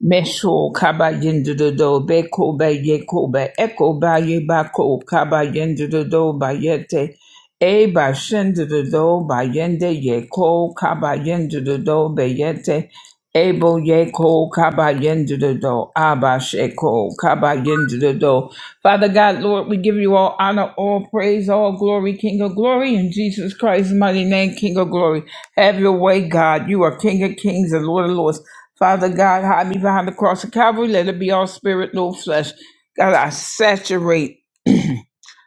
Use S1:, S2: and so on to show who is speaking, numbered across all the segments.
S1: Mesho kaba yendudo be kobe ye kobe eko ba ye ba ko kaba yendu do ba yete e ba shendu do ba yende ye ko kaba yendu do be yete ebo ye ko kaba yendu do aba sheko kaba yendu do Father God Lord we give you all honor all praise all glory King of glory in Jesus Christ's mighty name King of glory have your way God you are King of kings and Lord of lords Father God, hide me behind the cross of Calvary. Let it be all spirit, no flesh. God, I saturate.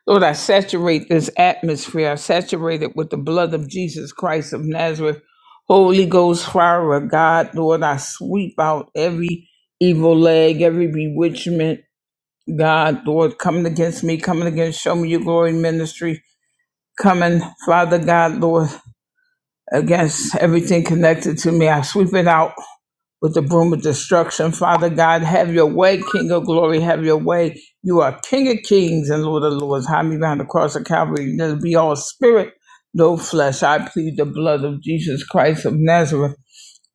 S1: Lord, I saturate this atmosphere. I saturate it with the blood of Jesus Christ of Nazareth. Holy Ghost fire of God. Lord, I sweep out every evil leg, every bewitchment. God, Lord, coming against me, coming against Show Me Your Glory Ministry, coming, Father God, Lord, against everything connected to me. I sweep it out with the broom of destruction. Father God, have your way, King of glory, have your way. You are King of kings and Lord of lords. Hide me behind the cross of Calvary. Let it be all spirit, no flesh. I plead the blood of Jesus Christ of Nazareth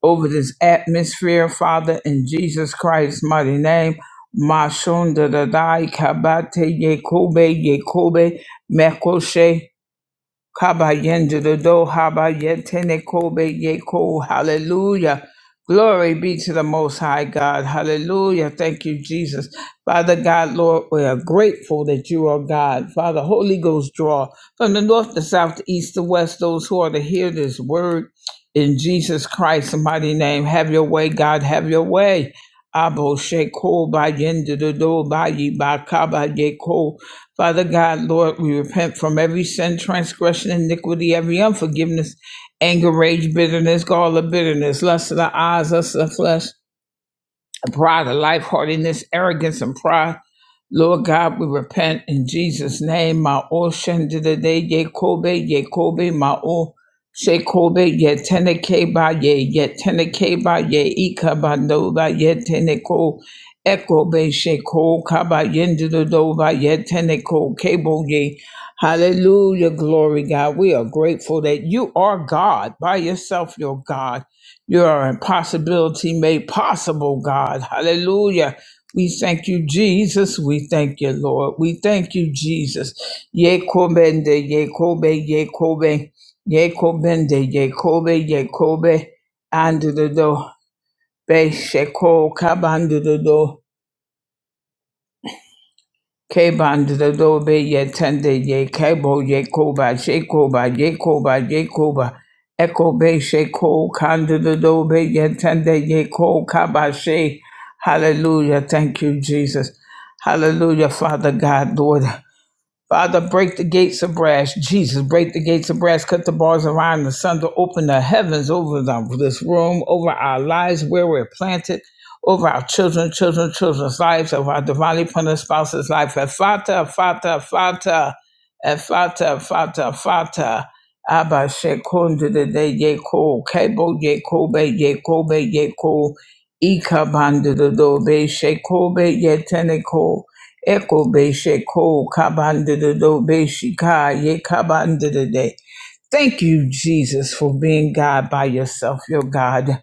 S1: over this atmosphere, Father, in Jesus Christ's mighty name. Mashon da da dai kabate yekobe yekobe mekoshe Kaba Kabayendodo habayetene kobe yeko. Hallelujah. Glory be to the Most High God. Hallelujah. Thank you, Jesus. Father God, Lord, we are grateful that you are God. Father, Holy Ghost draw from the north, the south, the east, the west, those who are to hear this word in Jesus Christ's mighty name. Have your way, God. Have your way. Abo sheko ba yendodo ba yi ba kaba yeko. Father God, Lord, we repent from every sin, transgression, iniquity, every unforgiveness, anger, rage, bitterness, gall of bitterness, lust of the eyes, lust of the flesh a pride of life, arrogance, and pride. Lord God, we repent in Jesus' name. Ma'o shendidide ye kobe, ye kobe, ma'o she kobe, ye tene keba, ye, ye tene keba, ye ika ba no ba, ye tene ko, eko be she ko kaba, yendido ba, ye tene ko kebo ye. Hallelujah, glory God. We are grateful that you are God. By yourself, you're God. You are impossibility made possible, God. Hallelujah. We thank you, Jesus. We thank you, Lord. We thank you, Jesus. Yekobende, Yekobe, Yekobe, Yekobende, Yekobe, Yekobe, and the door. Be sheko, kabando the door. K bandodo be ye tende ye kebo ye koba she koba ye koba ye koba echo be she ko kandodo ye tende ye ko kaba she. Hallelujah. Thank you, Jesus. Hallelujah, Father God, Lord. Father, break the gates of brass. Jesus, break the gates of brass. Cut the bars of iron. The sun to open the heavens over the, this room, over our lives where we're planted, over our children, children, children's lives, over our divinely punished spouse's life. Fata, fata, fata, fata, fata, fata. Abba shekonde de de yeko, kebo yekobe yekobe yeko, ikabandu de dobe shekobe yeteneko. Eko be she ko kabanda de be she ka ye kabanda de Thank you, Jesus, for being God by yourself, your God.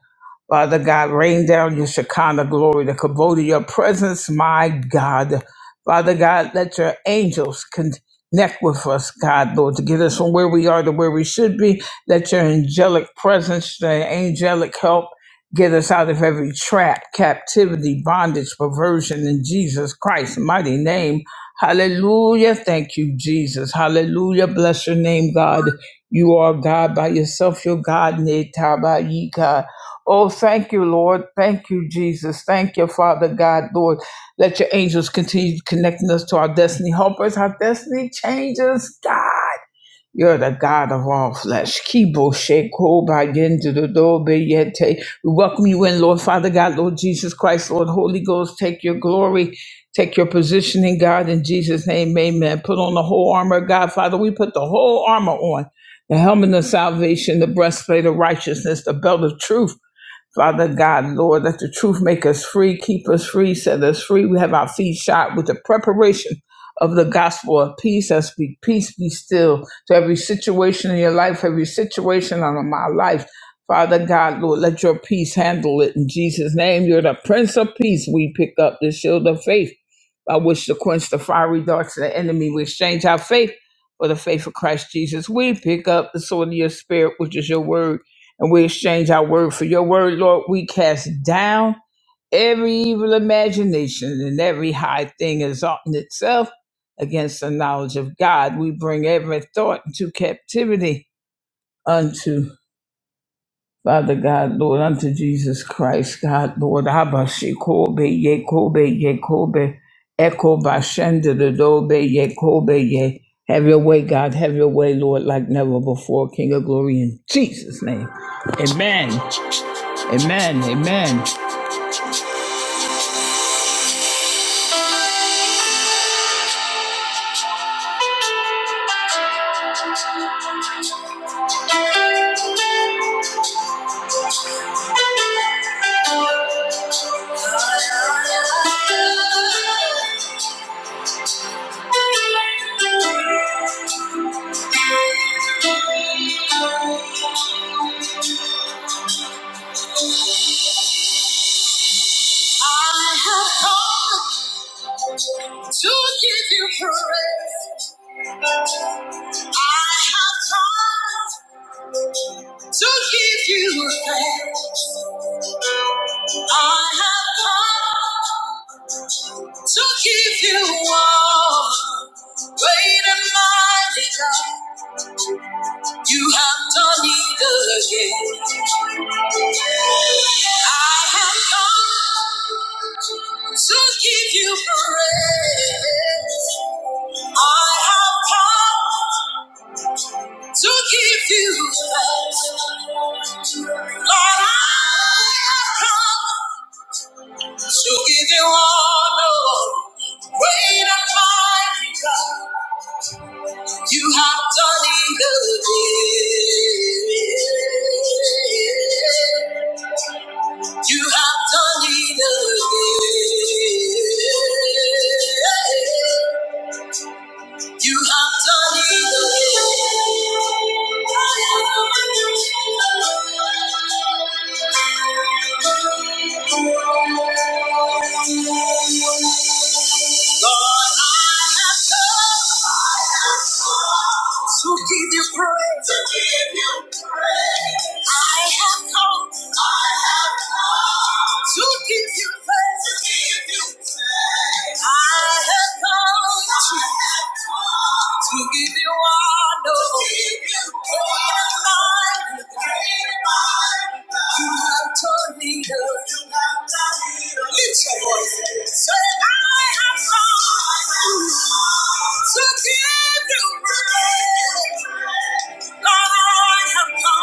S1: Father God, rain down your Shekinah glory, the Kabod of your presence, my God. Father God, let your angels connect with us, God, Lord, to get us from where we are to where we should be. Let your angelic presence, the angelic help, get us out of every trap, captivity, bondage, perversion in Jesus Christ's mighty name. Hallelujah. Thank you, Jesus. Hallelujah. Bless your name, God. You are God by yourself. You're God, Netabayika. Oh, thank you, Lord. Thank you, Jesus. Thank you, Father God, Lord. Let your angels continue connecting us to our destiny helpers, our destiny changes, God. You're the God of all flesh. Kibo sheko ba yende do do be yete. We welcome you in, Lord Father God, Lord Jesus Christ, Lord Holy Ghost. Take your glory, take your position in God in Jesus' name. Amen. Put on the whole armor of God, Father. We put the whole armor on. The helmet of salvation, the breastplate of righteousness, the belt of truth, Father God, Lord, let the truth make us free, keep us free, set us free. We have our feet shot with the preparation of the gospel of peace. Us be peace, be still to every situation in your life, every situation on my life. Father God, Lord, let your peace handle it in Jesus' name. You're the Prince of Peace. We pick up the shield of faith by which to quench the fiery darts of the enemy. We exchange our faith for the faith of Christ Jesus. We pick up the sword of your spirit, which is your word and we exchange our word for your word, Lord. We cast down every evil imagination and every high thing exalting itself against the knowledge of God. We bring every thought into captivity unto Father God, Lord, unto Jesus Christ, God, Lord, Abba, Shekobe, Yekobe, Yekobe, Echo, Bashenda, Dodobe, Yekobe, Ye. Have your way, God. Have your way, Lord, like never before, King of glory, in Jesus' name. Amen. Amen. Amen. I have come to give you praise. I have come to give you thanks. I have come to give you all. Great and mighty God, you have done it again. I have come to give you praise. I have come to give you thanks. Lord, I have come. To give you honor, great and mighty God, you have done it again. You have done it again. You have done it. Lord, I have come to give you praise. To give you praise. I have come. I have come. To give you praise. To give you praise. I have come. to to give you honor. To give you honor. You have turned me To have turned me up. Lift your voice. Say, I have come to give you praise. Lord, I have come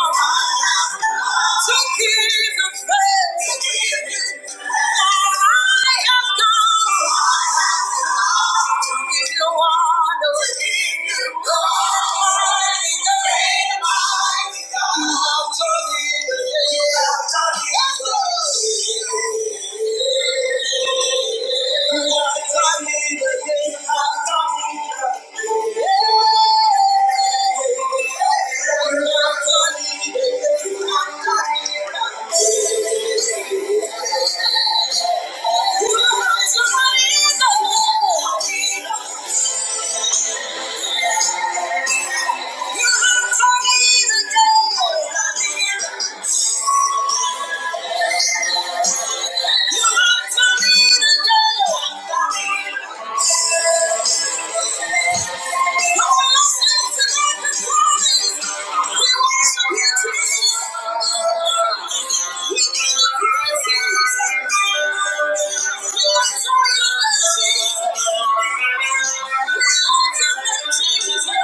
S1: to give you praise. Lord, I have come to give you honor. Thank you. Thank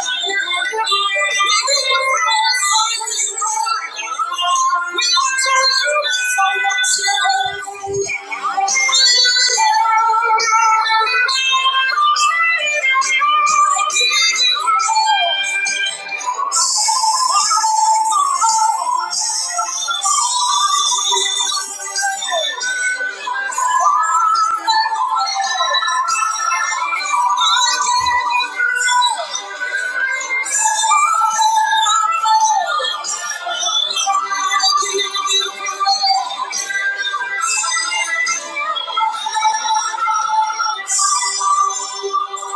S1: you. Thank you.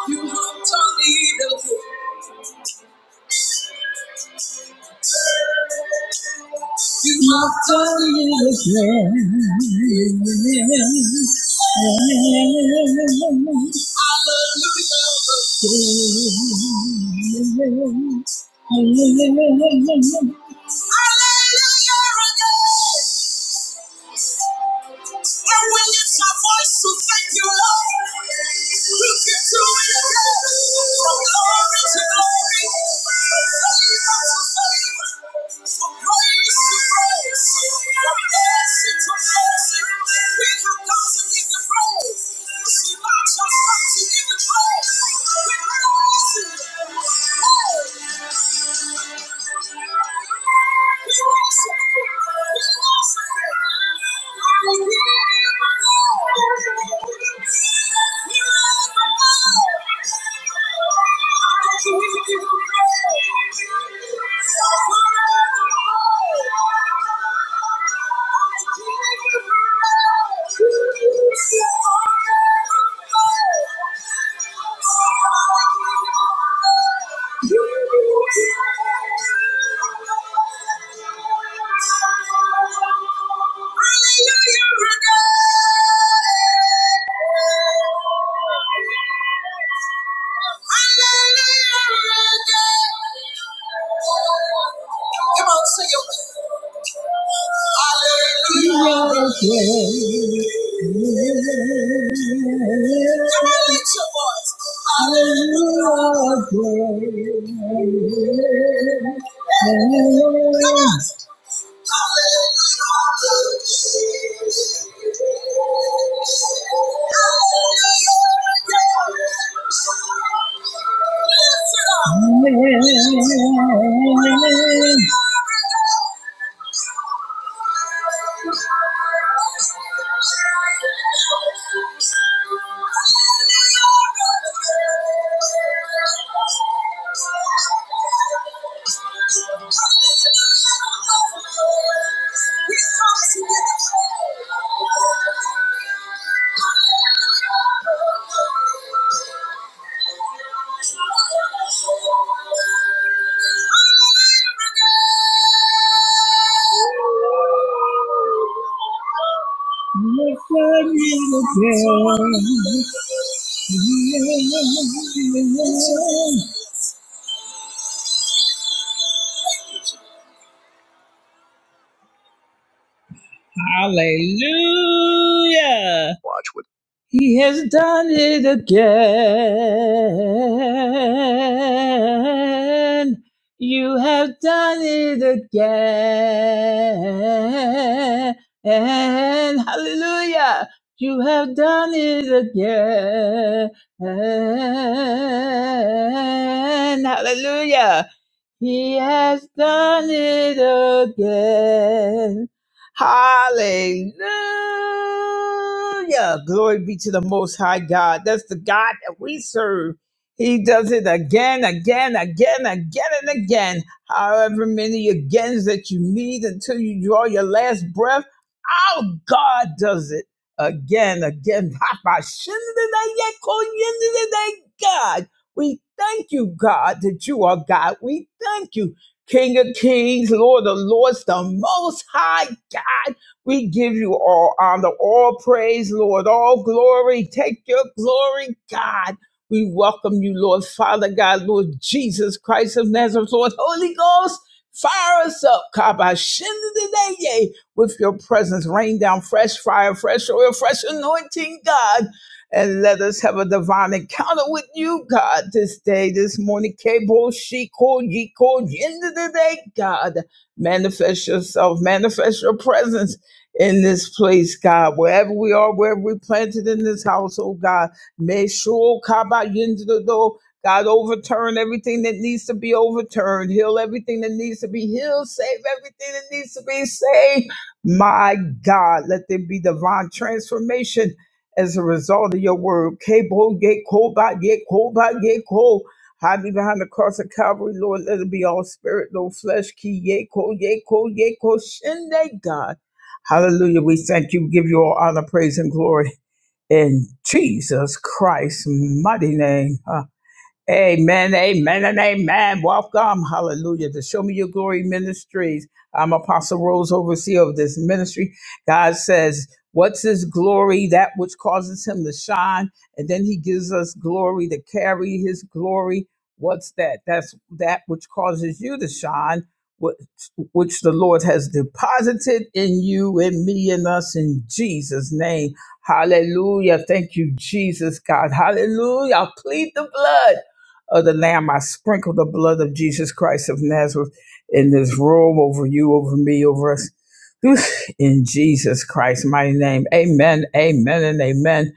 S1: You have done evil. You must do it again. Hallelujah. Hallelujah. Hallelujah. Everyone lift my voice to thank you, Lord. We get through it again. From glory to glory. From love to fame. From grace to grace. From blessing to blessing, We have come to give you praise. We have come to give you praise. We praise you. Hey. Thank you. Come on, sing it. Hallelujah. Come on, lift your voice. Hallelujah. Come on. Hallelujah. Hallelujah. Lift it up. Hallelujah. Hallelujah. He has done it again. You have done it again. Hallelujah. You have done it again. Hallelujah. He has done it again. Hallelujah. Glory be to the Most High God. That's the God that we serve. He does it again, again, again, again, and again. However many agains that you need until you draw your last breath, our God does it again, again. God, we thank you, God, that you are God. We thank you, King of Kings, Lord of Lords, the Most High God. We give you all honor, all praise, Lord, all glory. Take your glory, God. We welcome you, Lord, Father God, Lord Jesus Christ of Nazareth, Lord Holy Ghost. Fire us up, Kaba Shinda with your presence. Rain down fresh fire, fresh oil, fresh anointing, God and let us have a divine encounter with you, God, this day, this morning. Cable, she yiko ye end of the day, God. Manifest yourself, manifest your presence in this place, God. Wherever we are, wherever we planted in this house, oh God. May sure kaba into the door. God, overturn everything that needs to be overturned. Heal everything that needs to be healed. Save everything that needs to be saved. My God, let there be divine transformation as a result of your word. Kabo ye koba ye koba ye cold. Hide me behind the cross of Calvary, Lord. Let it be all spirit, no flesh. Ki ye ko ye ko ye ko. Shinde God. Hallelujah. We thank you. give you all honor, praise, and glory in Jesus Christ's mighty name. Uh, Amen, amen, and amen. Welcome, hallelujah, to Show Me Your Glory Ministries. I'm Apostle Rose, overseer of this ministry. God says, What's his glory? That which causes him to shine. And then he gives us glory to carry his glory. What's that? That's that which causes you to shine, which, which the Lord has deposited in you, in me, in us, in Jesus' name. Hallelujah. Thank you, Jesus, God. Hallelujah. I plead the blood of the Lamb, I sprinkle the blood of Jesus Christ of Nazareth in this room over you, over me, over us. In Jesus Christ, mighty name. Amen, amen, and amen.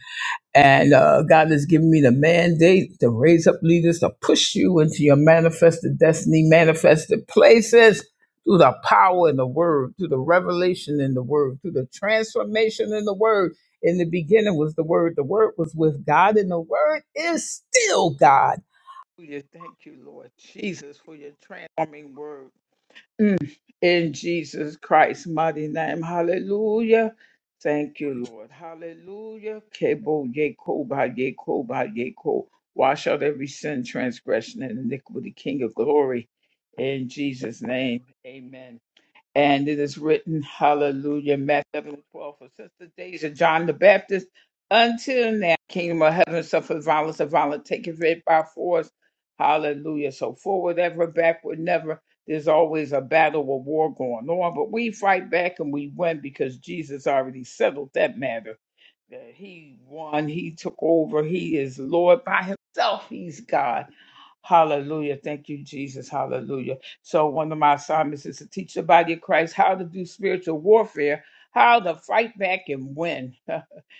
S1: And uh, God has given me the mandate to raise up leaders to push you into your manifested destiny, manifested places through the power in the word, through the revelation in the word, through the transformation in the word. In the beginning was the word, the word was with God, and the word is still God. Hallelujah. Thank you, Lord Jesus, for your transforming word. Mm. In Jesus Christ's mighty name. Hallelujah. Thank you, Lord. Hallelujah. Kebo yeko ba yeko ba yeko. Wash out every sin, transgression, and iniquity, King of glory. In Jesus' name. Amen. And it is written, Hallelujah, Matthew 11 12. For since the days of John the Baptist until now, kingdom of heaven suffered violence, and violence taketh it by force. Hallelujah. So forward ever, backward never. There's always a battle or war going on, but we fight back and we win because Jesus already settled that matter. That He won, He took over, He is Lord by Himself, He's God. Hallelujah. Thank you, Jesus. Hallelujah. So, one of my assignments is to teach the body of Christ how to do spiritual warfare, how to fight back and win.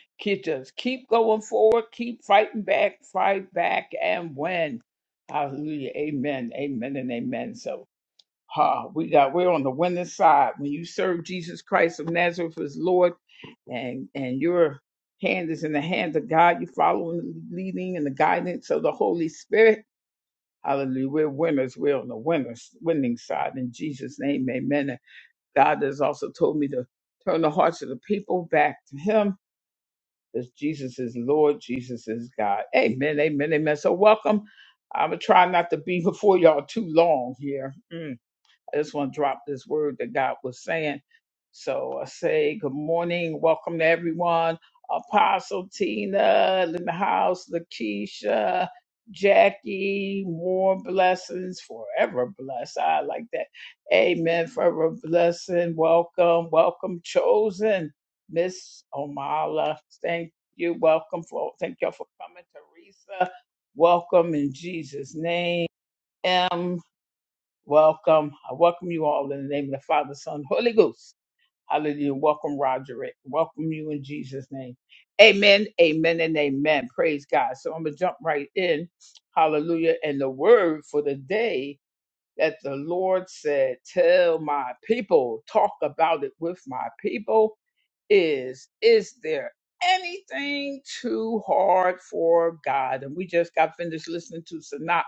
S1: Keep- Just keep going forward, keep fighting back, fight back and win. Hallelujah. Amen. Amen and amen. So, ha, we got we're on the winning side. When you serve Jesus Christ of Nazareth as Lord and and your hand is in the hand of God, you're following the leading and the guidance of the Holy Spirit Hallelujah. We're winners. We're on the winners, winning side. In Jesus' name, amen. And God has also told me to turn the hearts of the people back to Him because Jesus is Lord. Jesus is God. Amen. Amen. Amen. So welcome. I'm going to try not to be before y'all too long here. Mm. I just want to drop this word that God was saying. So I say good morning, welcome to everyone. Apostle Tina in the house, Lakeisha, Jackie, more blessings, forever blessed. I like that. Amen. Forever blessing. Welcome, welcome, chosen. Miss Omala, thank you. Welcome for thank y'all for coming. Teresa, welcome in Jesus' name. Welcome. I welcome you all in the name of the Father, Son, Holy Ghost. Hallelujah. Welcome, Roderick. Welcome you in Jesus' name. Amen, amen, and amen. Praise God. So I'm going to jump right in. Hallelujah. And the word for the day that the Lord said, Tell my people, talk about it with my people is is there anything too hard for god and we just got finished listening to sanat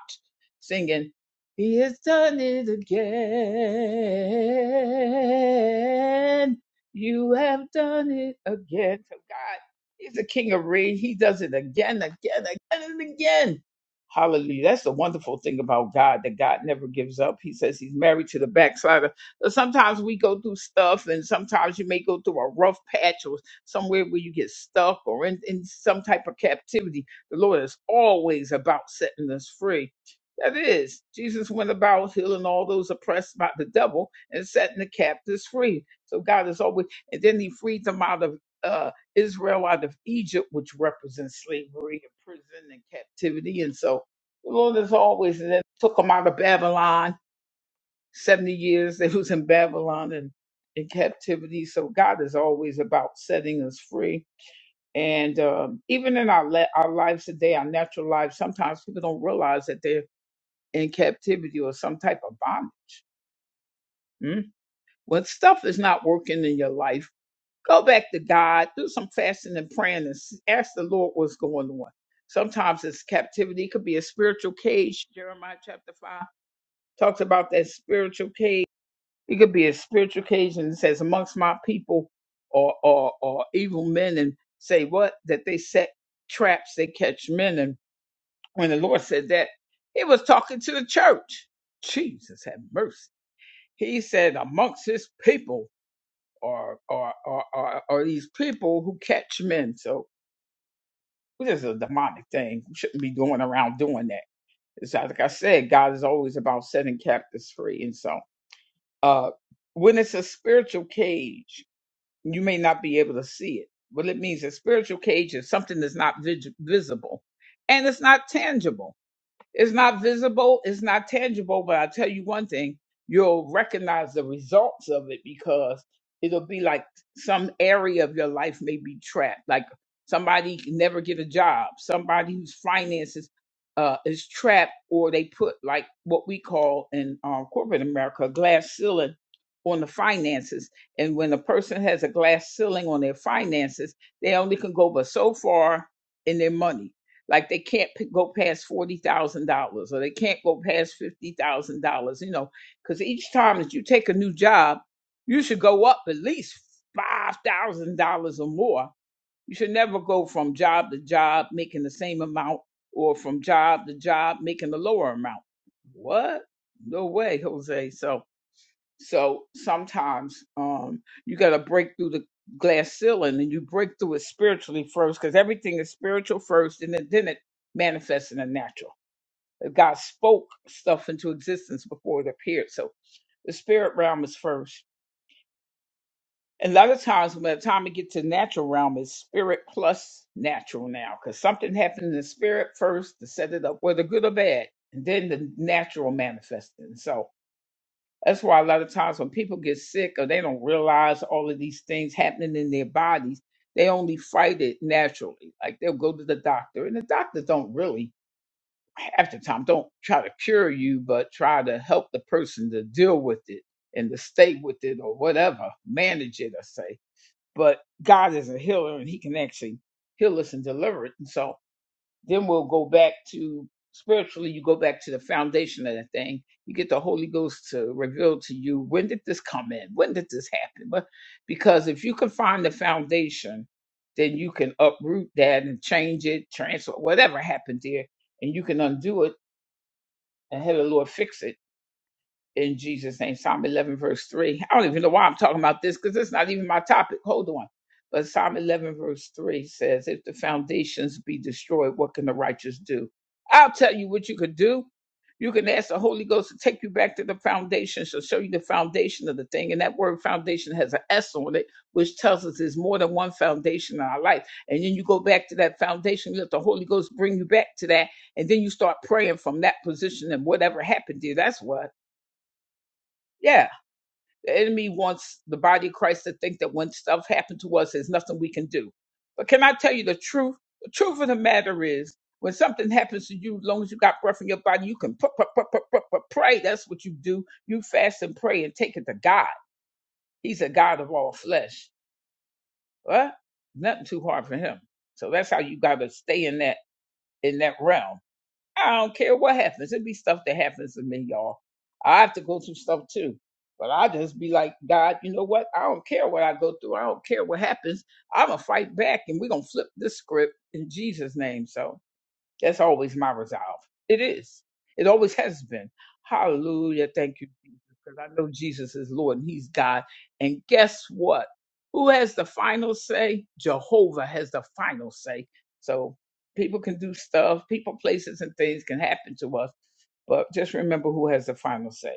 S1: singing he has done it again you have done it again so god he's the king of Re. he does it again again again and again hallelujah that's the wonderful thing about god that god never gives up he says he's married to the backslider so Sometimes we go through stuff, and sometimes you may go through a rough patch or somewhere where you get stuck or in, in some type of captivity. The Lord is always about setting us free. That is, Jesus went about healing all those oppressed by the devil and setting the captives free. So God is always, and then He freed them out of uh, Israel out of Egypt, which represents slavery and prison and captivity. And so the Lord is always, and then took them out of Babylon 70 years they was in babylon and in captivity so god is always about setting us free and um, even in our, le- our lives today our natural lives sometimes people don't realize that they're in captivity or some type of bondage mm? when stuff is not working in your life go back to god do some fasting and praying and s- ask the lord what's going on sometimes it's captivity it could be a spiritual cage jeremiah chapter 5 talks about that spiritual cage It could be a spiritual occasion that says amongst my people or or or evil men and say what? That they set traps, they catch men. And when the Lord said that, he was talking to the church. Jesus have mercy. He said amongst his people or or or or, or these people who catch men. So this is a demonic thing. We shouldn't be going around doing that. It's like like I said, God is always about setting captives free. And so uh when it's a spiritual cage You may not be able to see it, but it means a spiritual cage is something that's not vis- visible and it's not tangible. It's not visible, it's not tangible, but I tell you one thing, you'll recognize the results of it because it'll be like some area of your life may be trapped. Like somebody can never get a job, somebody whose finances uh, is trapped, or they put like what we call in um, corporate America a glass ceiling on the finances. And when a person has a glass ceiling on their finances, they only can go but so far in their money like they can't p- go past forty thousand dollars or they can't go past fifty thousand dollars. You know, because each time that you take a new job, you should go up at least five thousand dollars or more. You should never go from job to job making the same amount or from job to job making the lower amount. What? No way, Jose. So so sometimes um, you got to break through the glass ceiling and you break through it spiritually first because everything is spiritual first and then, then it manifests in the natural. That God spoke stuff into existence before it appeared. So the spirit realm is first. And a lot of times when by the time it gets to natural realm, it's spirit plus natural now because something happened in the spirit first to set it up, whether good or bad, and then the natural manifesting. So That's why a lot of times when people get sick or they don't realize all of these things happening in their bodies, they only fight it naturally. Like they'll go to the doctor, and the doctors don't really, half the time, don't try to cure you, but try to help the person to deal with it and to stay with it or whatever, manage it, I say. But God is a healer and He can actually heal us and deliver it. And so then we'll go back to spiritually, you go back to the foundation of the thing. You get the Holy Ghost to reveal to you when did this come in? When did this happen? But because if you can find the foundation, then you can uproot that and change it, transfer whatever happened there, and you can undo it and have the Lord fix it in Jesus' name. Psalm 11, verse 3. I don't even know why I'm talking about this because it's not even my topic. Hold on. But Psalm 11, verse 3 says, If the foundations be destroyed, what can the righteous do? I'll tell you what you could do. You can ask the Holy Ghost to take you back to the foundation. She'll show you the foundation of the thing. And that word foundation has an S on it, which tells us there's more than one foundation in our life. And then you go back to that foundation, you let the Holy Ghost bring you back to that. And then you start praying from that position and whatever happened to you. That's what. Yeah the enemy wants the body of Christ to think that when stuff happened to us, there's nothing we can do. But can I tell you the truth? The truth of the matter is, when something happens to you, as long as you got breath in your body, you can pu- pu- pu- pu- pu- pu- pray. That's what you do. You fast and pray and take it to God. He's a God of all flesh. What? Nothing too hard for him. So that's how you got to stay in that in that realm. I don't care what happens. It'd be stuff that happens to me, y'all. I have to go through stuff too. But I just be like, God, you know what? I don't care what I go through. I don't care what happens. I'm going to fight back and we're going to flip this script in Jesus' name. So that's always my resolve. It is. It always has been. Hallelujah. Thank you, Jesus. Because I know Jesus is Lord and He's God. And guess what? Who has the final say? Jehovah has the final say. So people can do stuff, people, places, and things can happen to us. But just remember who has the final say.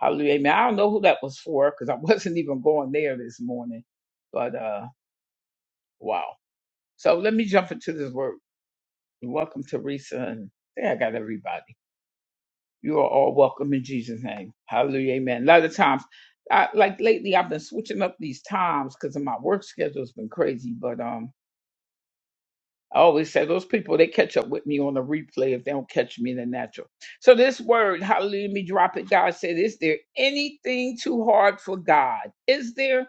S1: Hallelujah. Amen. I don't know who that was for because I wasn't even going there this morning. But uh wow. So let me jump into this word. Welcome, Teresa. And I think I got everybody. you are all welcome in Jesus' name. Hallelujah. Amen. A lot of times, I, like lately, I've been switching up these times because of my work schedule's been crazy. But um, I always say those people they catch up with me on the replay if they don't catch me in the natural. So this word, hallelujah, let me drop it. God said, "Is there anything too hard for God? Is there?"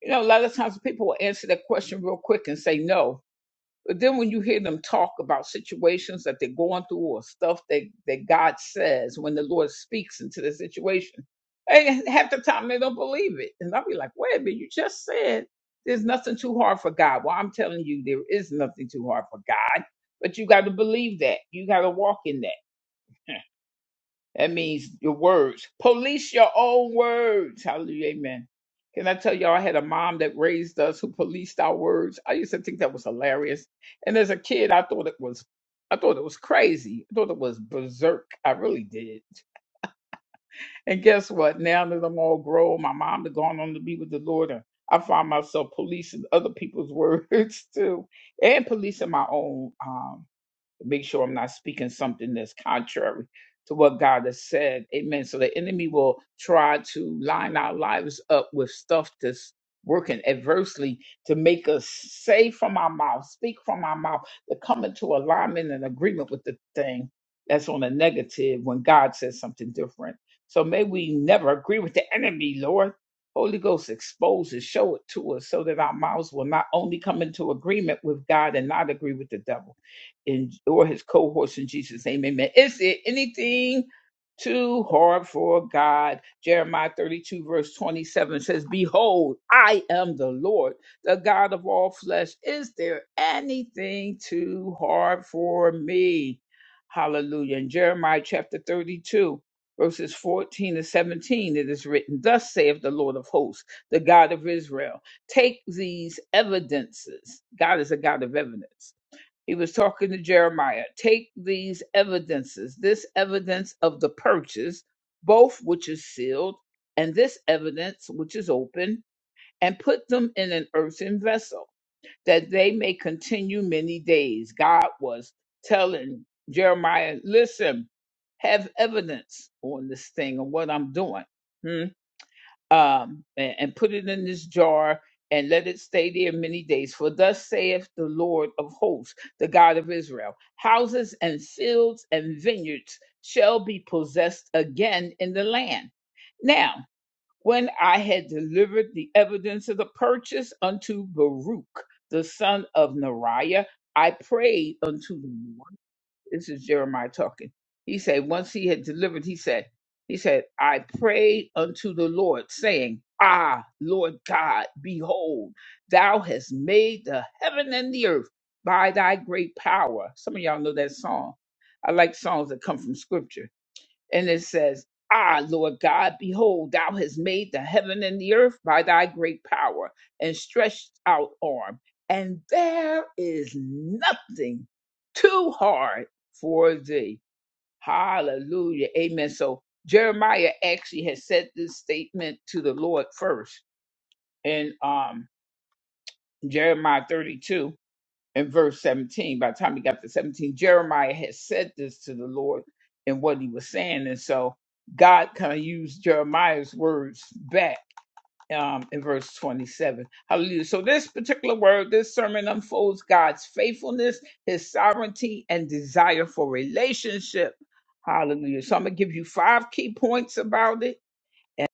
S1: You know, a lot of times people will answer that question real quick and say no But then when you hear them talk about situations that they're going through or stuff that, that God says when the Lord speaks into the situation, and half the time they don't believe it. And I'll be like, wait a minute, you just said there's nothing too hard for God. Well, I'm telling you, there is nothing too hard for God, but you got to believe that. You got to walk in that. That means your words. Police your own words. Hallelujah. Amen. Can I tell y'all, I had a mom that raised us who policed our words. I used to think that was hilarious. And as a kid, I thought it was, I thought it was crazy. I thought it was berserk. I really did. And guess what? Now that I'm all grown, my mom had gone on to be with the Lord, and I find myself policing other people's words too, and policing my own. Um, make sure I'm not speaking something that's contrary to what God has said. Amen. So the enemy will try to line our lives up with stuff that's working adversely to make us say from our mouth, speak from our mouth, to come into alignment and agreement with the thing that's on the negative when God says something different. So may we never agree with the enemy, Lord. Holy Ghost expose it, show it to us so that our mouths will not only come into agreement with God and not agree with the devil in or his cohorts in Jesus' name. Amen. Is there anything too hard for God? Jeremiah 32, verse 27 says, Behold, I am the Lord, the God of all flesh. Is there anything too hard for me? Hallelujah. In Jeremiah chapter 32, verses 14 to 17, it is written, Thus saith the Lord of hosts, the God of Israel, take these evidences. God is a God of evidence he was talking to Jeremiah. Take these evidences, this evidence of the purchase, both which is sealed, and this evidence which is open, and put them in an earthen vessel, that they may continue many days. God was telling Jeremiah, listen, have evidence on this thing and what I'm doing. Hmm um, and, and put it in this jar and let it stay there many days. For thus saith the Lord of hosts, the God of Israel houses and fields and vineyards shall be possessed again in the land. Now, when I had delivered the evidence of the purchase unto Baruch, the son of Neriah, I prayed unto the Lord this is Jeremiah talking. He said, once he had delivered, he said, he said, I prayed unto the Lord, saying, Ah, Lord God, behold, thou hast made the heaven and the earth by thy great power. Some of y'all know that song. I like songs that come from scripture. And it says, Ah, Lord God, behold, thou hast made the heaven and the earth by thy great power and stretched out arm, and there is nothing too hard for thee. Hallelujah. Amen. So Jeremiah actually has said this statement to the Lord first in um, Jeremiah 32 in verse 17. By the time he got to 17, Jeremiah had said this to the Lord and what he was saying. And so God kind of used Jeremiah's words back um, in verse 27. Hallelujah. So this particular word, this sermon unfolds God's faithfulness, his sovereignty, and desire for relationship. Hallelujah. So I'm going to give you five key points about it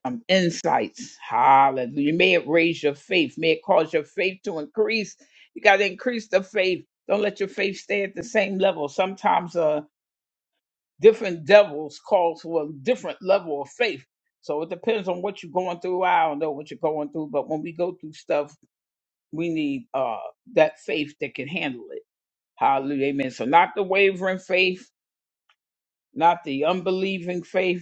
S1: um, insights. Hallelujah. May it raise your faith. May it cause your faith to increase. You got to increase the faith. Don't let your faith stay at the same level. Sometimes uh, different devils call for a different level of faith. So it depends on what you're going through. I don't know what you're going through, but when we go through stuff, we need uh, that faith that can handle it. Hallelujah. Amen. So not the wavering faith, not the unbelieving faith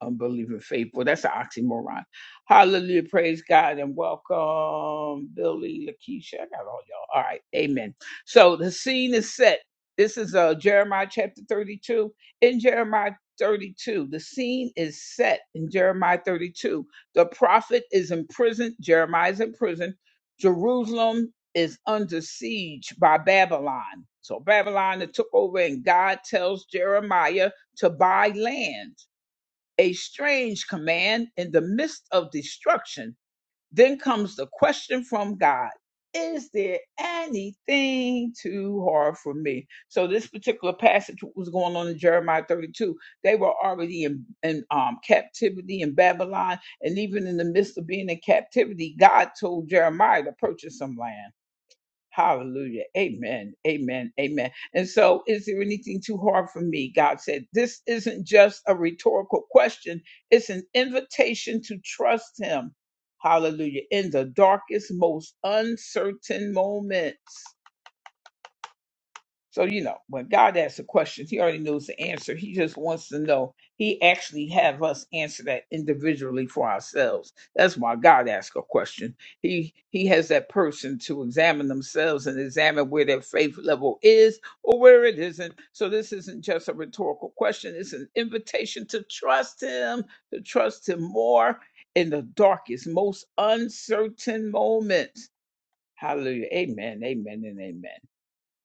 S1: unbelieving faithful. That's an oxymoron. Hallelujah. Praise God and welcome, Billy, Lakeisha. I got all y'all. All right. Amen. So the scene is set. This is uh, Jeremiah chapter 32. In Jeremiah 32, the scene is set in Jeremiah 32. The prophet is in prison. Jeremiah is in prison. Jerusalem is under siege by Babylon. So Babylon that took over, and God tells Jeremiah to buy land a strange command in the midst of destruction. Then comes the question from God Is there anything too hard for me? So, this particular passage what was going on in Jeremiah 32. They were already in, in um, captivity in Babylon. And even in the midst of being in captivity, God told Jeremiah to purchase some land. Hallelujah. Amen. Amen. Amen. And so, is there anything too hard for me? God said, This isn't just a rhetorical question, it's an invitation to trust Him. Hallelujah. In the darkest, most uncertain moments. So, you know, when God asks a question, he already knows the answer. He just wants to know. He actually have us answer that individually for ourselves. That's why God asks a question. He he has that person to examine themselves and examine where their faith level is or where it isn't. So this isn't just a rhetorical question. It's an invitation to trust him, to trust him more in the darkest, most uncertain moments. Hallelujah. Amen. Amen and amen.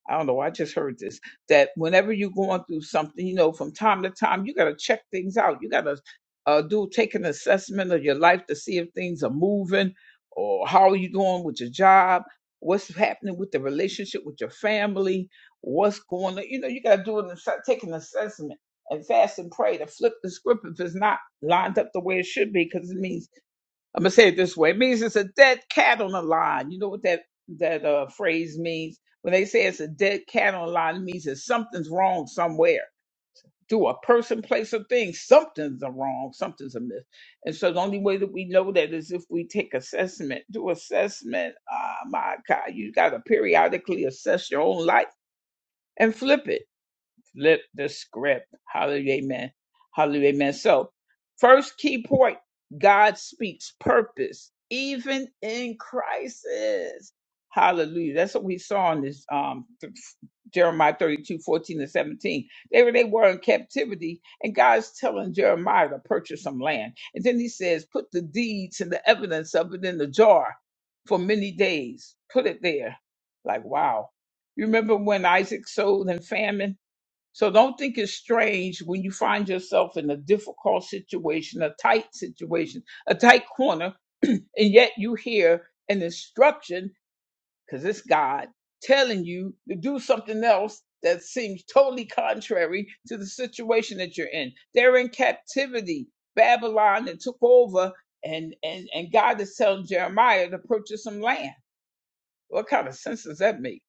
S1: I don't know. I just heard this that whenever you're going through something, you know, from time to time, you got to check things out. You got to uh, do take an assessment of your life to see if things are moving or how are you doing with your job, what's happening with the relationship with your family, what's going on. You know, you got to do an asse- take an assessment and fast and pray to flip the script if it's not lined up the way it should be, because it means I'm gonna say it this way: it means it's a dead cat on the line. You know what that that uh, phrase means? When they say it's a dead cat on the line, it means that something's wrong somewhere. To a person, place, or thing, something's a wrong, something's amiss. And so the only way that we know that is if we take assessment, do assessment. Ah, my God, you got to periodically assess your own life and flip it flip the script. Hallelujah, amen. Hallelujah, amen. So, first key point God speaks purpose, even in crisis. Hallelujah. That's what we saw in this um, th- Jeremiah thirty-two fourteen 14 and 17. They were, they were in captivity, and God's telling Jeremiah to purchase some land. And then he says, Put the deeds and the evidence of it in the jar for many days. Put it there. Like, wow. You remember when Isaac sold in famine? So don't think it's strange when you find yourself in a difficult situation, a tight situation, a tight corner, and yet you hear an instruction, because it's God telling you to do something else that seems totally contrary to the situation that you're in. They're in captivity. Babylon and took over, and, and, and God is telling Jeremiah to purchase some land. What kind of sense does that make?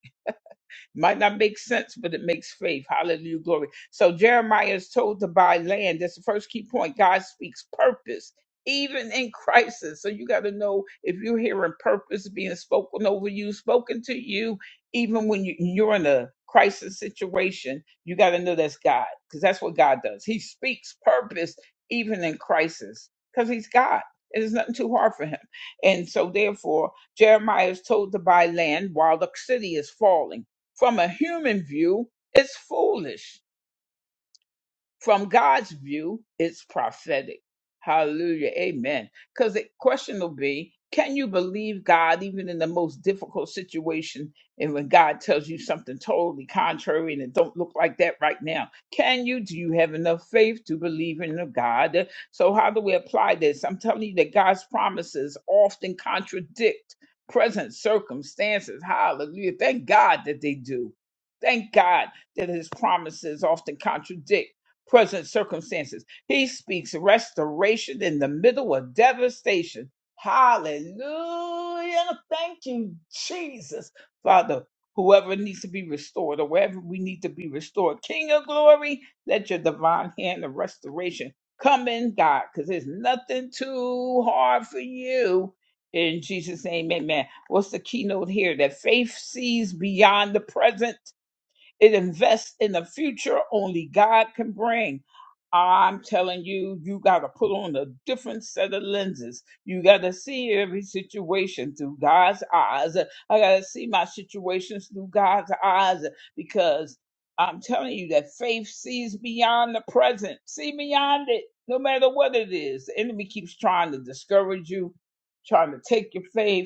S1: Might not make sense, but it makes faith. Hallelujah, glory. So Jeremiah is told to buy land. That's the first key point. God speaks purpose. Even in crisis. So you got to know if you're hearing purpose being spoken over you, spoken to you, even when you, you're in a crisis situation, you got to know that's God because that's what God does. He speaks purpose even in crisis because he's God. It is nothing too hard for him. And so, therefore, Jeremiah is told to buy land while the city is falling. From a human view, it's foolish. From God's view, it's prophetic. Hallelujah. Amen. Because the question will be can you believe God even in the most difficult situation and when God tells you something totally contrary and it don't look like that right now? Can you? Do you have enough faith to believe in the God? So how do we apply this? I'm telling you that God's promises often contradict present circumstances. Hallelujah. Thank God that they do. Thank God that his promises often contradict present circumstances. He speaks restoration in the middle of devastation. Hallelujah. Thank you, Jesus. Father, whoever needs to be restored or wherever we need to be restored, King of glory, let your divine hand of restoration come in, God, because there's nothing too hard for you. In Jesus' name, amen. What's the keynote here? That faith sees beyond the present it invests in the future only God can bring. I'm telling you, you got to put on a different set of lenses. You got to see every situation through God's eyes. I got to see my situations through God's eyes because I'm telling you that faith sees beyond the present, see beyond it, no matter what it is. The enemy keeps trying to discourage you, trying to take your faith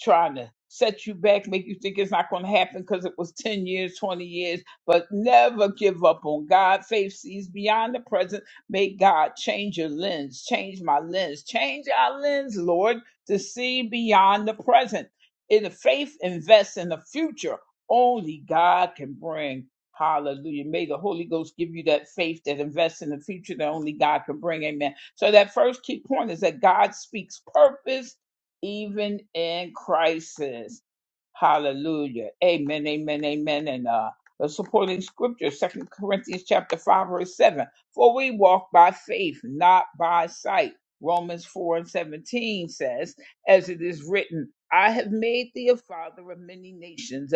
S1: trying to set you back, make you think it's not going to happen because it was 10 years, 20 years, but never give up on God. Faith sees beyond the present. May God change your lens, change my lens, change our lens, Lord, to see beyond the present. In the faith, invest in the future only God can bring. Hallelujah. May the Holy Ghost give you that faith that invests in the future that only God can bring. Amen. So that first key point is that God speaks purpose even in crisis. Hallelujah. Amen, amen, amen. And uh, the supporting scripture, Second Corinthians chapter 5, verse 7. For we walk by faith, not by sight. Romans 4 and 17 says, as it is written, I have made thee a father of many nations,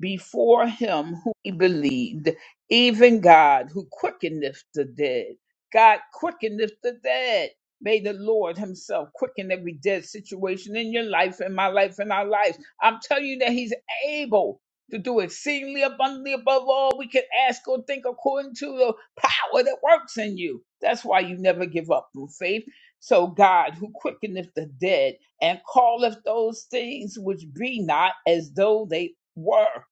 S1: before him who he believed, even God who quickeneth the dead. God quickeneth the dead. May the Lord Himself quicken every dead situation in your life, in my life, in our lives. I'm telling you that He's able to do exceedingly abundantly above all we can ask or think according to the power that works in you. That's why you never give up through faith. So God, who quickeneth the dead and calleth those things which be not as though they were.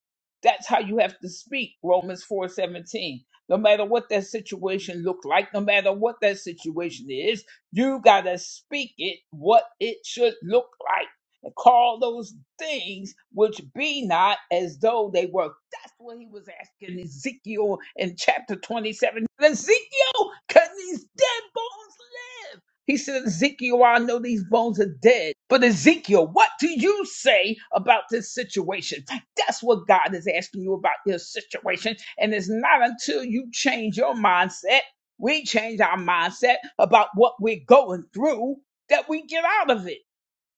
S1: That's how you have to speak, Romans 4 17. No matter what that situation look like, no matter what that situation is, you gotta speak it what it should look like. And call those things which be not as though they were. That's what he was asking Ezekiel in chapter 27. Ezekiel, can these dead bones live? He said, Ezekiel, I know these bones are dead. But Ezekiel, what do you say about this situation? That's what God is asking you about your situation. And it's not until you change your mindset, we change our mindset about what we're going through, that we get out of it.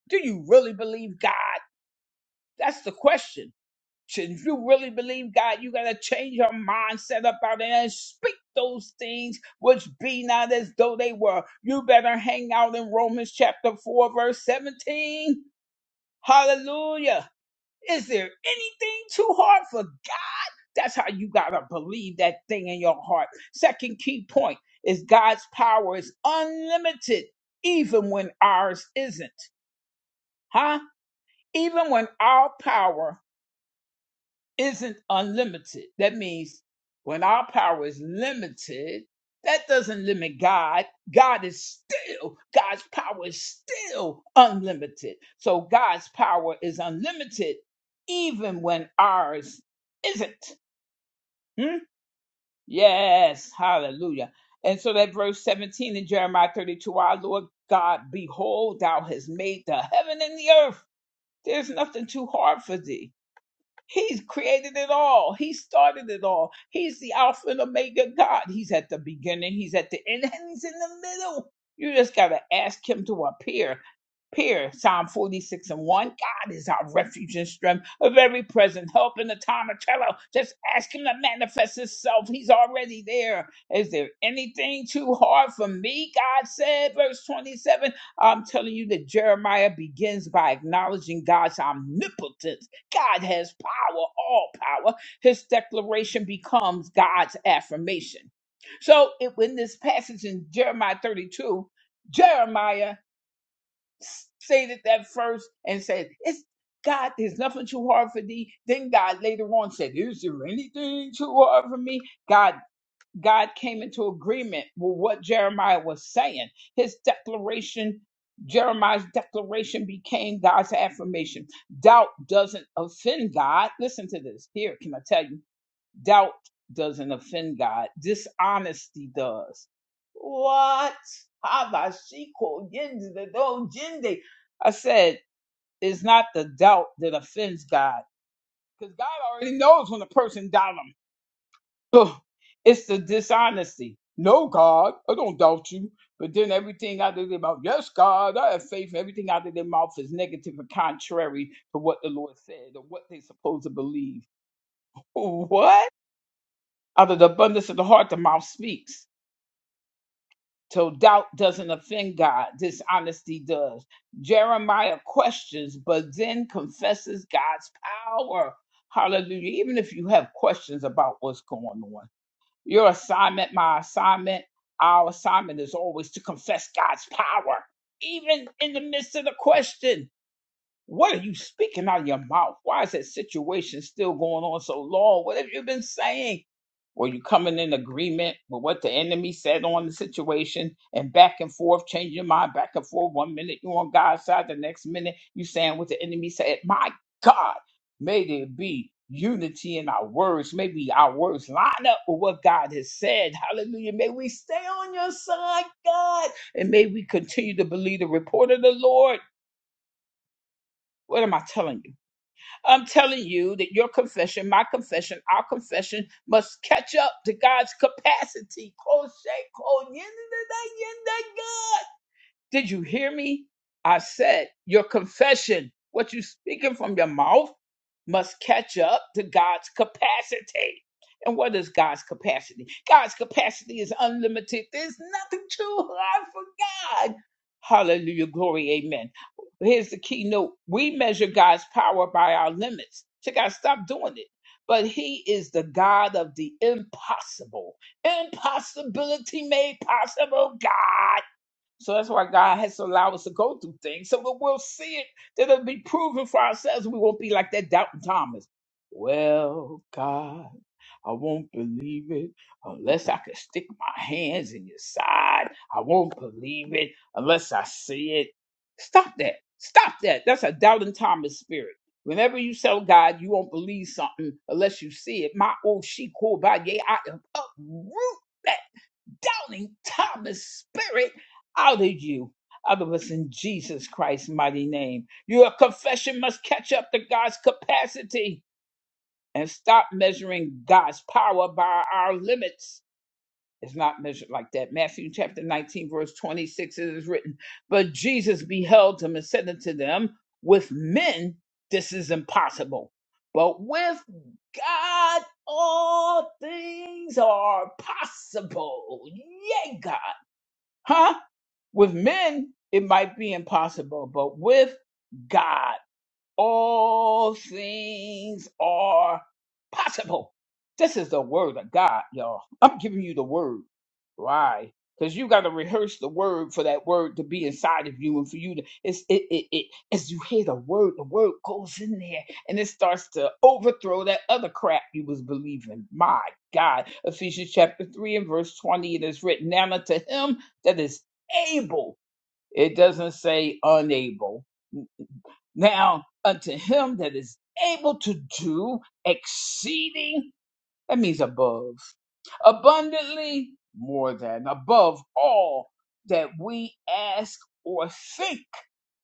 S1: Do you really believe God? That's the question. Should if you really believe God, you gotta change your mindset about it and speak those things which be not as though they were. You better hang out in Romans chapter 4, verse 17. Hallelujah. Is there anything too hard for God? That's how you gotta believe that thing in your heart. Second key point is God's power is unlimited, even when ours isn't. Huh? Even when our power isn't unlimited. That means when our power is limited, that doesn't limit God. God is still, God's power is still unlimited. So God's power is unlimited even when ours isn't. Hmm? Yes, hallelujah. And so that verse 17 in Jeremiah 32 Our Lord God, behold, thou hast made the heaven and the earth. There's nothing too hard for thee He's created it all. He started it all. He's the Alpha and Omega God. He's at the beginning, He's at the end, and He's in the middle. You just got to ask Him to appear. Appear, Psalm 46 and 1. God is our refuge and strength, a very present help in the time of trouble. Just ask Him to manifest Himself. He's already there. Is there anything too hard for me? God said, verse 27. I'm telling you that Jeremiah begins by acknowledging God's omnipotence. God has power, all power, his declaration becomes God's affirmation. So it, in this passage in Jeremiah 32, Jeremiah stated that first and said, It's God, there's nothing too hard for thee. Then God later on said, Is there anything too hard for me? God God came into agreement with what Jeremiah was saying. His declaration, Jeremiah's declaration became God's affirmation. Doubt doesn't offend God. Listen to this. Here, can I tell you? Doubt doesn't offend God. Dishonesty does. What? Habashiko yendido jinde. I said, it's not the doubt that offends God. Because God already knows when a person doubts him. Ugh, it's the dishonesty. No, God, I don't doubt you. But then everything out of their mouth, yes, God, I have faith. Everything out of their mouth is negative and contrary to what the Lord said or what they're supposed to believe. What? Out of the abundance of the heart, the mouth speaks. So doubt doesn't offend God, dishonesty does. Jeremiah questions, but then confesses God's power. Hallelujah. Even if you have questions about what's going on. Your assignment, my assignment, our assignment is always to confess God's power, even in the midst of the question. What are you speaking out of your mouth? Why is that situation still going on so long? What have you been saying? Were you coming in agreement with what the enemy said on the situation and back and forth, changing your mind back and forth? One minute you on God's side, the next minute you saying what the enemy said. My God, may there be unity in our words. Maybe our words line up with what God has said. Hallelujah. May we stay on your side, God, and may we continue to believe the report of the Lord. What am I telling you? I'm telling you that your confession, my confession, our confession must catch up to God's capacity. Koshe koyende did you hear me? I said, Your confession, what you speaking from your mouth, must catch up to God's capacity. And what is God's capacity? God's capacity is unlimited. There's nothing too hard for God. Hallelujah. Glory. Amen. Here's the keynote we measure God's power by our limits. So, God, stop doing it. But He is the God of the impossible. Impossibility made possible, God. So that's why God has to allow us to go through things. So that we'll see it, that it'll be proven for ourselves. We won't be like that doubting Thomas. Well, God, I won't believe it unless I can stick my hands in your side. I won't believe it unless I see it. Stop that. Stop that. That's a doubting Thomas spirit. Whenever you tell God you won't believe something unless you see it, my old she cool by yay, I uproot that doubting Thomas spirit out of you. Out of us in Jesus Christ's mighty name. Your confession must catch up to God's capacity and stop measuring God's power by our limits. It's not measured like that. Matthew chapter 19, verse 26, it is written, But Jesus beheld him and said unto them, With men this is impossible, but with God all things are possible. Yea, God. Huh? With men, it might be impossible, but with God all things are possible. This is the word of God, y'all. I'm giving you the word. Why? Because you got to rehearse the word for that word to be inside of you, and for you to it's it, it it as you hear the word, the word goes in there, and it starts to overthrow that other crap you was believing. My God, Ephesians chapter three and verse twenty, it is written, "Now unto him that is able." It doesn't say unable now, unto him that is able to do exceeding, that means above, abundantly more than, above all that we ask or think,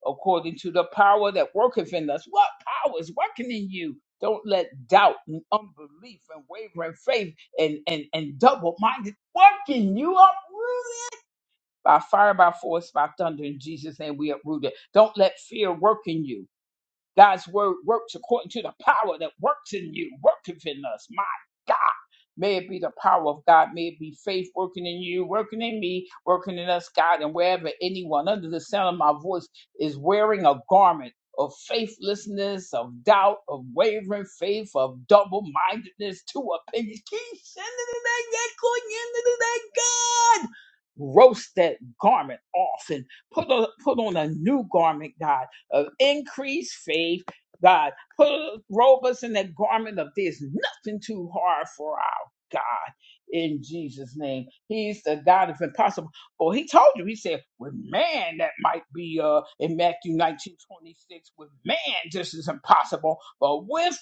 S1: according to the power that worketh in us. What power is working in you? Don't let doubt and unbelief and wavering faith and, and, and double minded working you uprooted by fire, by force, by thunder. In Jesus' name, we uproot it. Don't let fear work in you. God's word works according to the power that works in you, worketh in us. My God. May it be the power of God. May it be faith working in you, working in me, working in us, God. And wherever anyone under the sound of my voice is wearing a garment of faithlessness, of doubt, of wavering faith, of double mindedness, two opinions, keep sending it back, yet going into that God. Roast that garment off and put on, put on a new garment, God of increased faith. God, put, robe us in that garment of there's nothing too hard for our God. In Jesus' name, He's the God of impossible. Or He told you, He said, with man that might be uh in Matthew 19 26, with man this is impossible, but with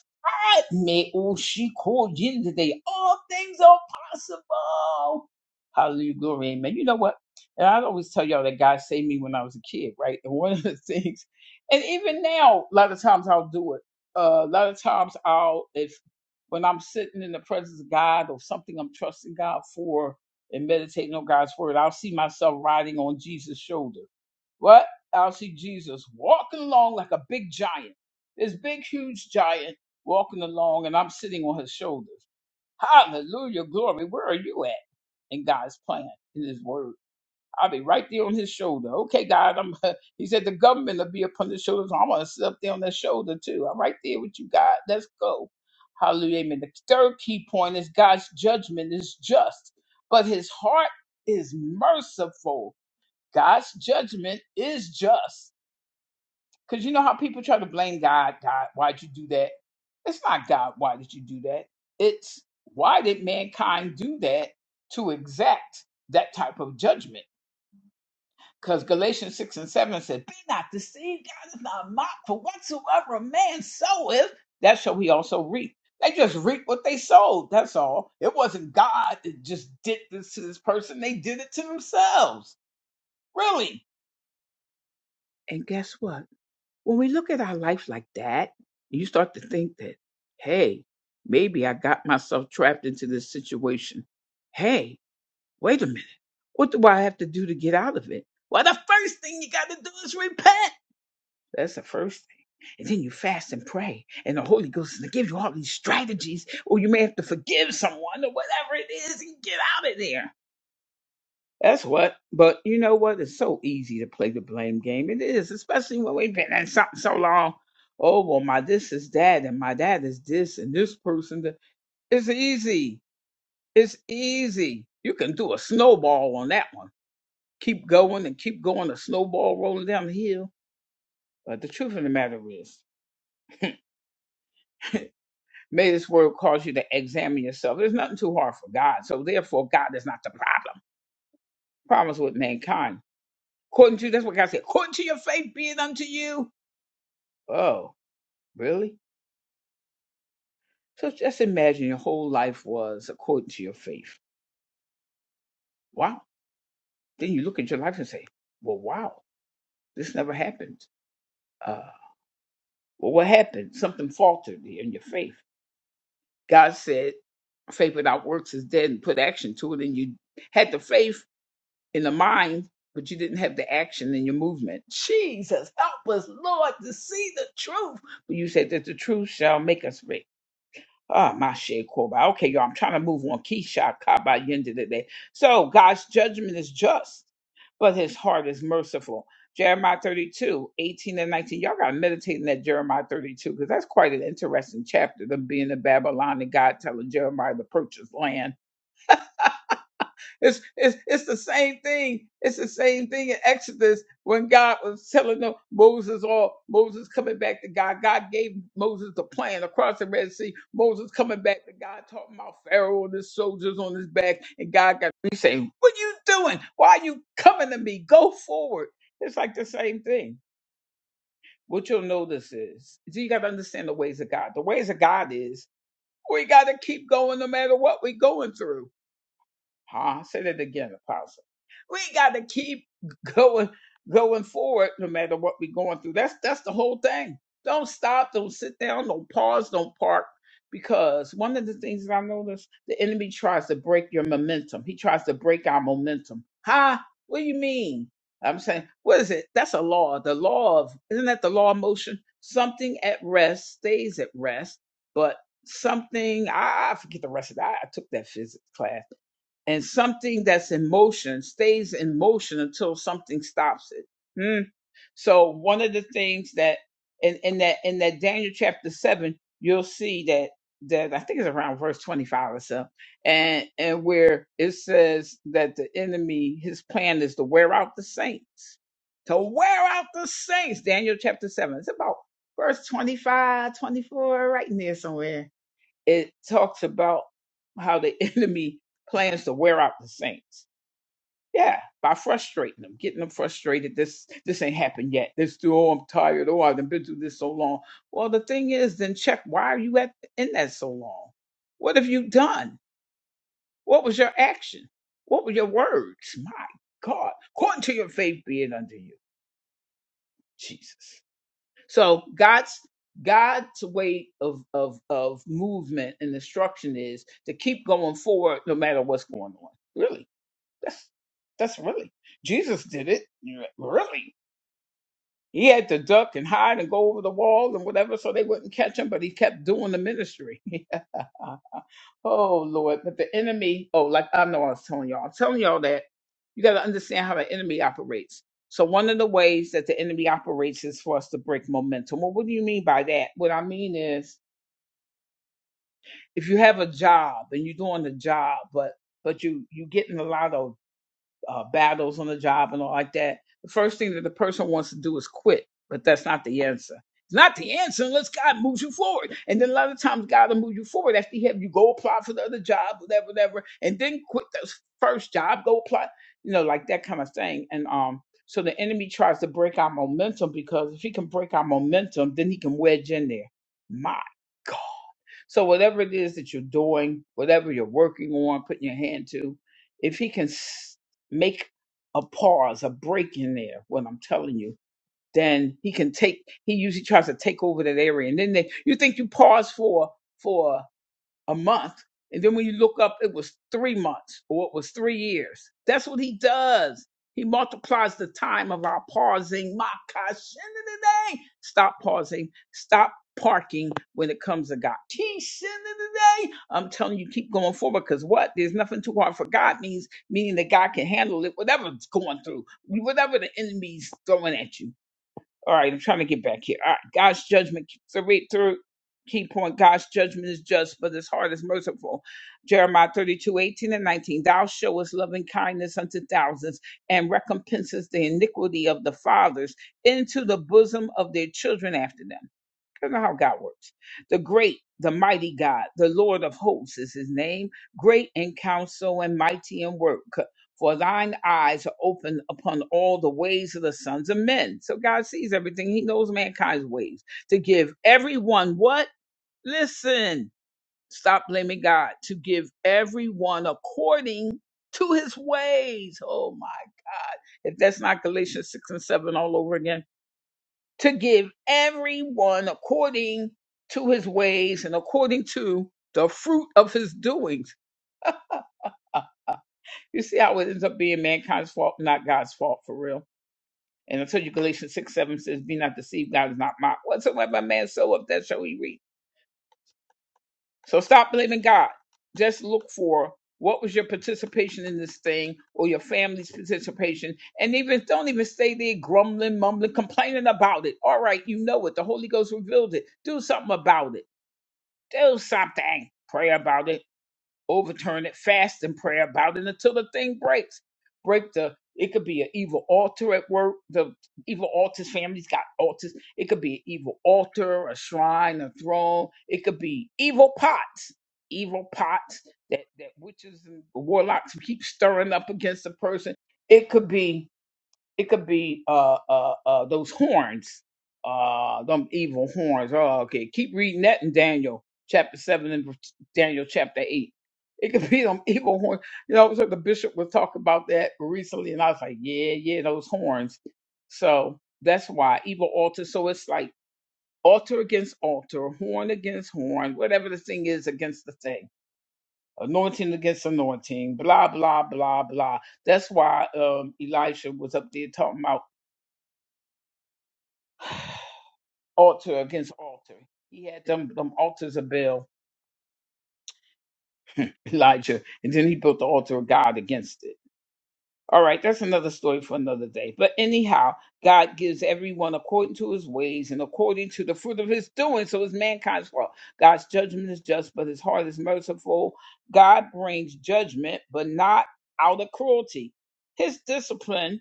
S1: God, may oh she called you today. All things are possible. Hallelujah, glory, amen. You know what? And I always tell y'all that God saved me when I was a kid, right? And one of the things and even now, a lot of times I'll do it. Uh, a lot of times I'll, if when I'm sitting in the presence of God or something I'm trusting God for and meditating on God's word, I'll see myself riding on Jesus' shoulder. What? I'll see Jesus walking along like a big giant, this big, huge giant walking along, and I'm sitting on his shoulders. Hallelujah, glory. Where are you at in God's plan, in his word? I'll be right there on his shoulder. Okay, God, I'm. He said the government will be upon his shoulders. I'm gonna sit up there on their shoulder too. I'm right there with you, God. Let's go. Hallelujah. Amen. The third key point is God's judgment is just, but His heart is merciful. God's judgment is just. Cause you know how people try to blame God. God, why'd you do that? It's not God. Why did you do that? It's why did mankind do that to exact that type of judgment? Because Galatians 6 and 7 said, Be not deceived, God is not mocked, for whatsoever a man soweth, that shall he also reap. They just reap what they sowed, that's all. It wasn't God that just did this to this person, they did it to themselves. Really. And guess what? When we look at our life like that, you start to think that, hey, maybe I got myself trapped into this situation. Hey, wait a minute. What do I have to do to get out of it? Well, the first thing you got to do is repent. That's the first thing. And then you fast and pray, and the Holy Ghost is going to give you all these strategies, or you may have to forgive someone or whatever it is and get out of there. That's what. But you know what? It's so easy to play the blame game. It is, especially when we've been in something so long. Oh, well, my this is that, and my dad is this, and this person. That. It's easy. It's easy. You can do a snowball on that one. Keep going and keep going, a snowball rolling down the hill. But the truth of the matter is, May this word cause you to examine yourself. There's nothing too hard for God. So therefore, God is not the problem. Problems with mankind. According to that's what God said. According to your faith, be it unto you. Oh, really? So just imagine your whole life was according to your faith. Wow. Then you look at your life and say, Well, wow, this never happened. Uh, well, what happened? Something faltered in your faith. God said, Faith without works is dead and put action to it, and you had the faith in the mind, but you didn't have the action in your movement. Jesus, help us, Lord, to see the truth. But you said that the truth shall make us free. Ah, my shade, Koba. Okay, y'all, I'm trying to move on. Keisha, Kaba, Yenda today. So God's judgment is just, but his heart is merciful. Jeremiah 32, 18 and 19. Y'all got to meditate in that Jeremiah 32 because that's quite an interesting chapter, them being in Babylon and God telling Jeremiah to purchase land it's, it's, it's the same thing. It's the same thing in Exodus when God was telling them Moses or Moses coming back to God. God gave Moses the plan across the Red Sea. Moses coming back to God talking about Pharaoh and his soldiers on his back. And God got me saying, What are you doing? Why are you coming to me? Go forward. It's like the same thing. What you'll notice is is you gotta understand the ways of God. The ways of God is we gotta keep going no matter what we're going through. Huh? Say that again, Apostle. We got to keep going, going forward, no matter what we're going through. That's that's the whole thing. Don't stop. Don't sit down. Don't pause. Don't park. Because one of the things that I noticed, the enemy tries to break your momentum. He tries to break our momentum. Huh? What do you mean? I'm saying, what is it? That's a law. The law of isn't that the law of motion? Something at rest stays at rest, but something I, I forget the rest of that. I I took that physics class and something that's in motion stays in motion until something stops it. Hmm. So one of the things that in, in that in that Daniel chapter seven, you'll see that that I think it's around verse twenty five or so, and and where it says that the enemy his plan is to wear out the saints, to wear out the saints. Daniel chapter seven. It's about verse 25, 24, right in there somewhere it talks about how the enemy plans to wear out the saints. Yeah, by frustrating them, getting them frustrated. This this ain't happened yet. This too. Oh, I'm tired. Oh, I've been through this so long. Well, the thing is, then check. Why are you at in that so long? What have you done? What was your action? What were your words? My God, according to your faith, be it unto you, Jesus. So God's God's way of of of movement and instruction is to keep going forward no matter what's going on. Really, that's that's really Jesus did it. Yeah, Really, he had to duck and hide and go over the wall and whatever so they wouldn't catch him, but he kept doing the ministry. Oh Lord, but the enemy, oh, like I know I was telling y'all, I'm telling y'all that you gotta understand how the enemy operates. So one of the ways that the enemy operates is for us to break momentum. Well, what do you mean by that? What I mean is if you have a job and you're doing the job, but but you you getting a lot of uh, battles on the job and all like that, the first thing that the person wants to do is quit. But that's not the answer. It's not the answer unless God moves you forward. And then a lot of times God will move you forward after He have you go apply for the other job, whatever, whatever, and then quit the first job, go apply, you know, like that kind of thing. And um, so the enemy tries to break our momentum because if he can break our momentum, then he can wedge in there. My so whatever it is that you're doing, whatever you're working on, putting your hand to, if he can s- make a pause, a break in there, what I'm telling you, then he can take. He usually tries to take over that area, and then they, you think you pause for for a month. And then when you look up, it was three months or it was three years. That's what he does. He multiplies the time of our pausing. My gosh, end of the day. Stop pausing. Stop parking when it comes to God. Keesh, end of the day. I'm telling you, keep going forward because what? There's nothing too hard for God means, meaning that God can handle it, whatever's going through, whatever the enemy's throwing at you. All right, I'm trying to get back here. All right, God's judgment. So read through key point. God's judgment is just, but his heart is merciful. Jeremiah 32 18 and 19. Thou showest loving kindness unto thousands and recompenses the iniquity of the fathers into the bosom of their children after them. That's not how God works. The great, the mighty God, the Lord of hosts is his name, great in counsel and mighty in work. For thine eyes are open upon all the ways of the sons of men. So God sees everything. He knows mankind's ways to give everyone what? Listen, stop blaming God, to give everyone according to his ways. Oh my God. If that's not Galatians 6 and 7 all over again to give everyone according to his ways and according to the fruit of his doings. You see how it ends up being mankind's fault, not God's fault for real. And until you Galatians 6 7 says, Be not deceived, God is not mocked. Whatsoever a man soweth, that shall he reap. So stop blaming God. Just look for what was your participation in this thing or your family's participation. And even don't even stay there grumbling, mumbling, complaining about it. All right, you know it. The Holy Ghost revealed it. Do something about it do something. Pray about it, overturn it, fast and pray about it until the thing breaks. Break the it could be an evil altar at work. The evil altars, families got altars. It could be an evil altar, a shrine, a throne. It could be evil pots, evil pots that, that witches and warlocks keep stirring up against a person. It could be it could be uh uh uh those horns, uh them evil horns. Oh, okay. Keep reading that in Daniel chapter seven and Daniel chapter eight. It could be them evil horns. You know, so the bishop was talking about that recently, and I was like, yeah, yeah, those horns. So that's why evil altar. So it's like altar against altar, horn against horn, whatever the thing is against the thing, anointing against anointing, blah blah blah blah. That's why um, Elisha was up there talking about. altar against altar. He had them them altars of Baal, Elijah, and then he built the altar of God against it. All right, that's another story for another day. But anyhow, God gives everyone according to his ways and according to the fruit of his doing. So it's mankind's fault. God's judgment is just, but his heart is merciful. God brings judgment, but not out of cruelty. His discipline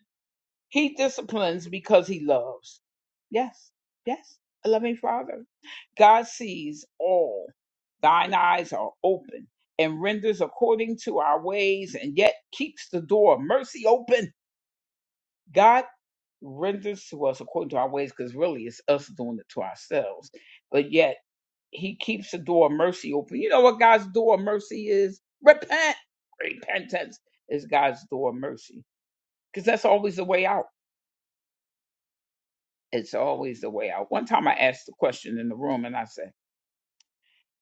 S1: He disciplines because he loves. Yes, yes, a loving father. God sees all. Thine eyes are open and renders according to our ways and yet keeps the door of mercy open. God renders to us according to our ways because really it's us doing it to ourselves. But yet he keeps the door of mercy open. You know what God's door of mercy is? Repent. Repentance is God's door of mercy because that's always the way out It's always the way out. One time I asked the question in the room and I said,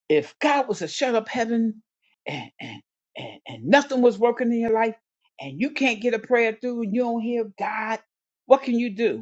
S1: if God was to shut up heaven and, and, and, and nothing was working in your life and you can't get a prayer through and you don't hear God, what can you do?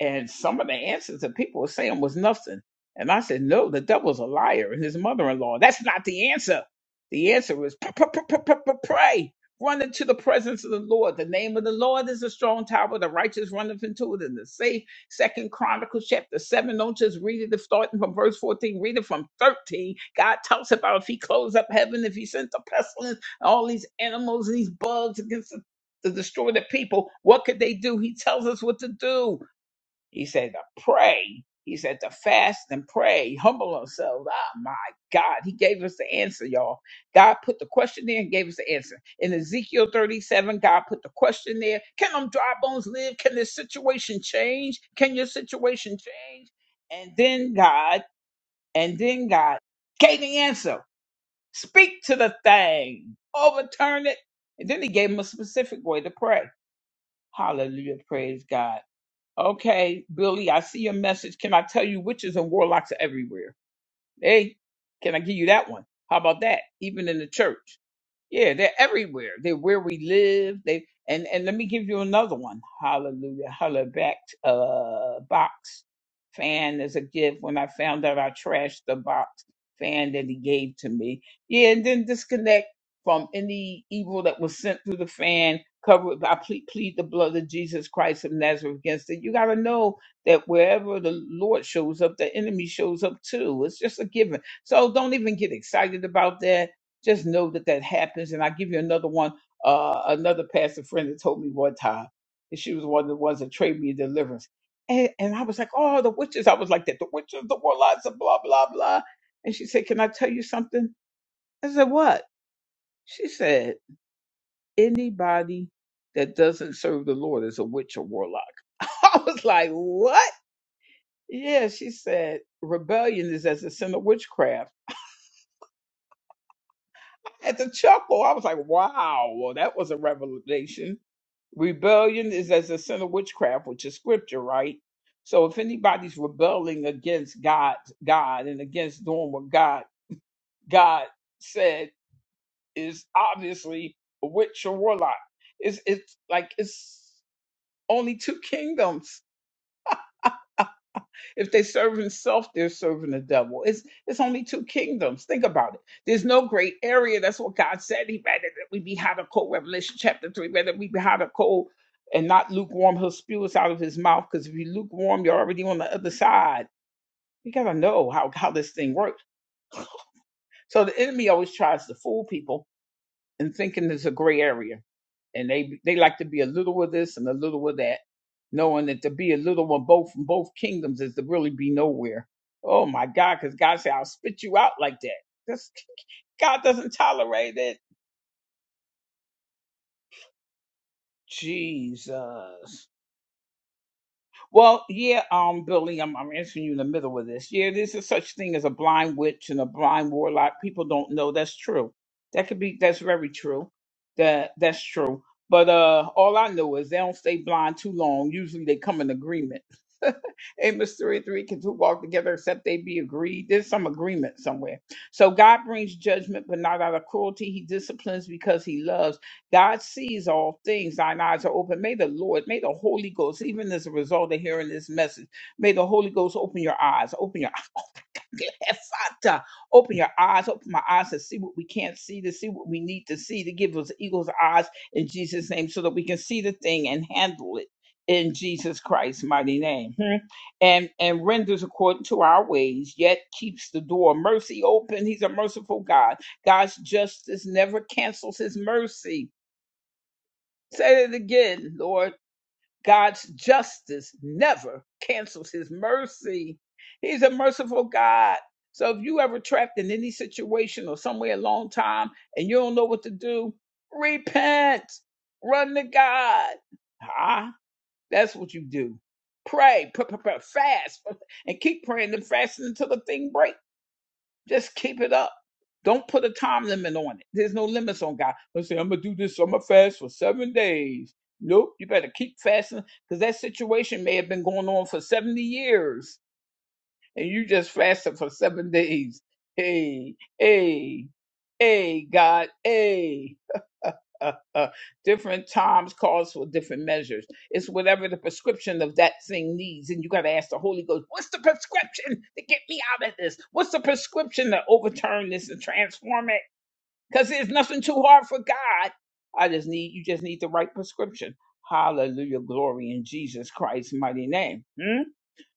S1: And some of the answers that people were saying was nothing. And I said, no, the devil's a liar and his mother-in-law. That's not the answer. The answer is p- p- p- p- p- p- pray. Run into the presence of the Lord. The name of the Lord is a strong tower. The righteous runneth into it and is safe. Second Chronicles chapter 7. Don't just read it starting from verse 14. Read it from 13. God talks about if he closed up heaven, if he sent the pestilence, all these animals, these bugs against the to destroy the people. What could they do? He tells us what to do. He said to pray. He said to fast and pray, humble ourselves. Oh my God. He gave us the answer, y'all. God put the question there and gave us the answer. In Ezekiel 37, God put the question there. Can them dry bones live? Can this situation change? Can your situation change? And then God, and then God gave the answer. Speak to the thing. Overturn it. And then he gave him a specific way to pray. Hallelujah. Praise God. Okay, Billy, I see your message. Can I tell you witches and warlocks are everywhere? Hey, can I give you that one? How about that? Even in the church. Yeah, they're everywhere. They're where we live. They and and let me give you another one. Hallelujah. Holla back uh box fan is a gift. When I found out I trashed the box fan that he gave to me. Yeah, and then disconnect from any evil that was sent through the fan. Cover I plead, plead the blood of Jesus Christ of Nazareth against it. You gotta know that wherever the Lord shows up, the enemy shows up too. It's just a given. So don't even get excited about that just know that that happens. And I give you another one. Uh, another pastor friend that told me one time, and she was one of the ones that trained me in deliverance. And, and I was like, oh, the witches. I was like that, the witches, the warlocks, and blah, blah, blah. And she said, can I tell you something? I said, what? She said, anybody that doesn't serve the Lord is a witch or warlock. I was like, what? Yeah, she said, rebellion is as a sin of witchcraft had to chuckle. I was like, wow, well, that was a revelation. Rebellion is as a sin of witchcraft, which is scripture, right? So if anybody's rebelling against God, God, and against doing what God, God said is obviously a witch or warlock. It's it's like it's only two kingdoms If they're serving self, they're serving the devil. It's it's only two kingdoms. Think about it. There's no great area. That's what God said. He rather that we be hot or cold. Revelation chapter three. Rather we be hot or cold, and not lukewarm. He'll spew us out of his mouth. Because if you lukewarm, you're already on the other side. You gotta know how how this thing works. So the enemy always tries to fool people and thinking it's a gray area. And they they like to be a little of this and a little of that, knowing that to be a little of both from both kingdoms is to really be nowhere. Oh my God, because God said, I'll spit you out like that. That's, God doesn't tolerate it. Jesus. Well, yeah, um, Billy, I'm, I'm answering you in the middle of this. Yeah, there's a such thing as a blind witch and a blind warlock. People don't know that's true. That could be that's very true. That that's true. But uh, all I know is they don't stay blind too long. Usually they come in agreement. A mystery 3 can two walk together except they be agreed. There's some agreement somewhere. So God brings judgment, but not out of cruelty. He disciplines because he loves. God sees all things. Thine eyes are open. May the Lord, may the Holy Ghost, even as a result of hearing this message, may the Holy Ghost open your eyes, open your Efata, open your eyes, open my eyes to see what we can't see, to see what we need to see, to give us eagle's eyes in Jesus' name, so that we can see the thing and handle it in Jesus Christ's mighty name. Hmm. And and renders according to our ways, yet keeps the door of mercy open. He's a merciful God. God's justice never cancels his mercy. Say it again, Lord. God's justice never cancels his mercy. He's a merciful God. So if you ever trapped in any situation or somewhere a long time and you don't know what to do, repent. Run to God. Ah, that's what you do. Pray, p- p- p- fast, and keep praying and fasting until the thing breaks. Just keep it up. Don't put a time limit on it. There's no limits on God. Let's say, I'm going to do this. I'm going to fast for seven days. Nope. You better keep fasting because that situation may have been going on for 70 years and you just fasted for seven days. Hey, hey, hey, God, hey. Uh, uh, different times calls for different measures. It's whatever the prescription of that thing needs, and you got to ask the Holy Ghost, "What's the prescription to get me out of this? What's the prescription to overturn this and transform it? Because there's nothing too hard for God. I just need you. Just need the right prescription. Hallelujah, glory in Jesus Christ's mighty name. Hmm?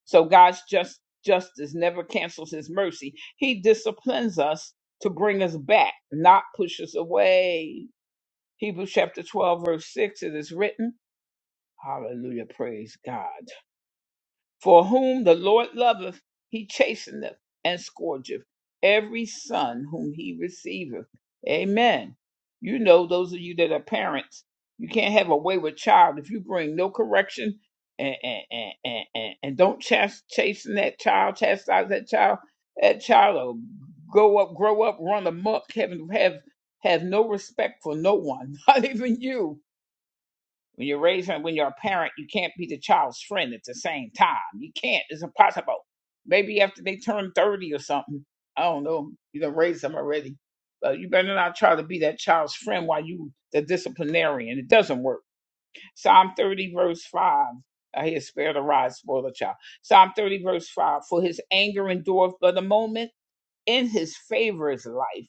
S1: So God's just justice never cancels his mercy. He disciplines us to bring us back, not push us away. Hebrews chapter 12, verse 6, it is written, Hallelujah, praise God. For whom the Lord loveth, he chasteneth and scourgeth every son whom he receiveth. Amen. You know, those of you that are parents, you can't have a wayward child if you bring no correction and and and and, and and don't chas- chasten that child, chastise that child. That child will go up, grow up, run amok, have have have no respect for no one, not even you when you're raising, when you're a parent, you can't be the child's friend at the same time. You can't. It's impossible. Maybe after they turn 30 or something. I don't know. You done raised them already. But you better not try to be that child's friend while you the disciplinarian. It doesn't work. Psalm 30 verse 5. I hear spare the rod, spoil the child. Psalm 30 verse 5. For his anger endureth but a moment in his favor's life.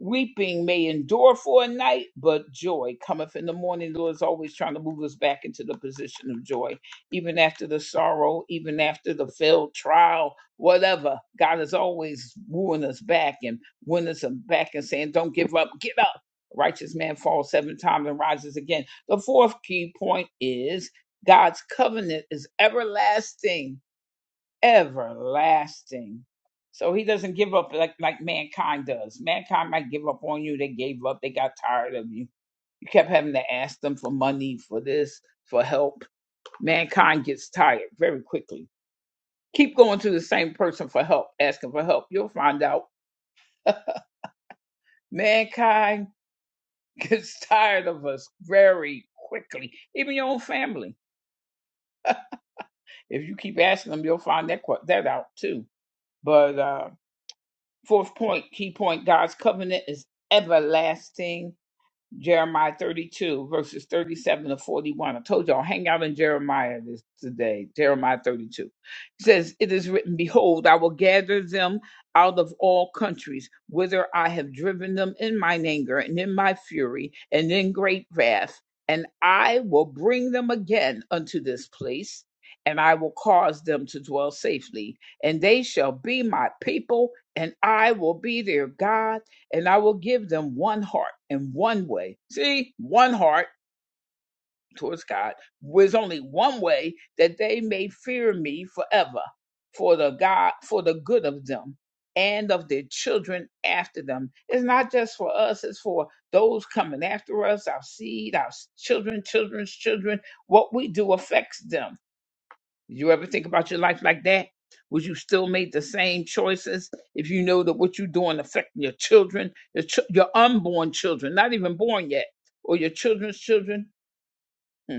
S1: Weeping may endure for a night, but joy cometh in the morning. The Lord is always trying to move us back into the position of joy, even after the sorrow, even after the failed trial, whatever. God is always wooing us back and wooing us back and saying, Don't give up, get up. Righteous man falls seven times and rises again. The fourth key point is God's covenant is everlasting everlasting. So he doesn't give up like like mankind does. Mankind might give up on you. They gave up. They got tired of you. You kept having to ask them for money, for this, for help. Mankind gets tired very quickly. Keep going to the same person for help, asking for help. You'll find out. Mankind gets tired of us very quickly. Even your own family. If you keep asking them, you'll find that que- that out too. But uh Fourth point, key point God's covenant is everlasting. Jeremiah 32, verses 37 to 41. I told y'all, hang out in Jeremiah this today, Jeremiah 32. It says, It is written, Behold, I will gather them out of all countries, whither I have driven them in mine anger and in my fury and in great wrath, and I will bring them again unto this place, and I will cause them to dwell safely, and they shall be my people, and I will be their God and I will give them one heart and one way. See, one heart towards God was only one way that they may fear me forever for the God for the good of them and of their children after them. It's not just for us, it's for those coming after us, our seed, our s- children, children's children. What we do affects them you ever think about your life like that? Would you still make the same choices if you know that what you're doing affecting your children, your, ch- your unborn children, not even born yet, or your children's children? Hmm.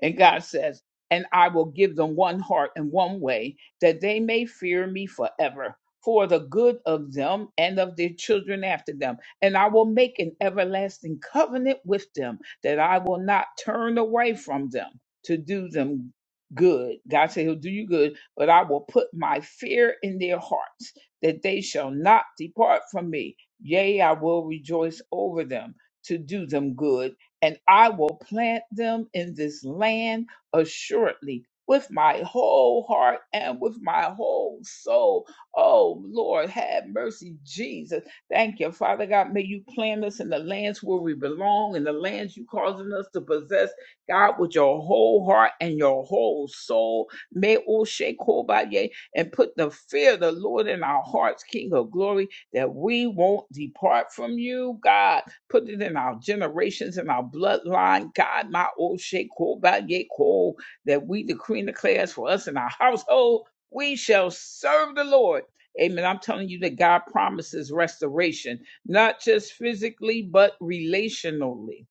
S1: And God says, And I will give them one heart and one way, that they may fear me forever, for the good of them and of their children after them. And I will make an everlasting covenant with them, that I will not turn away from them to do them good. God said, He'll do you good, but I will put my fear in their hearts, that they shall not depart from me. Yea, I will rejoice over them to do them good and I will plant them in this land assuredly with my whole heart and with my whole soul. Oh, Lord, have mercy, Jesus. Thank you, Father God. May you plant us in the lands where we belong, in the lands you causing us to possess, God, with your whole heart and your whole soul. May O Shekobaye and put the fear of the Lord in our hearts, King of glory, that we won't depart from you, God. Put it in our generations, in our bloodline. God, my old shake, yeko, that we decree and declare as for us in our household, we shall serve the Lord. Amen. I'm telling you that God promises restoration, not just physically, but relationally.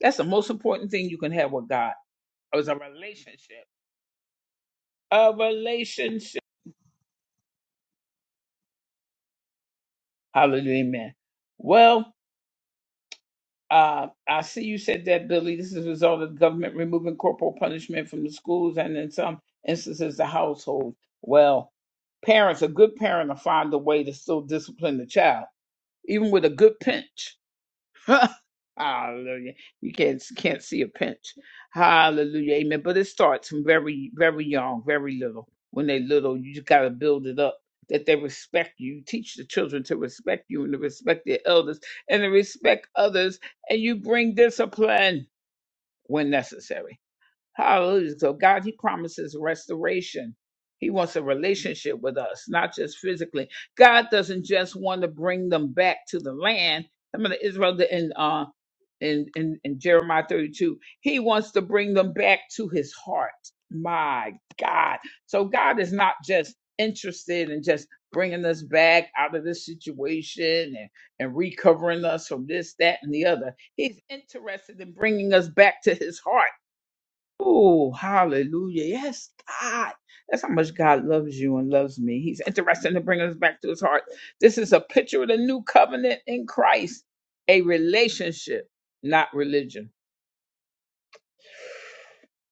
S1: That's the most important thing you can have with God. It's a relationship. A relationship. Hallelujah. Amen. Well, Uh, I see you said that, Billy. This is a result of the government removing corporal punishment from the schools and, in some instances, the household. Well, parents, a good parent will find a way to still discipline the child, even with a good pinch. Hallelujah. You can't can't see a pinch. Hallelujah. Amen. But it starts from very, very young, very little. When they're little, you just gotta build it up that they respect you. Teach the children to respect you and to respect their elders and to respect others. And you bring discipline when necessary. Hallelujah. So God, He promises restoration. He wants a relationship with us, not just physically. God doesn't just want to bring them back to the land. Some of Israel didn't uh in, in, in Jeremiah 32, he wants to bring them back to his heart. My God. So God is not just interested in just bringing us back out of this situation and, and recovering us from this, that, and the other. He's interested in bringing us back to his heart. Oh, hallelujah. Yes, God. That's how much God loves you and loves me. He's interested in bringing us back to his heart. This is a picture of the new covenant in Christ, a relationship, not religion.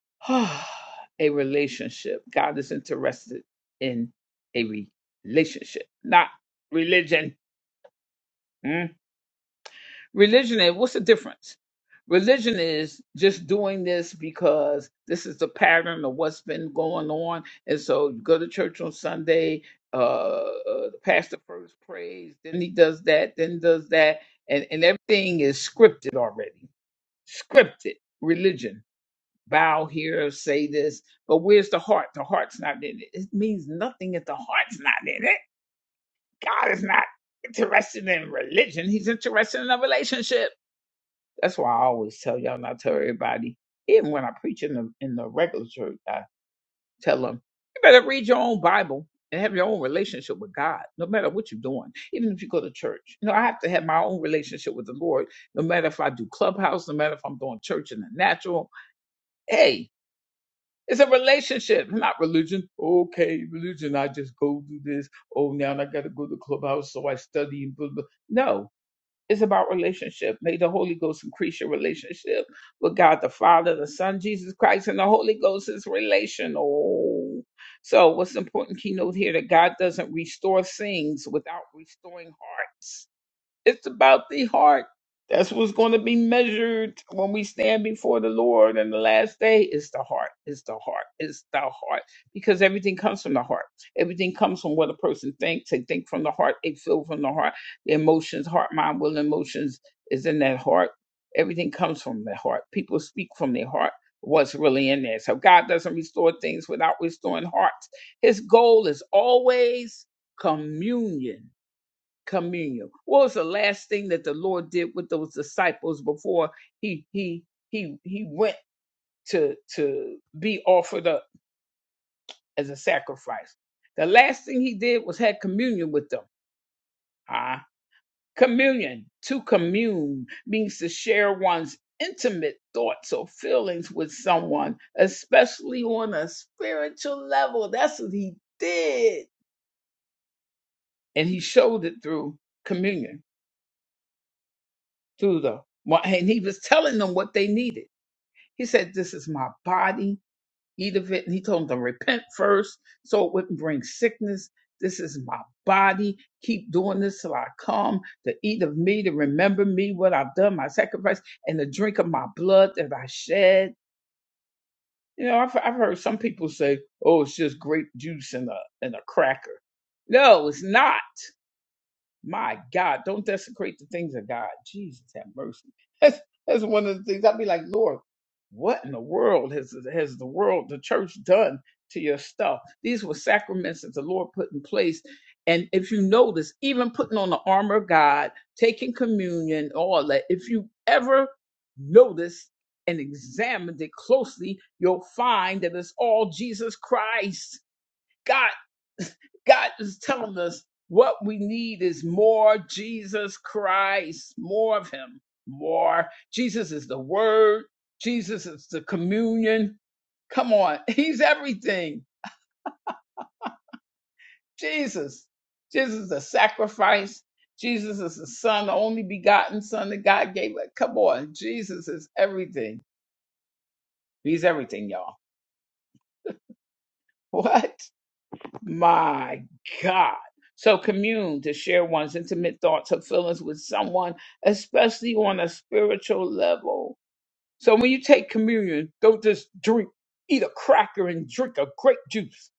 S1: a relationship. God is interested in a relationship, not religion. Mm. Religion and what's the difference? Religion is just doing this because this is the pattern of what's been going on. And so you go to church on Sunday, uh, uh, the pastor first prays, then he does that, then does that. And, and everything is scripted already. Scripted religion. Bow here, say this. But where's the heart? The heart's not in it. It means nothing if the heart's not in it. God is not interested in religion, He's interested in a relationship. That's why I always tell y'all, and I tell everybody, even when I preach in the in the regular church, I tell them, you better read your own Bible and have your own relationship with God, no matter what you're doing, even if you go to church. You know, I have to have my own relationship with the Lord, no matter if I do clubhouse, no matter if I'm doing church in the natural. Hey, it's a relationship, not religion. Okay, religion, I just go do this. Oh, now I got to go to clubhouse, so I study. and Blah, blah. No, it's about relationship. May the Holy Ghost increase your relationship with God the Father, the Son, Jesus Christ, and the Holy Ghost is relational. So, what's the important keynote here that God doesn't restore things without restoring hearts? It's about the heart. That's what's going to be measured when we stand before the Lord in the last day. It's the heart. It's the heart. It's the heart. Because everything comes from the heart. Everything comes from what a person thinks. They think from the heart. They feel from the heart. The emotions, heart, mind, will, emotions is in that heart. Everything comes from the heart. People speak from their heart. What's really in there. So God doesn't restore things without restoring hearts. His goal is always communion communion. What was the last thing that the Lord did with those disciples before he he he he went to to be offered up as a sacrifice? The last thing he did was had communion with them. Ah, communion to commune means to share one's intimate thoughts or feelings with someone, especially on a spiritual level. That's what he did, and he showed it through communion, through the and he was telling them what they needed He said, This is my body. Eat of it. And he told them to repent first so it wouldn't bring sickness. This is my body. Keep doing this till I come to eat of me, to remember me, what I've done, my sacrifice, and to drink of my blood that I shed. You know, I've, I've heard some people say, oh, it's just grape juice and a, and a cracker. No, it's not. My God, don't desecrate the things of God. Jesus have mercy. That's that's one of the things I'd be like, Lord, what in the world has has the world, the church done to your stuff? These were sacraments that the Lord put in place. And if you notice, even putting on the armor of God, taking communion, all that, if you ever notice and examined it closely, you'll find that it's all Jesus Christ God God is telling us what we need is more Jesus Christ, more of Him, more. Jesus is the Word, Jesus is the communion. Come on, He's everything. Jesus. Jesus is the sacrifice. Jesus is the Son, the only begotten Son that God gave. Like, Come on, Jesus is everything. He's everything, y'all. What? My God. So commune to share one's intimate thoughts or feelings with someone, especially on a spiritual level. So when you take communion, don't just drink, eat a cracker and drink a grape juice.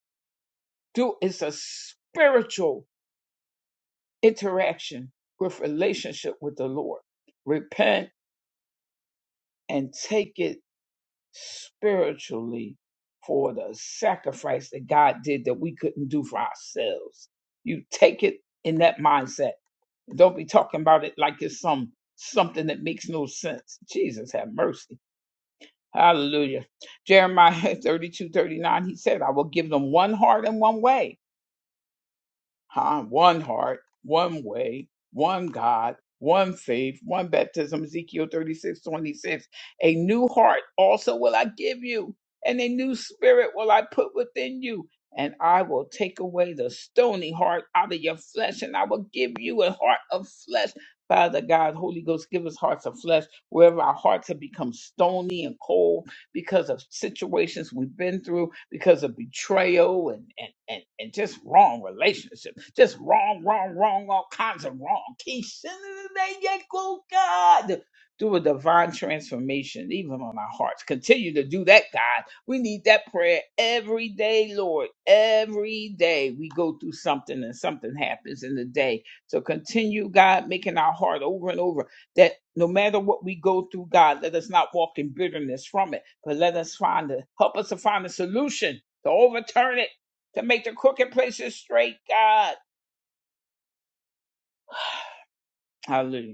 S1: Do it's a spiritual interaction with relationship with the Lord. Repent and take it spiritually for the sacrifice that God did that we couldn't do for ourselves. You take it in that mindset Don't be talking about it like it's some something that makes no sense. Jesus have mercy. Hallelujah. Jeremiah 32 39. he said, I will give them one heart and one way huh? One heart, one way, one God, one faith, one baptism. Ezekiel 36 26. A new heart also will I give you, and a new spirit will I put within you. And I will take away the stony heart out of your flesh, and I will give you a heart of flesh. Father God, Holy Ghost, give us hearts of flesh wherever our hearts have become stony and cold because of situations we've been through, because of betrayal and and and, and just wrong relationships, just wrong, wrong, wrong, all kinds of wrong. Keep sending it, go God. Do a divine transformation, even on our hearts. Continue to do that, God. We need that prayer every day, Lord. Every day we go through something and something happens in the day. So continue, God, making our heart over and over that no matter what we go through, God, let us not walk in bitterness from it, but let us find a help us to find a solution to overturn it, to make the crooked places straight, God. Hallelujah.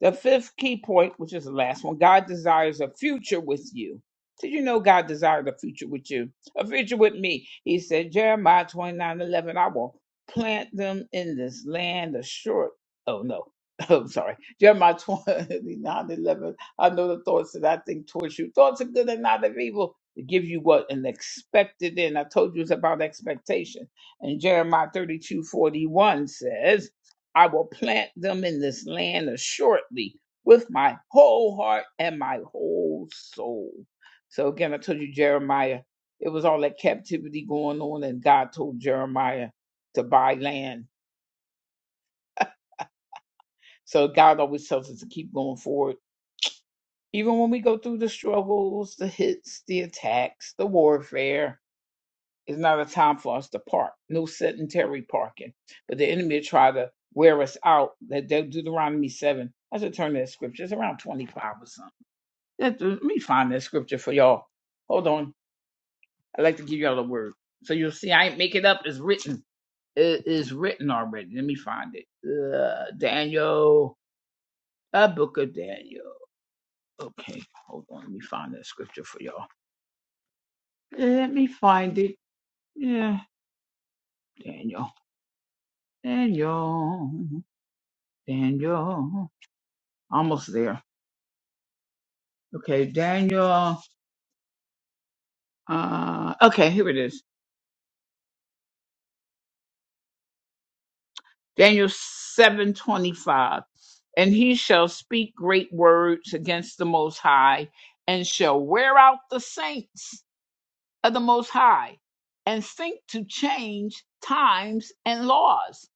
S1: The fifth key point, which is the last one, God desires a future with you. Did you know God desired a future with you? A future with me. He said, Jeremiah 29 11, I will plant them in this land of short. Oh, no. I'm sorry. Jeremiah twenty nine eleven. I know the thoughts that I think towards you. Thoughts of good and not of evil. To give you what an expected end. I told you it's about expectation. And Jeremiah 32 41 says, I will plant them in this land assuredly with my whole heart and my whole soul. So again, I told you Jeremiah, it was all that captivity going on, and God told Jeremiah to buy land. So God always tells us to keep going forward. Even when we go through the struggles, the hits, the attacks, the warfare, It's not a time for us to park. No sedentary parking. But the enemy will try to wear us out. That that Deuteronomy 7. I should turn to that scripture. It's around 25 or something. Let let me find that scripture for y'all. Hold on. I'd like to give y'all the word. So you'll see I ain't make it up. It's written. It is written already. Let me find it. Uh, Daniel. The book of Daniel. Okay. Hold on. Let me find that scripture for y'all. Let me find it. Yeah. Daniel. Daniel. Daniel, almost there. Okay, Daniel. Uh, okay, here it is. Daniel seven twenty five, and he shall speak great words against the Most High, and shall wear out the saints of the Most High, and think to change times and laws,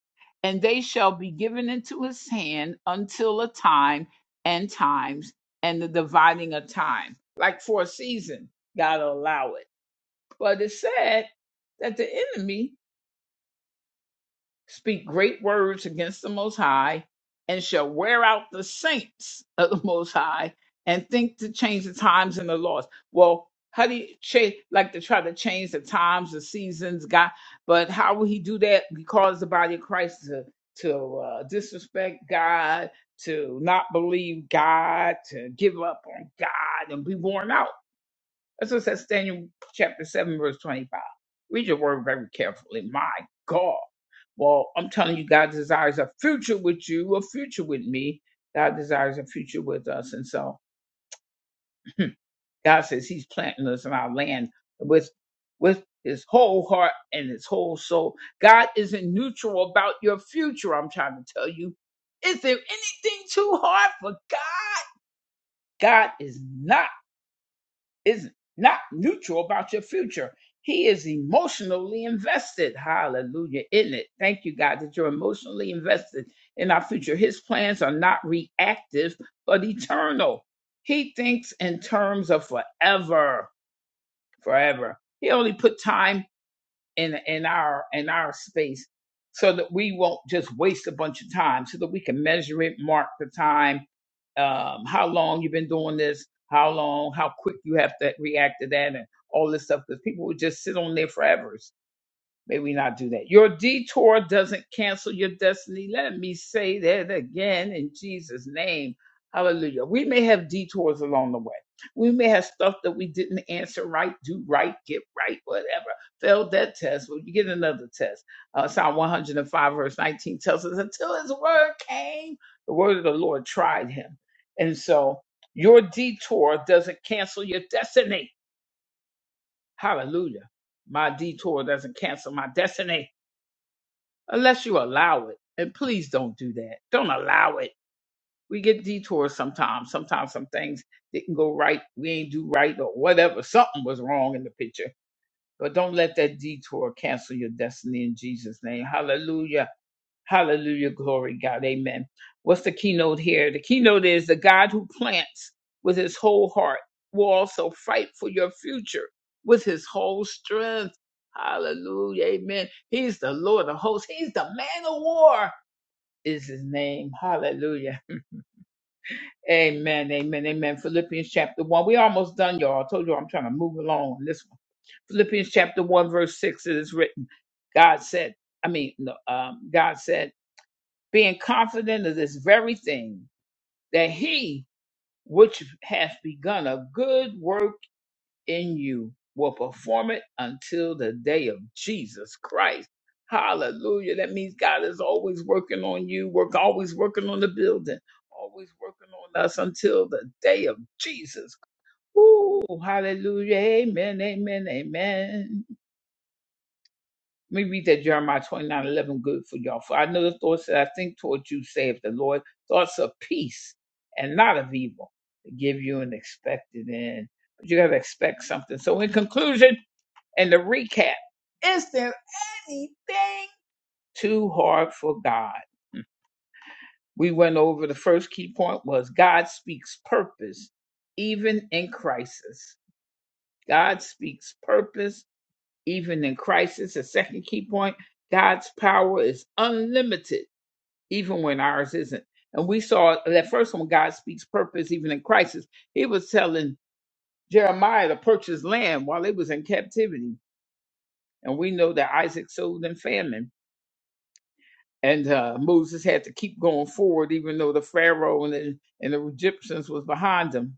S1: and they shall be given into his hand until a time and times and the dividing of time, like for a season. God will allow it But it said that the enemy speak great words against the Most High and shall wear out the saints of the Most High and think to change the times and the laws. Well, how do you change, like to try to change the times, the seasons, God? But how will he do that? Because the body of Christ to to uh, disrespect God, to not believe God, to give up on God, and be worn out. That's what it says, Daniel chapter 7, verse 25. Read your word very carefully. My God. Well, I'm telling you, God desires a future with you, a future with me. God desires a future with us. And so God says He's planting us in our land with with his whole heart and his whole soul. God isn't neutral about your future, I'm trying to tell you. Is there anything too hard for God? God is not is not neutral about your future. He is emotionally invested. Hallelujah. In it. Thank you, God, that you're emotionally invested in our future. His plans are not reactive, but eternal. He thinks in terms of forever, forever. He only put time in in our in our space so that we won't just waste a bunch of time so that we can measure it mark the time um, how long you've been doing this how long how quick you have to react to that and all this stuff because people would just sit on there forever May we not do that. Your detour doesn't cancel your destiny. Let me say that again in Jesus' name. Hallelujah. We may have detours along the way. We may have stuff that we didn't answer right, do right, get right, whatever. Failed that test. Well, you get another test. Uh, Psalm 105, verse 19 tells us until his word came, the word of the Lord tried him. And so your detour doesn't cancel your destiny. Hallelujah. My detour doesn't cancel my destiny unless you allow it. And please don't do that. Don't allow it. We get detours sometimes. Sometimes some things didn't go right. We ain't do right or whatever. Something was wrong in the picture. But don't let that detour cancel your destiny in Jesus' name. Hallelujah. Hallelujah. Glory, God. Amen. What's the keynote here? The keynote is the God who plants with his whole heart will also fight for your future with his whole strength. Hallelujah. Amen. He's the Lord of hosts. He's the man of war is his name. Hallelujah. Amen. Amen. Amen. Philippians chapter one. We almost done, y'all. I told you I'm trying to move along on this one. Philippians chapter 1, verse 6, it is written, God said, I mean, no, um, God said, being confident of this very thing, that he which hath begun a good work in you will perform it until the day of Jesus Christ. Hallelujah. That means God is always working on you, work always working on the building, always working on us until the day of Jesus. Ooh, hallelujah. Amen. Amen. Amen. Let me read that Jeremiah twenty nine eleven good for y'all. For I know the thoughts that I think towards you, saith the Lord, thoughts of peace and not of evil, to give you an expected end. But you got to expect something. So, in conclusion and the recap, is there anything too hard for God? Hmm. We went over the first key point was God speaks purpose, even in crisis. God speaks purpose even in crisis. a second key point God's power is unlimited, even when ours isn't. And we saw that first one, God speaks purpose even in crisis. He was telling Jeremiah to purchase land while it was in captivity. And we know that Isaac sold in famine. And uh, Moses had to keep going forward, even though the Pharaoh and the, and the Egyptians was behind him.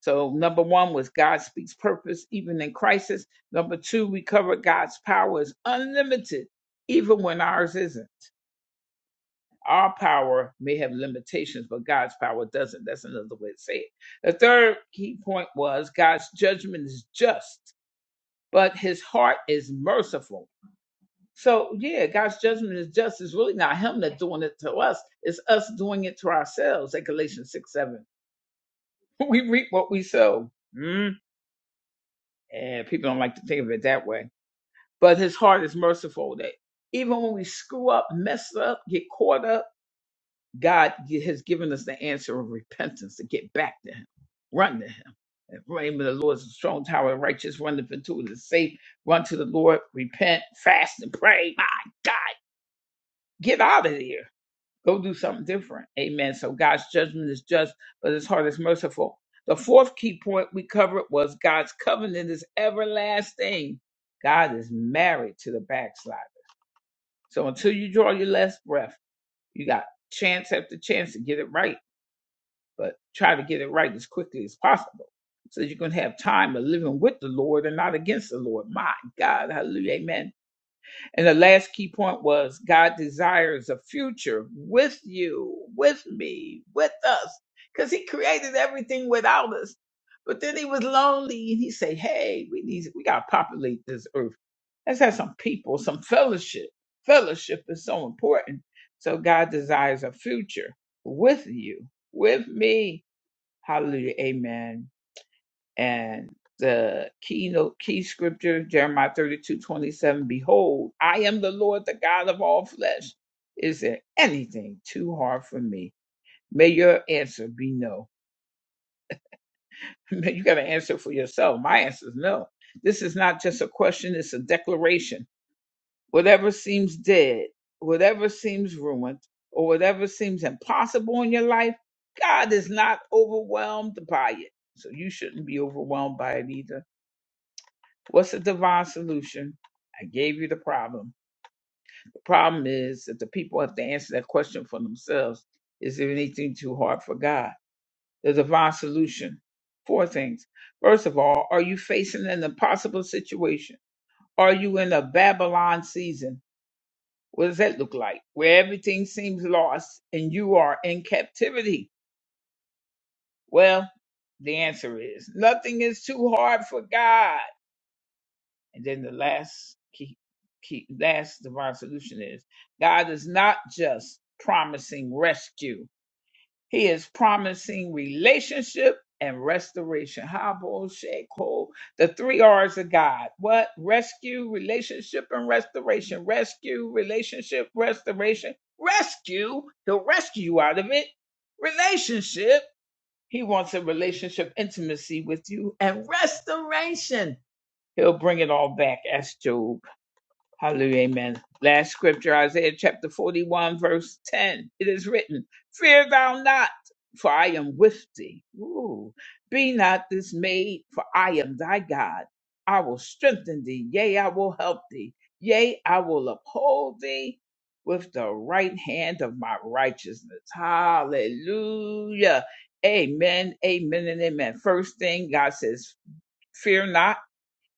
S1: So, number one was God speaks purpose even in crisis. Number two, we covered God's power is unlimited, even when ours isn't. Our power may have limitations, but God's power doesn't. That's another way to say it. The third key point was God's judgment is just, but his heart is merciful. So, yeah, God's judgment is just. It's really not him that's doing it to us, it's us doing it to ourselves at Galatians 6 7. We reap what we sow. Mm. And people don't like to think of it that way. but his heart is merciful that even when we screw up, mess up, get caught up, God gi- has given us the answer of repentance to get back to him, run to him. The name of the Lord is a strong tower, of righteous run into it is safe. Run to the Lord, repent, fast, and pray. My God, get out of here. Go do something different. Amen. So God's judgment is just, but his heart is merciful. The fourth key point we covered was God's covenant is everlasting. God is married to the backslider. So until you draw your last breath, you got chance after chance to get it right, but try to get it right as quickly as possible. So you can have time of living with the Lord and not against the Lord. My God, hallelujah, amen. And the last key point was God desires a future with you, with me, with us, because He created everything without us. But then He was lonely, and He said, "Hey, we need, we got to populate this earth. Let's have some people, some fellowship. Fellowship is so important. So God desires a future with you, with me. Hallelujah, Amen." And the keynote key scripture, Jeremiah 32 27 Behold, I am the Lord, the God of all flesh. Is there anything too hard for me? May your answer be no. May you got to answer for yourself. My answer is no. This is not just a question, it's a declaration. Whatever seems dead, whatever seems ruined, or whatever seems impossible in your life, God is not overwhelmed by it. So you shouldn't be overwhelmed by it either What's the divine solution? I gave you the problem. The problem is that the people have to answer that question for themselves. Is there anything too hard for God? The divine solution. Four things. First of all, are you facing an impossible situation? Are you in a Babylon season? What does that look like? Where everything seems lost and you are in captivity? Well, the answer is nothing is too hard for God. And then the last key, key last divine solution is God is not just promising rescue. He is promising relationship and restoration. Habo Sheko, the three R's of God. What? Rescue, relationship, and restoration. Rescue, relationship, restoration. Rescue, he'll rescue you out of it. Relationship, he wants a relationship intimacy with you. And restoration, he'll bring it all back. As Job Hallelujah. Amen. Last scripture, Isaiah chapter 41, verse 10. It is written, Fear thou not, for I am with thee. Ooh. Be not dismayed, for I am thy God. I will strengthen thee. Yea, I will help thee. Yea, I will uphold thee with the right hand of my righteousness. Hallelujah. Amen. Amen and amen. First thing God says, fear not.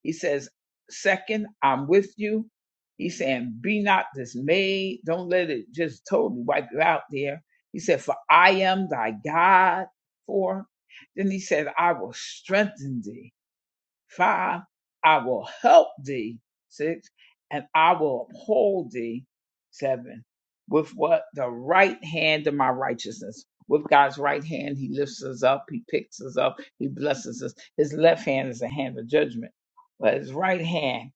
S1: He says, Second, I'm with you. He's saying, Be not dismayed. Don't let it just totally wipe you out there. He said, For I am thy God. Four. Then he said, I will strengthen thee. Five, I will help thee. Six, and I will uphold thee. Seven, with what? The right hand of my righteousness. With God's right hand, he lifts us up, he picks us up, he blesses us. His left hand is a hand of judgment, but his right hand.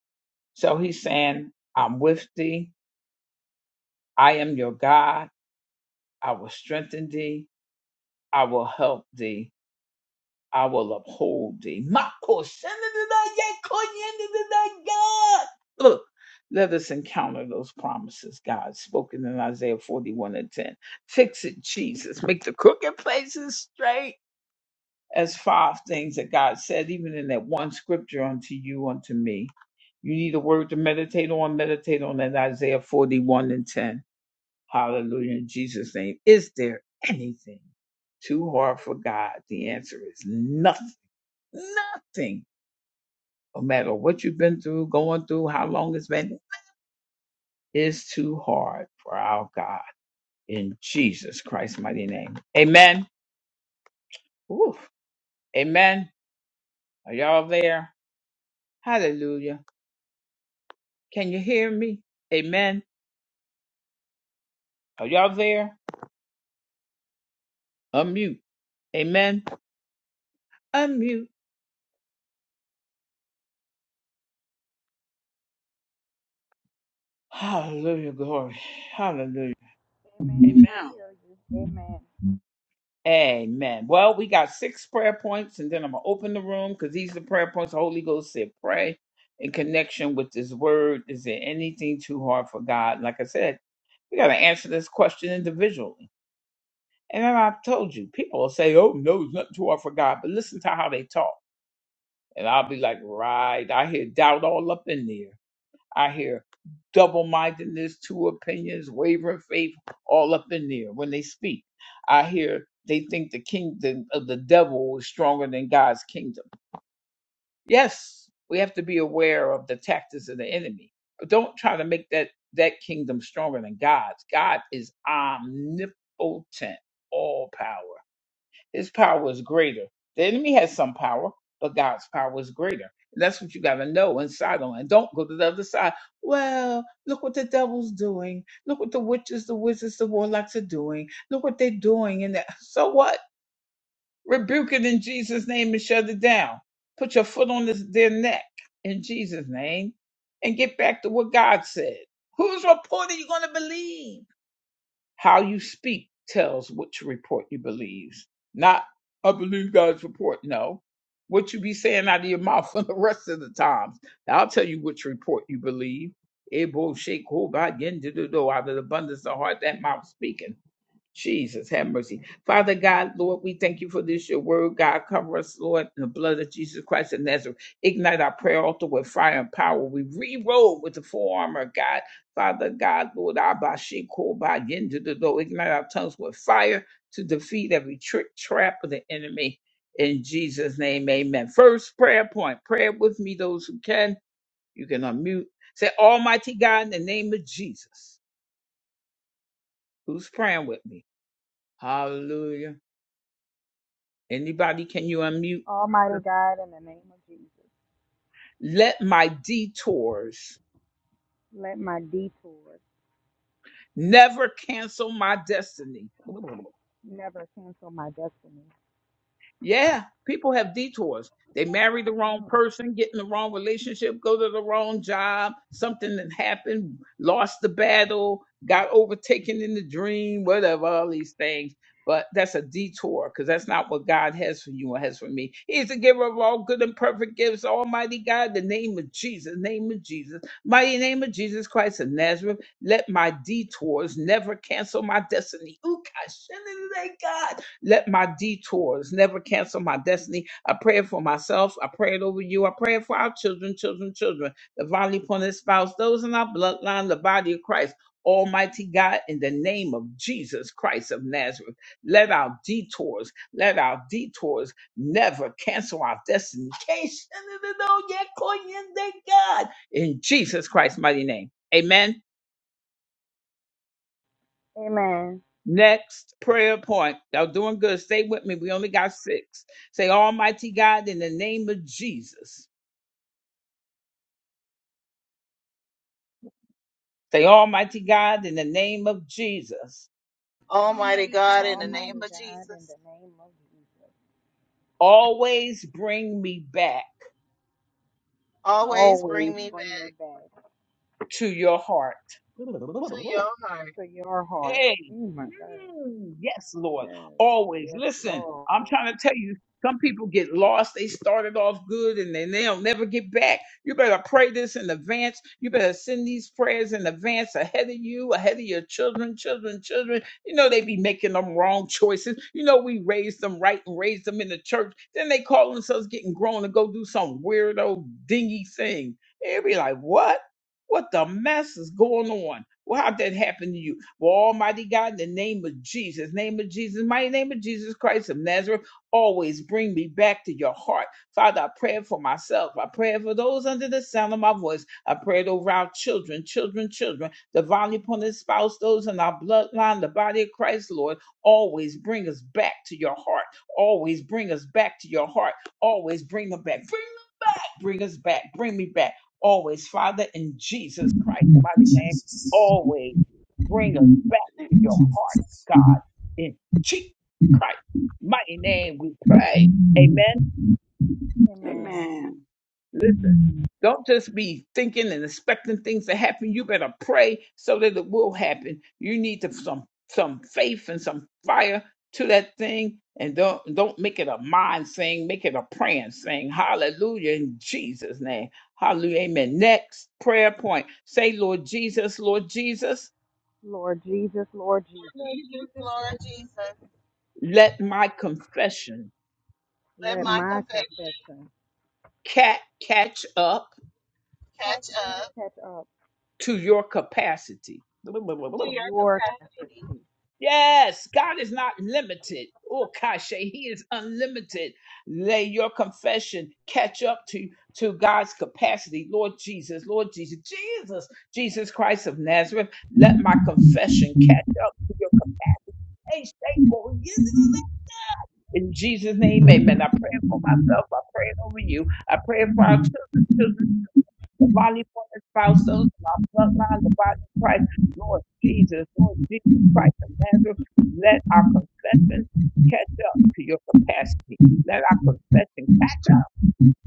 S1: So he's saying, I'm with thee. I am your God. I will strengthen thee. I will help thee. I will uphold thee. Mako, send it to thy- yea, call ye into the thy God. Look, let us encounter those promises, God, spoken in Isaiah 41 and 10. Fix it, Jesus. Make the crooked places straight. As five things that God said, even in that one scripture unto you, unto me. You need a word to meditate on, meditate on that Isaiah 41 and 10. Hallelujah. In Jesus' name. Is there anything too hard for God? The answer is nothing Nothing, no matter what you've been through, going through, how long it's been, is too hard for our God in Jesus Christ's mighty name. Amen. Oof. Amen. Are y'all there? Hallelujah. Can you hear me? Amen. Are y'all there? Unmute. Amen. Unmute. Hallelujah. Glory. Hallelujah.
S2: Amen.
S1: Amen.
S3: Jesus.
S2: We hear you. Amen.
S1: Amen. Well, we got six prayer points, and then I'm gonna open the room because these are prayer points. Holy Ghost said, "Pray in connection with this word." Is there anything too hard for God? Like I said, we gotta answer this question individually. And then I've told you, people will say, "Oh no, it's not too hard for God," but listen to how they talk, and I'll be like, "Right, I hear doubt all up in there." I hear double mindedness, two opinions, wavering faith, all up in there when they speak. I hear they think the kingdom of the devil is stronger than God's kingdom. Yes, we have to be aware of the tactics of the enemy, but don't try to make that, that kingdom stronger than God's. God is omnipotent, all power. His power is greater. The enemy has some power, but God's power is greater. And that's what you got to know inside on. And don't go to the other side. Well, look what the devil's doing. Look what the witches, the wizards, the warlocks are doing. Look what they're doing. And that. so what? Rebuke it in Jesus' name and shut it down. Put your foot on this, their neck in Jesus' name and get back to what God said. Whose report are you going to believe? How you speak tells which report you believe. Not, I believe God's report. No. What you be saying out of your mouth for the rest of the times. I'll tell you which report you believe. Able shake, hold by, yen, do, do, do, out of the abundance of the heart, that mouth speaking. Jesus, have mercy. Father God, Lord, we thank you for this, your word. God, cover us, Lord, in the blood of Jesus Christ of Nazareth. Ignite our prayer altar with fire and power. We re-roll with the full armor of God. Father God, Lord, Abba, She, Koba, Yendu, Dodo. ignite our tongues with fire to defeat every trick, trap of the enemy. In Jesus' name, amen. First prayer point, prayer with me, those who can. You can unmute. Say, Almighty God, in the name of Jesus, who's praying with me? Hallelujah. Anybody, can you unmute?
S2: Almighty God, in the name of Jesus,
S1: Let my detours
S2: let my detours
S1: never cancel my destiny.
S2: never cancel my destiny.
S1: Yeah, people have detours. They marry the wrong
S2: Mm.
S1: person, get in the wrong relationship, go to the wrong job, something that happened, lost the battle, got overtaken in the dream, whatever, all these things. But that's a detour because that's not what God has for you and has for me. He's the giver of all good and perfect gifts, Almighty God, the name of Jesus, name of Jesus, mighty name of Jesus Christ of Nazareth. Let my detours never cancel my destiny. Ooh, God, let my detours never cancel my destiny. I pray it for myself. I pray it over you. I pray it for our children, children, children, the volley upon his spouse, those in our bloodline, the body of Christ. Almighty God, in the name of Jesus Christ of Nazareth, let our detours, let our detours never cancel our destiny. Can't send it at all yet, Korean, thank God. In Jesus Christ's mighty name. Amen.
S2: Amen.
S1: Next prayer point. Y'all doing good. Stay with me. We only got six. Say, Almighty God, in the name of Jesus. Say, Almighty God, in the name of Jesus,
S4: Almighty God, in the name
S2: Almighty
S4: of
S2: God, in
S4: Jesus,
S2: the name of Jesus,
S1: always bring me back
S4: always bring
S2: always
S4: me back
S2: bring me back
S1: to your heart.
S4: to your heart.
S2: to your heart.
S1: Hey,
S2: Oh my God.
S1: mm, yes, Lord.
S2: Yes.
S1: Always.
S2: Yes,
S1: Listen,
S2: Lord.
S1: I'm trying to tell you, some people get lost. They started off good and then they don't never get back. You better pray this in advance. You better send these prayers in advance ahead of you, ahead of your children, children, children. You know, they be making them wrong choices. You know, we raised them right and raised them in the church. Then they call themselves getting grown and go do some weirdo, dingy thing. they be like, what? What the mess is going on? Well, how'd that happen to you? Well, Almighty God, in the name of Jesus, name of Jesus, mighty name of Jesus Christ of Nazareth, always bring me back to your heart. Father, I pray for myself. I pray for those under the sound of my voice. I pray over our children, children, children, the volley upon spouse, those in our bloodline, the body of Christ, Lord. Always bring us back to your heart. Always bring us back to your heart. Always bring them back. Bring them back. Bring us back. Bring me back. Always, Father, in Jesus Christ, mighty name. Always. Bring us back to your heart, God,
S3: Jesus.
S1: in Jesus Christ. Mighty name we pray. Amen.
S2: Amen.
S1: Listen, don't just be thinking and expecting things to happen. You better pray so that it will happen. You need to, some some faith and some fire to that thing and don't don't make it a mind thing, make it a praying thing. Hallelujah in Jesus' name. Hallelujah. Amen. Next prayer point. Say, Lord Jesus, Lord Jesus,
S2: Lord Jesus, Lord Jesus,
S4: Thank you, Lord Jesus.
S1: let my confession
S4: Let
S2: let
S4: my
S2: my
S4: confession
S2: confession
S1: cat catch up
S4: catch up
S2: catch up
S1: to your capacity.
S2: to
S4: to your
S2: your
S4: capacity
S2: confession.
S1: Yes, God is not limited. Oh, Kashe, He is unlimited. Lay your confession catch up to, to God's capacity. Lord Jesus, Lord Jesus, Jesus, Jesus Christ of Nazareth, let my confession catch up to your capacity. In Jesus' name, amen. I pray for myself. I pray over you. I pray for our children. the volley for the spouse, those in our bloodline, the body of Christ, Lord Jesus, Lord Jesus Christ of Nazareth, let our confession catch up to your capacity. Let our confession catch up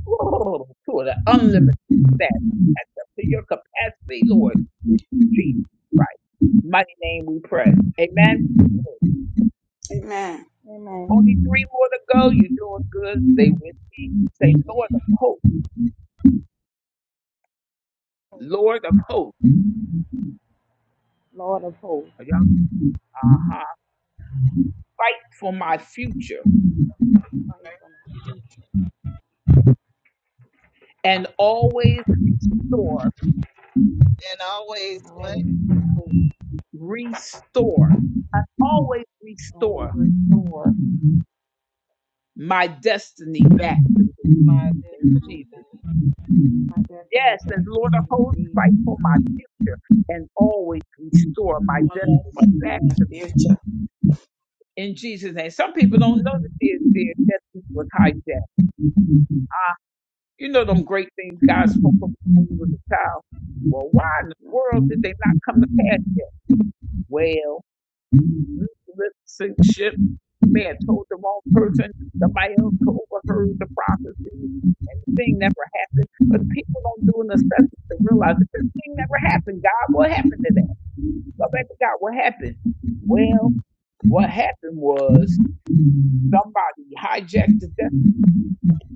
S1: to the unlimited staff. Catch up to your capacity, Lord. In Jesus Christ. Mighty name we pray. Amen.
S2: Amen.
S1: Only three more to go. You're doing good. Stay with me. Say, Lord of hope. Lord of hope.
S2: Lord of hosts.
S1: Y'all, uh-huh. Fight for my future
S2: Christ for my future
S1: and always restore,
S4: and always
S2: and
S4: what?
S2: always be full.
S1: restore, and always
S2: Always
S1: restore
S2: restore
S1: my destiny back to me
S4: My
S1: in
S4: destiny.
S1: Jesus' name.
S2: my destiny
S1: Yes, as
S2: back
S1: Lord
S2: into
S1: of
S2: you in
S1: hosts, fight
S2: Jesus'
S1: for my
S2: name.
S1: future and always restore my destiny back to me in Jesus' name. Some people don't know that their, their destiny was hijacked. Ah, you know them great things God spoke over you when you was a child. Well, why in the world did they not come to pass yet? Well. You lip sync shit. The man told the wrong person. Somebody else overheard the prophecy, and the thing never happened. But the people don't do an assessment to realize that this thing never happened. God, what happened to that? Go back to God. What happened? Well, what happened was somebody hijacked the destiny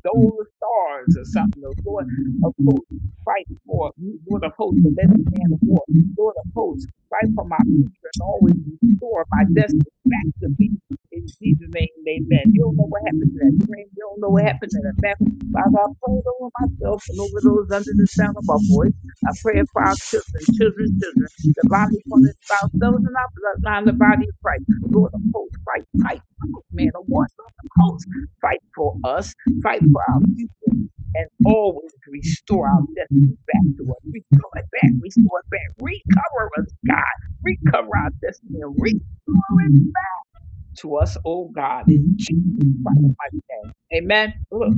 S1: stole the stars or something. The Lord of hosts, fight for me, Lord of hosts, the lesser man of war. Lord of hosts, fight for my future and always restore my destiny back to me. In Jesus' name, amen. You don't know what happened in that dream. You don't know what happened in that battle. Father, I pray it over myself and over those under the sound of our voice. I pray for our children, children's children, divinely appointed spouse, those in our bloodline, the body of Christ. Lord of hosts, fight, fight, fight, man of war, Lord of hosts, fight for us fight for our future, and always restore our destiny back to us. Restore it back, restore it back, recover us, God. Recover our destiny and restore it to us, oh God, in Jesus Christ's mighty name. Amen. Look,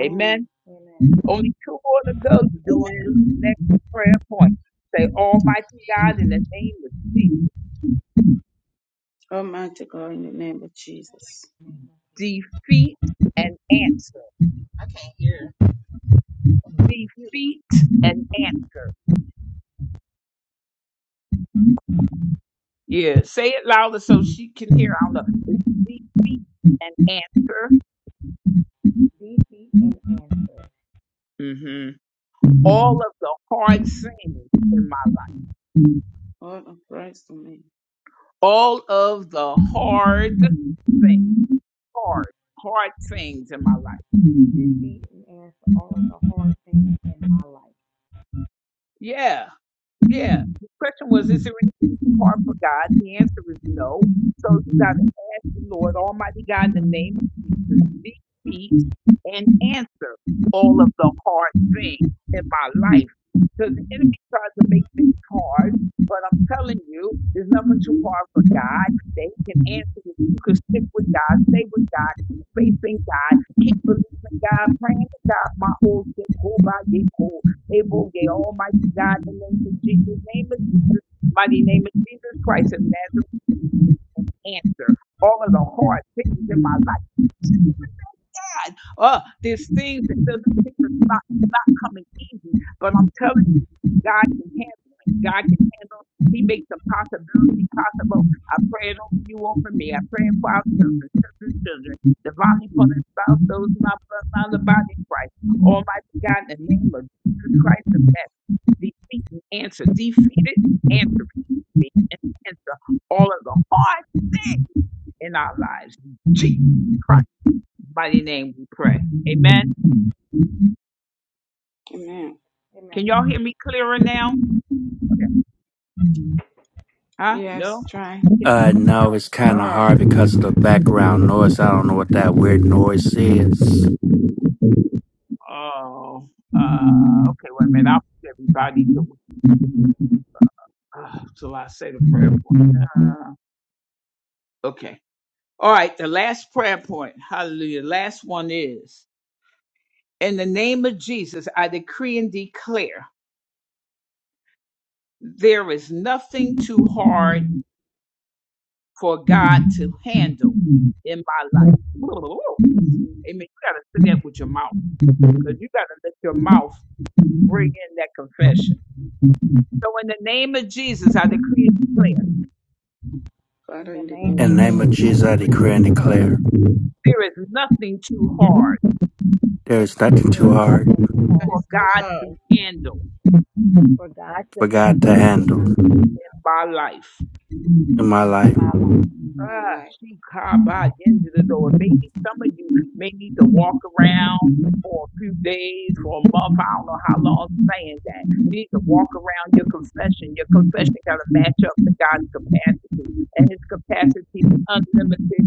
S1: amen.
S2: Amen.
S1: Only two more to go. You're doing good. Next prayer point. Say, Almighty God, in the name of Jesus, defeat and answer.
S4: I can't hear.
S1: Defeat and answer. Yeah, say it louder so she can hear. I don't know. It's defeat and answer.
S2: Defeat and answer.
S1: hmm All of the hard things in my life. All of the hard things, hard, hard things in my life.
S2: Defeat and answer all of the hard things in my life.
S1: Yeah. Yeah. The question was, is there anything too hard for God? The answer is no. So you got to ask the Lord, Almighty God, in the name of Jesus, defeat and answer all of the hard things in my life. Because the enemy tries to make things hard, but I'm telling you, there's nothing too hard for God. They can answer if you can stick with God, stay with God, keep faith in God, keep believing God, praying to God. My old April Gay, Almighty God, in the name of Jesus, name of Jesus, mighty name of Jesus Christ of Nazareth, answer all of the hard things in my life. God. Uh, there's things that doesn't seem to not, not coming easy, but I'm telling you, God can handle it. God can handle it. He makes the possibility possible. I pray it over you, over me. I pray it for our children, children's children, divinely appointed spouse, those in our bloodline, the body of Christ. Almighty God, in the name of Jesus Christ of Nazareth, defeat and answer, defeated and answer, defeat and answer all of the hard things in our lives. In Jesus Christ mighty name we pray. Amen. Can
S2: Amen.
S1: y'all hear me clearer now? Huh? No? Okay.
S5: Uh, no, it's kind of
S1: Uh,
S5: hard because of the background noise. I don't know what that weird noise is.
S1: oh, uh, okay, wait a minute. I'll put everybody to uh, till I say the prayer point.
S3: Oh.
S1: Uh, okay. All right, the last prayer point. Hallelujah. Last one is In the name of Jesus, I decree and declare there is nothing too hard for God to handle in my life. Amen. You got to say that with your mouth because you got to let your mouth bring in that confession. So, in the name of Jesus, I decree and declare
S2: In the name of
S5: In the name of
S2: Jesus, I
S5: Jesus, I
S2: decree
S5: decree
S2: and
S5: and
S2: declare
S5: declare
S1: there is nothing too hard
S5: there is nothing
S2: there
S5: too
S2: is
S5: hard
S2: nothing too
S1: for
S2: hard
S1: God to handle
S3: I
S2: for God to
S5: for God to
S2: handle
S5: handle
S1: in my life.
S5: in my
S2: in
S5: life.
S2: my life.
S1: Ah, she by the end of the door.
S3: declare,
S1: Maybe
S3: Father,
S1: some of you may need to walk around for a few days, for a month. I don't know how long I'm saying that. You need to walk around your confession. Your confession got to match up to God's capacity, and His capacity is unlimited.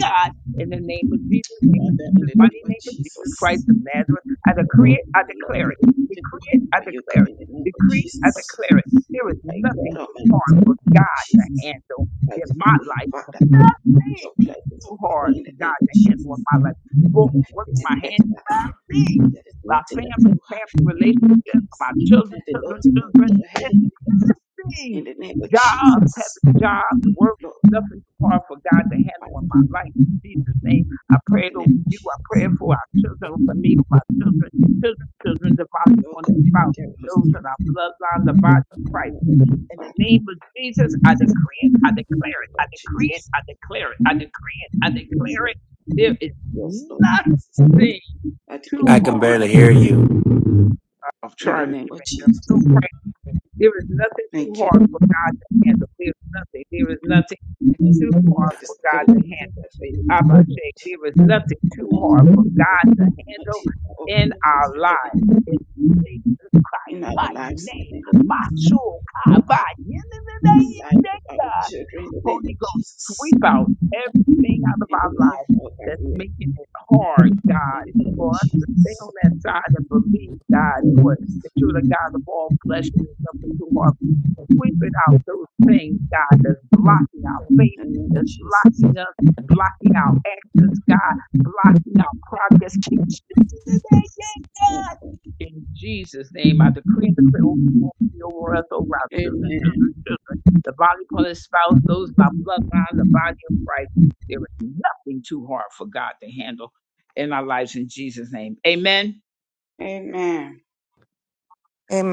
S1: God, in the name of Jesus, name of Jesus, mighty name of Jesus Christ of Nazareth, I decree it, I declare it. Decree it, I declare it decree, I declare it. There is nothing too hard for God to handle in my life. Nothing too hard for God to handle in my life. Books, work, my hands, things, my family, family relationships, my children, children, children. There's nothing. Jobs, having jobs, work, nothing too hard for God to handle in my life. In Jesus' name, I pray it over you. I pray it for our children, over me, over our children, children, children, the body upon the spouse, those in our bloodline, the body. of Christ. In the name of Jesus, I
S3: of Jesus.
S1: decree it, I declare it, I decree it, I declare it, I decree it,
S3: I
S1: I declare it. There is nothing too
S5: I can
S1: hard
S5: barely hear you.
S1: of trying to get back I'm so proud. There is nothing too hard for God to handle. There is nothing. There is nothing too hard for God to handle. Abba Shake, there is nothing too hard for God to handle in our lives. In Christ, my name, my soul, I buy. Holy Ghost, sweep out everything out of our life that's making it hard, God, for us to stay on that side and believe, God, Lord, that you're the God of all flesh and there's nothing too hard for you. Sweep it out those things, God, that's blocking our faith, that's blocking us, blocking our actions, God, blocking our progress. Keep shifting it, that gate, God. In Jesus' name, I decree and declare over you, over us, over our children, children, children. The body upon his spouse, those in my bloodline, the body of Christ. There is nothing too hard for God to handle in our lives in Jesus' name. Amen.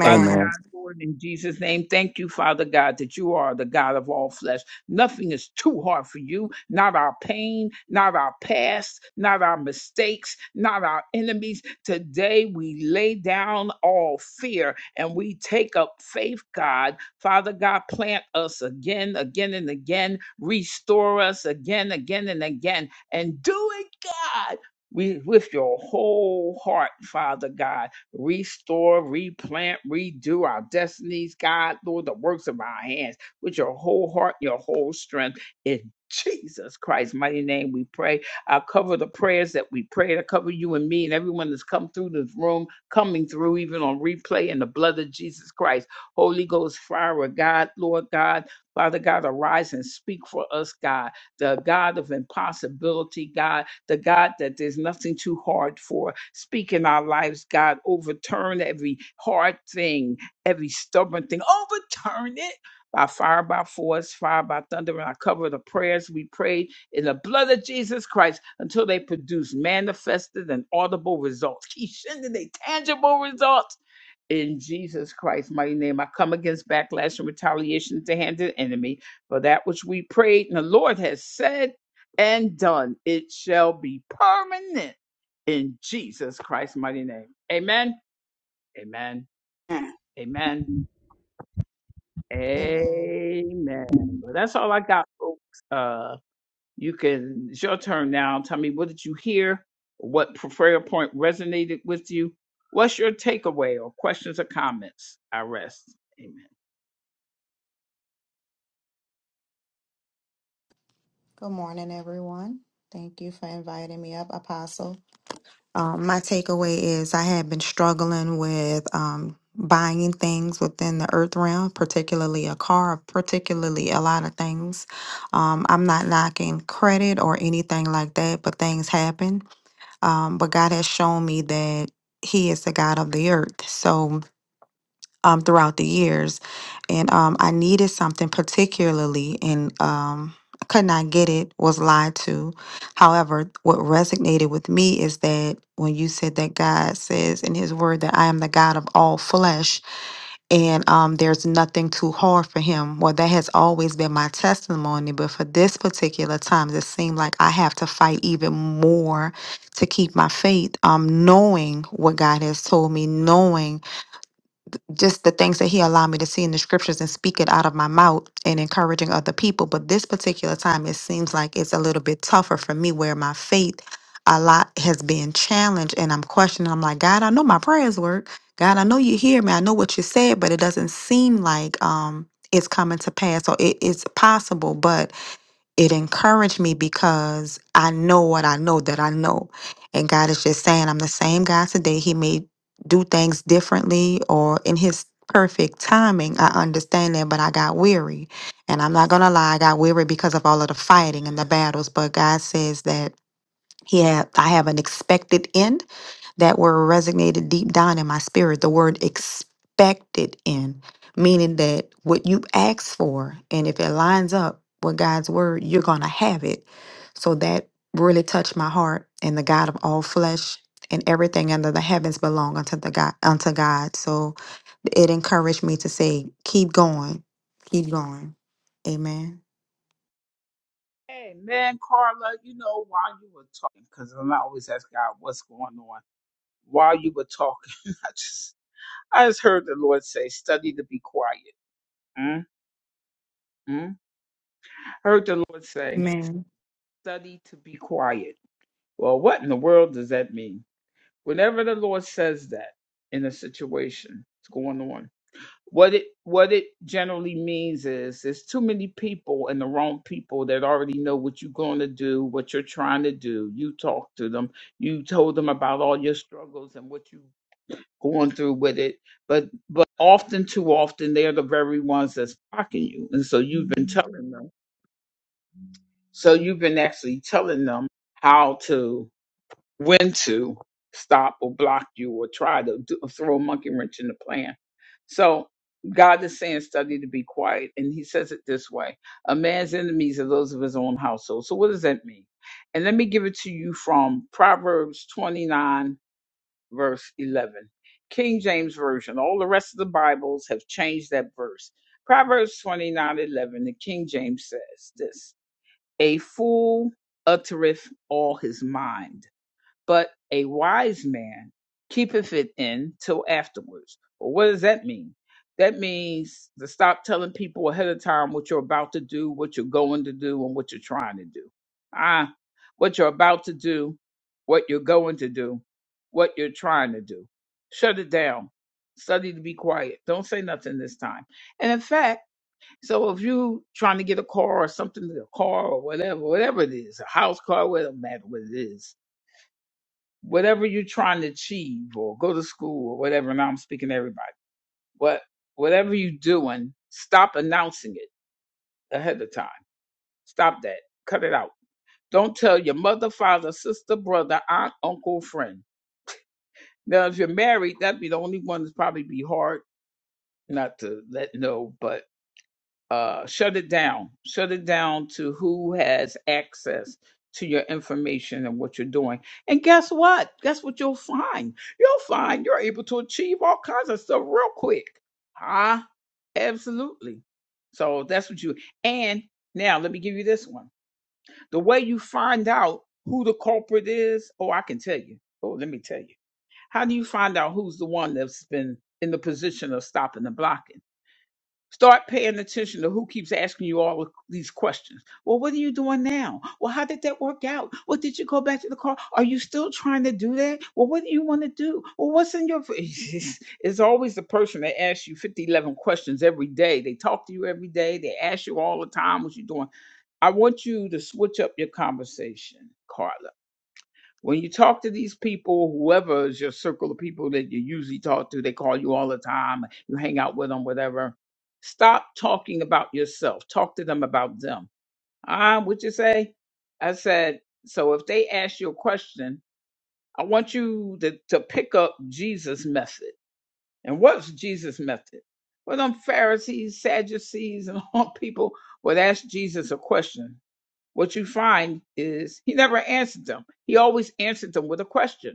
S1: Father
S5: Amen.
S1: God, Lord, in Jesus' name, thank you, Father God, that you are the God of all flesh. Nothing is too hard for you, not our pain, not our past, not our mistakes, not our enemies. Today, we lay down all fear and we take up faith, God. Father God, plant us again, again, and again, restore us again, again, and again, and do it, God. We, with your whole heart, Father God restore, replant, redo our destinies, God, Lord, the works of our hands with your whole heart, your whole strength. In Jesus Christ's mighty name, we pray. I cover the prayers that we prayed. I cover you and me and everyone that's come through this room, coming through even on replay in the blood of Jesus Christ. Holy Ghost, fire of God, Lord God, Father God, arise and speak for us, God, the God of impossibility, God the God that there's nothing too hard for. Speak in our lives, God, overturn every hard thing, every stubborn thing, overturn it. By fire, by force, fire, by thunder, and I cover the prayers we prayed in the blood of Jesus Christ until they produce manifested and audible results. Keep sending they tangible results in Jesus Christ's mighty name. I come against backlash and retaliation to hand the enemy. For that which we prayed and the Lord has said and done, it shall be permanent in Jesus Christ's mighty name. Amen. Amen. Amen.
S2: Amen.
S1: Amen. Well, that's all I got, folks. Uh, you can, it's your turn now. Tell me, what did you hear? What prayer point resonated with you? What's your takeaway or questions or comments? I rest. Amen.
S2: Good morning, everyone. Thank you for inviting me up, Apostle. Um, my takeaway is I had been struggling with um, buying things within the earth realm, particularly a car, particularly a lot of things. Um, I'm not knocking credit or anything like that, but things happen. Um, but God has shown me that He is the God of the earth. So um, throughout the years. And um, I needed something particularly, and um, I could not get it, was lied to. However, what resonated with me is that when you said that God says in His Word that I am the God of all flesh, and um, there's nothing too hard for him. Well, that has always been my testimony, but for this particular time, it seemed like I have to fight even more to keep my faith. Um, knowing what God has told me, knowing just the things that he allowed me to see in the scriptures and speak it out of my mouth and encouraging other people. But this particular time, it seems like it's a little bit tougher for me where my faith a lot has been challenged and I'm questioning. I'm like, God, I know my prayers work. God, I know you hear me. I know what you said, but it doesn't seem like um it's coming to pass. So it is possible, but it encouraged me because I know what I know that I know. And God is just saying, I'm the same God today. He may do things differently or in His perfect timing. I understand that, but I got weary. And I'm not going to lie, I got weary because of all of the fighting and the battles. But God says that. Yeah, I have an expected end that were resonated deep down in my spirit the word expected in meaning that what you ask for and if it lines up with god's word you're gonna have it so that really touched my heart and the god of all flesh and everything under the heavens belong unto the god unto god so it encouraged me to say keep going keep going amen
S1: Hey, man, Carla, you know, while you were talking, because I'm always ask God what's going on. While you were talking, I just, I just heard the Lord say, study to be quiet. mm mm. Heard the Lord say,
S2: amen
S1: study to be quiet. Well, what in the world does that mean? Whenever the Lord says that in a situation, that's going on? What it what it generally means is there's too many people and the wrong people that already know what you're going to do, what you're trying to do. You talk to them, you told them about all your struggles and what you are going through with it, but but often too often they're the very ones that's blocking you, and so you've been telling them. So you've been actually telling them how to when to stop or block you or try to do, throw a monkey wrench in the plan. So God is saying, study to be quiet. And he says it this way a man's enemies are those of his own household. So what does that mean? And let me give it to you from Proverbs 29, verse 11. King James Version. All the rest of the Bibles have changed that verse. Proverbs 29 11, the King James says this A fool uttereth all his mind but a wise man keepeth it in till afterwards. Well, what does that mean? That means to stop telling people ahead of time what you're about to do, what you're going to do, and what you're trying to do. Ah, what you're about to do, what you're going to do, what you're trying to do. Shut it down. Study to be quiet. Don't say nothing this time. And in fact, so if you trying to get a car or something, a car or whatever, whatever it is, a house car, whatever matter what it is, whatever you're trying to achieve or go to school or whatever, now I'm speaking to everybody, but whatever you're doing, stop announcing it ahead of time. Stop that. Cut it out. Don't tell your mother, father, sister, brother, aunt, uncle, friend. Now, if you're married, that'd be the only one that's probably be hard not to let know, but uh, shut it down. Shut it down to who has access to your information and what you're doing. And guess what? Guess what you'll find? You'll find you're able to achieve all kinds of stuff real quick. Huh? Absolutely. So that's what you and now let me give you this one. The way you find out who the culprit is, oh I can tell you. Oh, let me tell you. How do you find out who's the one that's been in the position of stopping the blocking? Start paying attention to who keeps asking you all of these questions. Well, what are you doing now? Well, how did that work out? Well, did you go back to the car? Are you still trying to do that? Well, what do you want to do? Well, what's in your. It's always the person that asks you 50 11 questions every day. They talk to you every day. They ask you all the time what you're doing. I want you to switch up your conversation, Carla. When you talk to these people, whoever is your circle of people that you usually talk to, they call you all the time, you hang out with them, whatever. Stop talking about yourself. Talk to them about them. Ah, what you say? I said, so if they ask you a question, I want you to, to pick up Jesus' method. And what's Jesus' method? Well, them Pharisees, Sadducees, and all people would ask Jesus a question what you find is he never answered them. He always answered them with a question.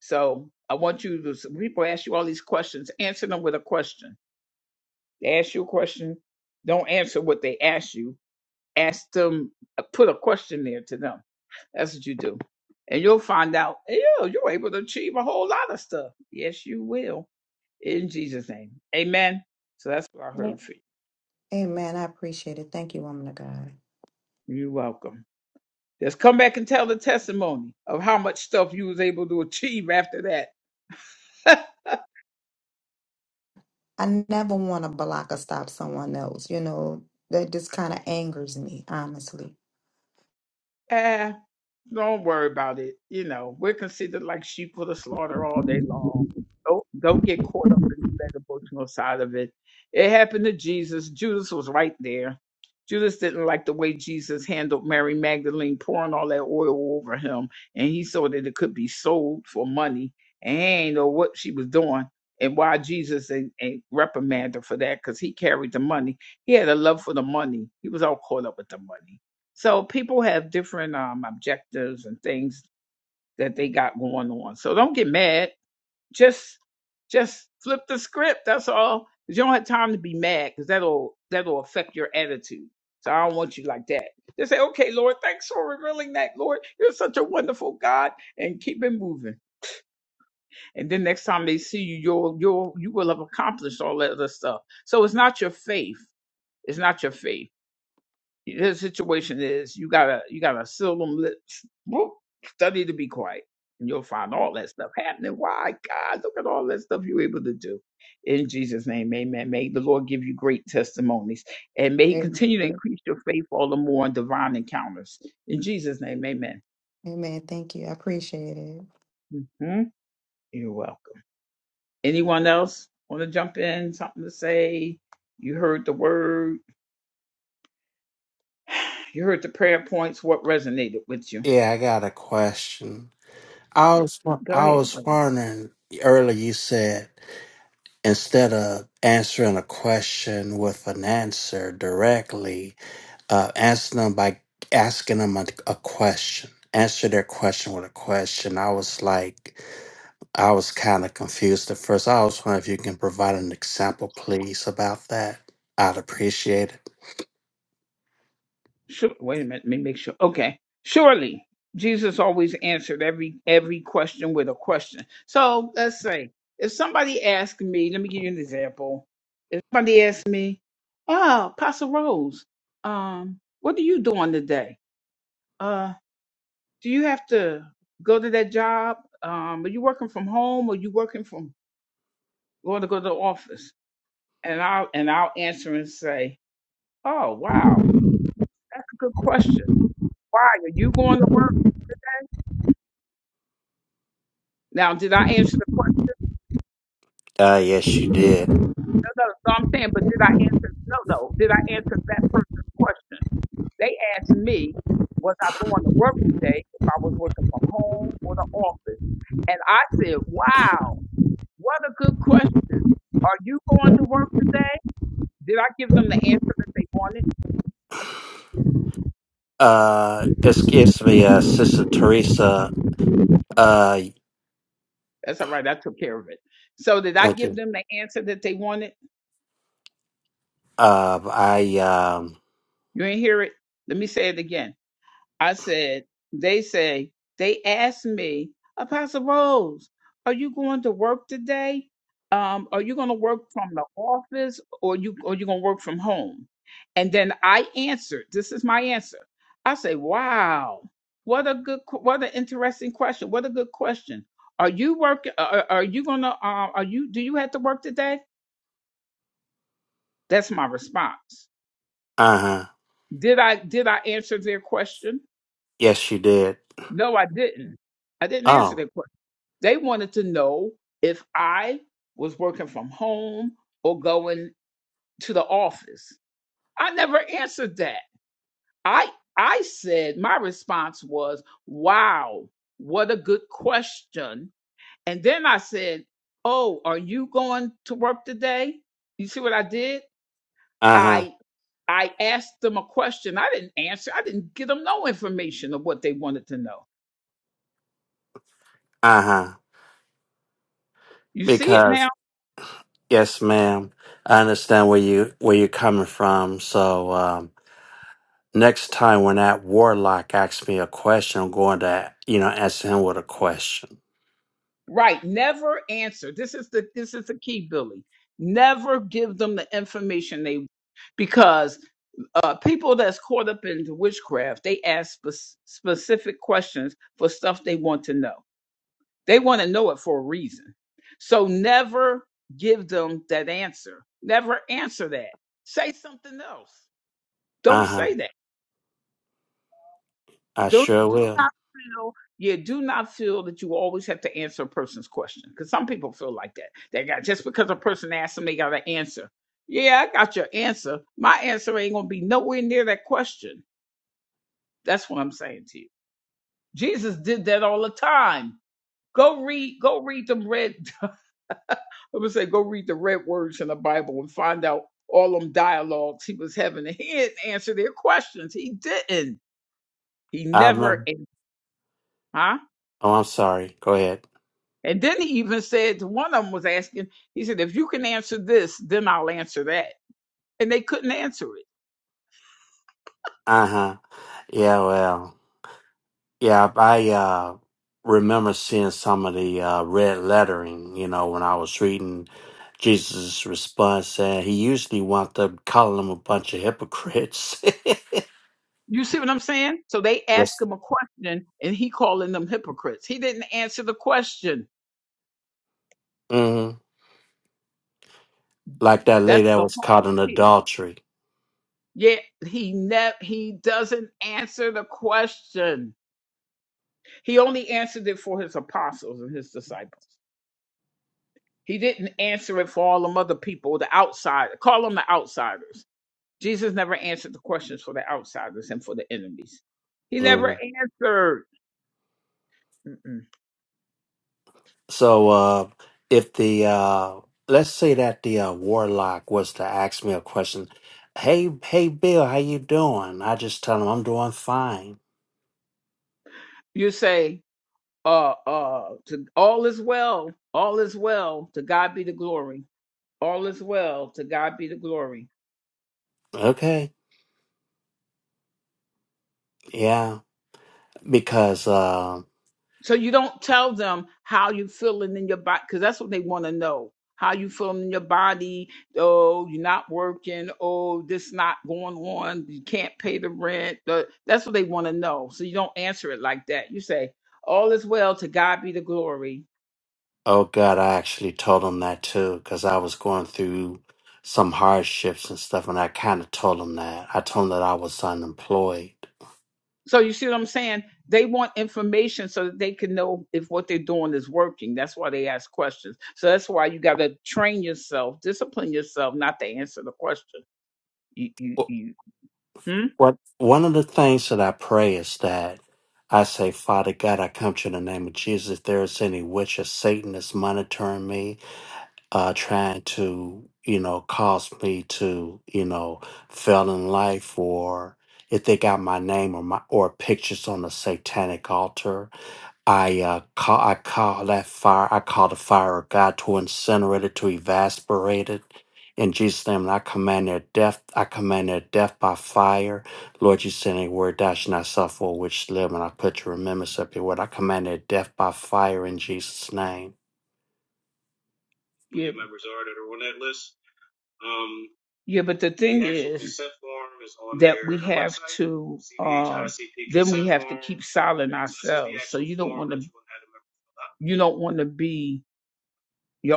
S1: So I want you to, some people ask you all these questions, answer them with a question. They ask you a question, don't answer what they ask you. Ask them, uh, put a question there to them. That's what you do. And you'll find out, yeah, you're able to achieve a whole lot of stuff. Yes, you will. In Jesus' name. Amen. So that's what I heard
S2: Yep.
S1: for
S2: amen i appreciate it thank you woman of god
S1: you. You're welcome. Just come back and tell the testimony of how much stuff you was able to achieve after that.
S2: I never want to block or stop someone else. You know, that just kind of angers me, honestly.
S1: Don't worry about it. You know, we're considered like sheep for the slaughter all day long. Don't don't get caught up in that emotional side of it. It happened to Jesus. Judas was right there. Judas didn't like the way Jesus handled Mary Magdalene pouring all that oil over him, and he saw that it could be sold for money, and he ain't know what she was doing and why Jesus ain't, ain't reprimanded her for that because he carried the money. He had a love for the money. He was all caught up with the money. So people have different um, objectives and things that they got going on. So don't get mad. Just just flip the script. That's all. 'Cause You don't have time to be mad because that'll that'll affect your attitude. So I don't want you like that. Just say, okay, Lord, thanks for revealing that, Lord. You're such a wonderful God, and keep it moving. And then next time they see you, you'll you'll you will have accomplished all that other stuff. So it's not your faith. It's not your faith. The situation is you gotta you gotta seal them lips. Whoop, study to be quiet, and you'll find all that stuff happening. Why, God, look at all that stuff you're able to do. In Jesus' name, Amen. May the Lord give you great testimonies, and may He
S2: Amen.
S1: continue to increase your faith all the more in divine encounters. In Jesus' name, Amen.
S2: Amen. Thank you. I appreciate it.
S1: hmm You're welcome. Anyone else want to jump in? Something to say? You heard the word. You heard the prayer points. What resonated with you?
S5: Yeah, I got a question. I was
S1: Go
S5: I
S1: ahead.
S5: was wondering earlier. You said instead of answering a question with an answer directly, uh, answer them by asking them a, a question. Answer their question with a question. I was like, I was kind of confused at first. I was wondering if you can provide an example, please, about that. I'd appreciate it.
S1: Sure, wait a minute, let me make sure. Okay. Surely Jesus always answered every every question with a question. So let's say if somebody asked me, let me give you an example. If somebody asked me, Oh, Pastor Rose, um, what are you doing today? Uh, do you have to go to that job? Um, are you working from home or you working from going to go to the office? And I'll and I'll answer and say, Oh wow, that's a good question. Why are you going to work? Now, did I answer the question?
S5: Uh, yes, you did.
S1: No, no, no, I'm saying, but did I answer? No, no. Did I answer that person's question? They asked me, was I going to work today if I was working from home or the office? And I said, wow, what a good question. Are you going to work today? Did I give them the answer that they wanted?
S5: Uh, excuse me, uh, Sister Teresa. Uh,
S1: That's all right. I took care of it. So, did I
S5: thank
S1: give
S5: you.
S1: them the answer that they wanted?
S5: Uh, I, um,
S1: You ain't hear it? Let me say it again. I said, they say, they asked me, Apostle Rose, are you going to work today? Um, are you going to work from the office or you or you going to work from home? And then I answered, this is my answer. I say, wow, what a good, qu- what an interesting question. What a good question. Are you working? Are, are you going to, uh, are you, do you have to work today? That's my response.
S5: uh huh.
S1: Did I, did I answer their question?
S5: Yes, you did.
S1: No, I didn't. I didn't answer
S5: Oh,
S1: their question. They wanted to know if I was working from home or going to the office. I never answered that. I I said my response was, "Wow, what a good question." And then I said, "Oh, are you going to work today?" You see what I did?
S5: uh huh.
S1: I I asked them a question. I didn't answer. I didn't give them no information of what they wanted to know.
S5: Uh
S1: You see it
S5: huh.
S1: now?
S5: Yes, ma'am. I understand where you where you're coming from. So um, next time when that warlock asks me a question, I'm going to you know answer him with a question.
S1: Right. Never answer. This is the this is the key, Billy. Never give them the information they want, because uh, people that's caught up into witchcraft, they ask spe- specific questions for stuff they want to know. They want to know it for a reason. So never give them that answer. Never answer that. Say something else. Don't
S5: Uh huh.
S1: say that.
S5: I
S1: do
S5: sure
S1: do
S5: will.
S1: not feel yeah do not feel that you always have to answer a person's question because some people feel like that they got just because a person asked them they got an answer yeah i got your answer my answer ain't gonna be nowhere near that question that's what i'm saying to you jesus did that all the time go read go read them red i'm gonna say go read the red words in the bible and find out all them dialogues he was having And he didn't answer their questions he didn't he
S5: I
S1: never
S5: remember.
S1: answered
S5: Oh, I'm sorry. Go ahead.
S1: And then he even said one of them was asking, he said, if you can answer this, then I'll answer that. And they couldn't answer it.
S5: Uh huh. Yeah. Well. Yeah. I uh, remember seeing some of the uh, red lettering. You know, when I was reading Jesus' response, and he usually wound up calling them a bunch of hypocrites.
S1: You see what I'm saying? So they asked him a question and he calling them hypocrites. He didn't answer the question.
S5: yes. like that lady
S1: That's
S5: that
S1: the
S5: was
S1: whole
S5: caught in
S1: key.
S5: adultery.
S1: Yet he ne- he doesn't answer the question. He only answered it for his apostles and his disciples. He didn't answer it for all them other people, the outside. Call them the outsiders Jesus never answered the questions for the outsiders and for the enemies. He never
S5: hmm
S1: answered. Mm-mm.
S5: So, uh, if the uh, let's say that the uh, warlock was to ask me a question, hey, hey, Bill, how you doing? I just tell him I'm doing fine.
S1: You say, uh, uh, to, all is well, all is well, to God be the glory. All is well, to God be the glory.
S5: Okay, yeah, because uh,
S1: So you don't tell them how you feeling in your body because that's what they want to know. How you feeling in your body? Oh, you're not working. Oh, this not going on. You can't pay the rent. Uh, That's what they want to know. So you don't answer it like that. You say, "All is well. To God be the glory."
S5: oh God, I actually told him that too because I was going through some hardships and stuff, and I kind of told him that. I told him that I was unemployed.
S1: So you see what I'm saying? They want information so that they can know if what they're doing is working. That's why they ask questions. So that's why you got to train yourself, discipline yourself, not to answer the question. You, you, you. Hmm?
S5: What one of the things that I pray is that I say, Father God, I come to you in the name of Jesus. If there is any witch or Satan that's monitoring me, uh, trying to, you know, cause me to, you know, fail in life or if they got my name or my or pictures on the satanic altar, I uh, call I call that fire. I call the fire of God to incinerate it, to evaporate it. In Jesus' name, and I command their death. I command their death by fire. Lord, you send a word, thou shalt not suffer which live, and I put your remembrance up your word. I command their death by fire in Jesus' name.
S1: Yeah, Yeah, but the thing is to silent out. You don't want to be you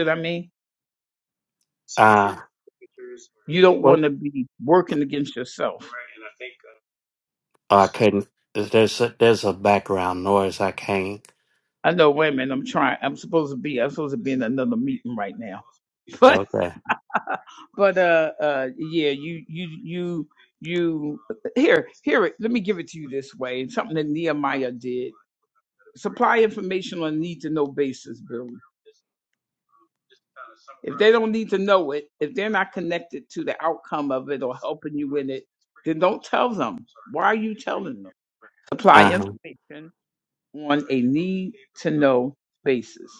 S1: know what I mean?
S5: Uh, what?
S1: Want to be working against yourself.
S5: Oh, I couldn't. There's a, there's a background noise. I can't.
S1: I know women, I'm trying I'm supposed to be I'm supposed to be in another meeting right now. But
S5: Okay.
S1: but uh uh yeah, you you you you here here let me give it to you this way. It's something that Nehemiah did. Supply information on a need to know basis, Billy. They don't need to know it. If they're not connected to the outcome of it or helping you in it, then don't tell them. Why are you? supply
S5: Uh huh.
S1: information on need to know basis.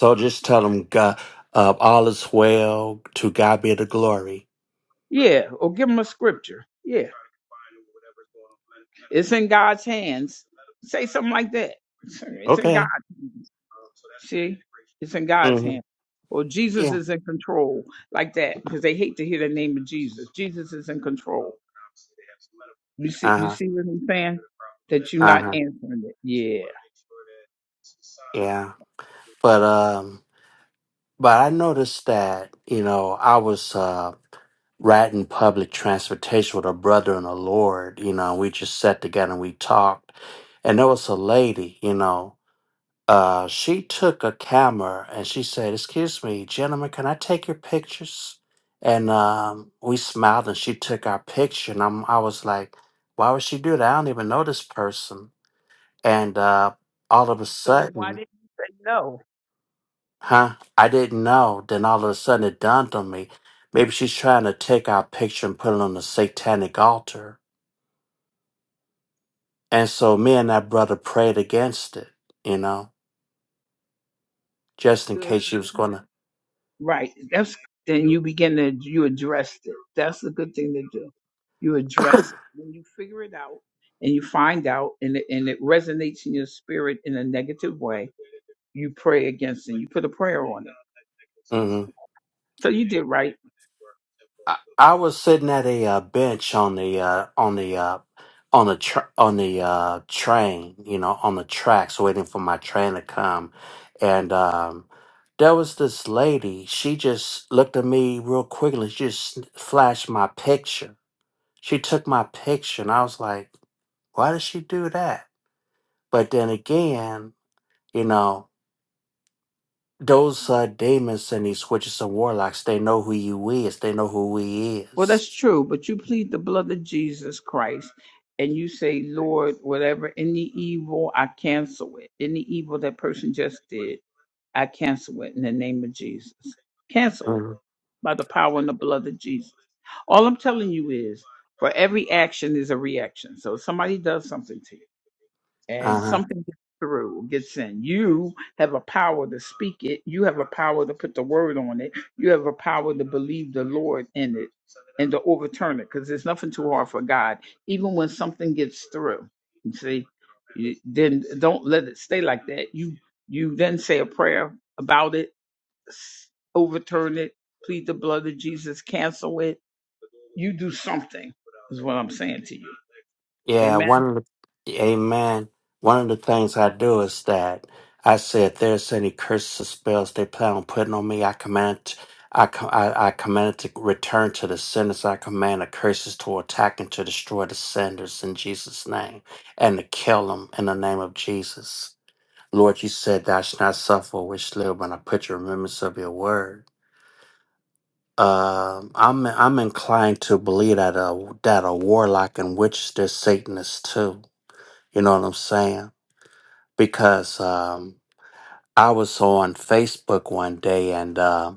S5: So just tell them, God, uh, all is well. To God be the glory.
S1: Yeah, or give them a scripture. Yeah, it's in God's hands. Say something like that. It's in God.
S5: Okay.
S1: It's in
S5: mm-hmm.
S1: God's hands. Or Jesus
S5: Yeah.
S1: is in control, like that, because they hate to hear the name of Jesus. Jesus is in control. You see,
S5: Uh
S1: you
S5: huh.
S1: see what I'm saying?
S5: Uh
S1: Not
S5: huh.
S1: answering it. Yeah.
S5: Yeah. But um, but I noticed that you know I was uh riding public transportation with a brother in the Lord. You know, we just sat together and we talked, and there was a lady. You know, uh, she took a camera and she said, "Excuse me, gentlemen, can I take your pictures?" And um, we smiled, and she took our picture, and I'm, I was like, "Why would she do that? I don't even know this person." And uh, all of a
S1: So then
S5: sudden.
S1: why didn't you say no?
S5: Huh? I didn't know. Then all of a sudden it dawned on me. Maybe she's trying to take our picture and put it on the satanic altar. And so me and that brother prayed against it, you know, just in
S1: Good.
S5: case
S1: 'cause
S5: she
S1: then
S5: was going to.
S1: Right. That's then you begin to you address it. That's a good thing to do. You address it when you figure it out and you find out and it, and it resonates in your spirit in a negative way. You pray against it. You put a prayer on
S5: hmm
S1: So you did right.
S5: I, I was sitting at a uh, bench on the uh, on the uh, on the tr- on the uh, train, you know, on the tracks, waiting for my train to come, and um, there was this lady. She just looked at me real quickly. She just flashed my picture She took my picture and I was like, why did she do that? But then again, you know, those uh, demons and these witches and warlocks, they know who you is. They know who he
S1: Well,
S5: is.
S1: that's true. But you plead the blood of Jesus Christ. And you say, Lord, whatever any evil, I cancel it. Any evil that person just did, I cancel it in the name of Jesus. Cancel it by the power and the blood of Jesus. All I'm telling you is for every action is a reaction. So if somebody does something to you and
S5: Mm-hmm.
S1: something gets through, gets in, you have a power to speak it. You have a power to put the word on it. You have a power to believe the Lord in it and to overturn it because there's nothing too hard for God. Even when something gets through, you see, you- then don't let it stay like that. You you then say a prayer about it, s- overturn it, plead the blood of Jesus, cancel it you do something, is what I'm saying to you.
S5: Yeah,
S1: Amen.
S5: one of the, amen. One of the things I do is that I say if there's any curses or spells they plan on putting on me, I command, I, co- I, I command it to return to the senders. I command the curses to attack and to destroy the senders in Jesus' name and to kill them in the name of Jesus. Lord, you said that I should not suffer a wish live when I put your remembrance of your word. Um, I'm I'm inclined to believe that a that a warlock and witch, they're Satanists too you know what I'm saying? Because um, I was on Facebook one day and uh,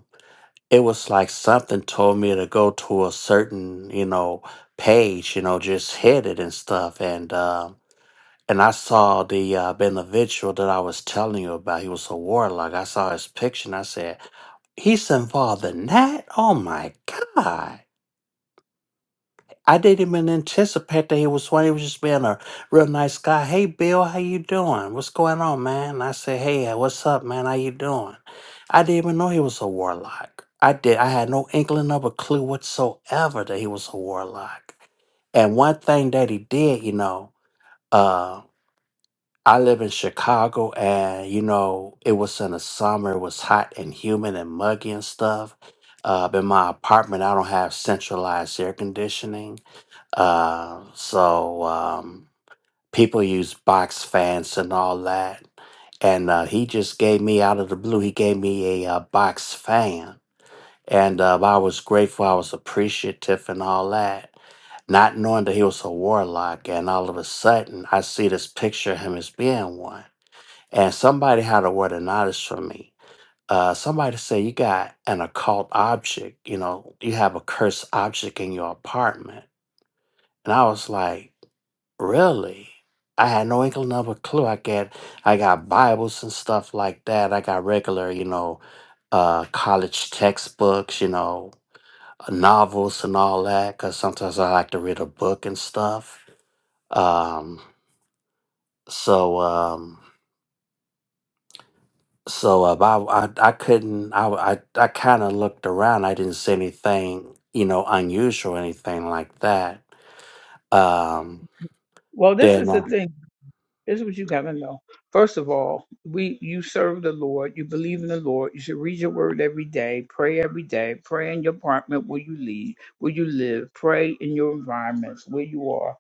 S5: it was like something told me to go to a certain, you know, page, you know, just hit it and stuff. And uh, and I saw the uh, individual that I was telling you about. He was a warlock. I saw his picture and I said, he's involved in that? Oh my God. I didn't even anticipate that he was one. He was just being a real nice guy. Hey, Bill, how you doing? What's going on, man? And I said, Hey, what's up, man? How you doing? I didn't even know he was a warlock. I did. I had no inkling of a clue whatsoever that he was a warlock. And one thing that he did, you know, uh, I live in Chicago, and you know, it was in the summer. It was hot and humid and muggy and stuff. Uh, in my apartment, I don't have centralized air conditioning. Uh, so um, people use box fans and all that. And uh, he just gave me out of the blue, he gave me a uh, box fan. And uh, I was grateful, I was appreciative and all that. Not knowing that he was a warlock, and all of a sudden I see this picture of him as being one. And somebody had a word of knowledge for me. Uh, somebody said, You got an occult object, you know, you have a cursed object in your apartment. And I was like, Really? I had no inkling of a clue. I get I got Bibles and stuff like that. I got regular, you know, uh college textbooks, you know, uh, novels and all that cuz sometimes I like to read a book and stuff. Um so um so uh, I, I I couldn't I I, I kind of looked around. I didn't see anything, you know, unusual anything like that. Um
S1: Well, this
S5: then
S1: is the
S5: uh,
S1: thing. This is what you gotta know. First of all, we you serve the Lord, you believe in the Lord, you should read your word every day, pray every day, pray in your apartment where you leave, where you live, pray in your environments where you are.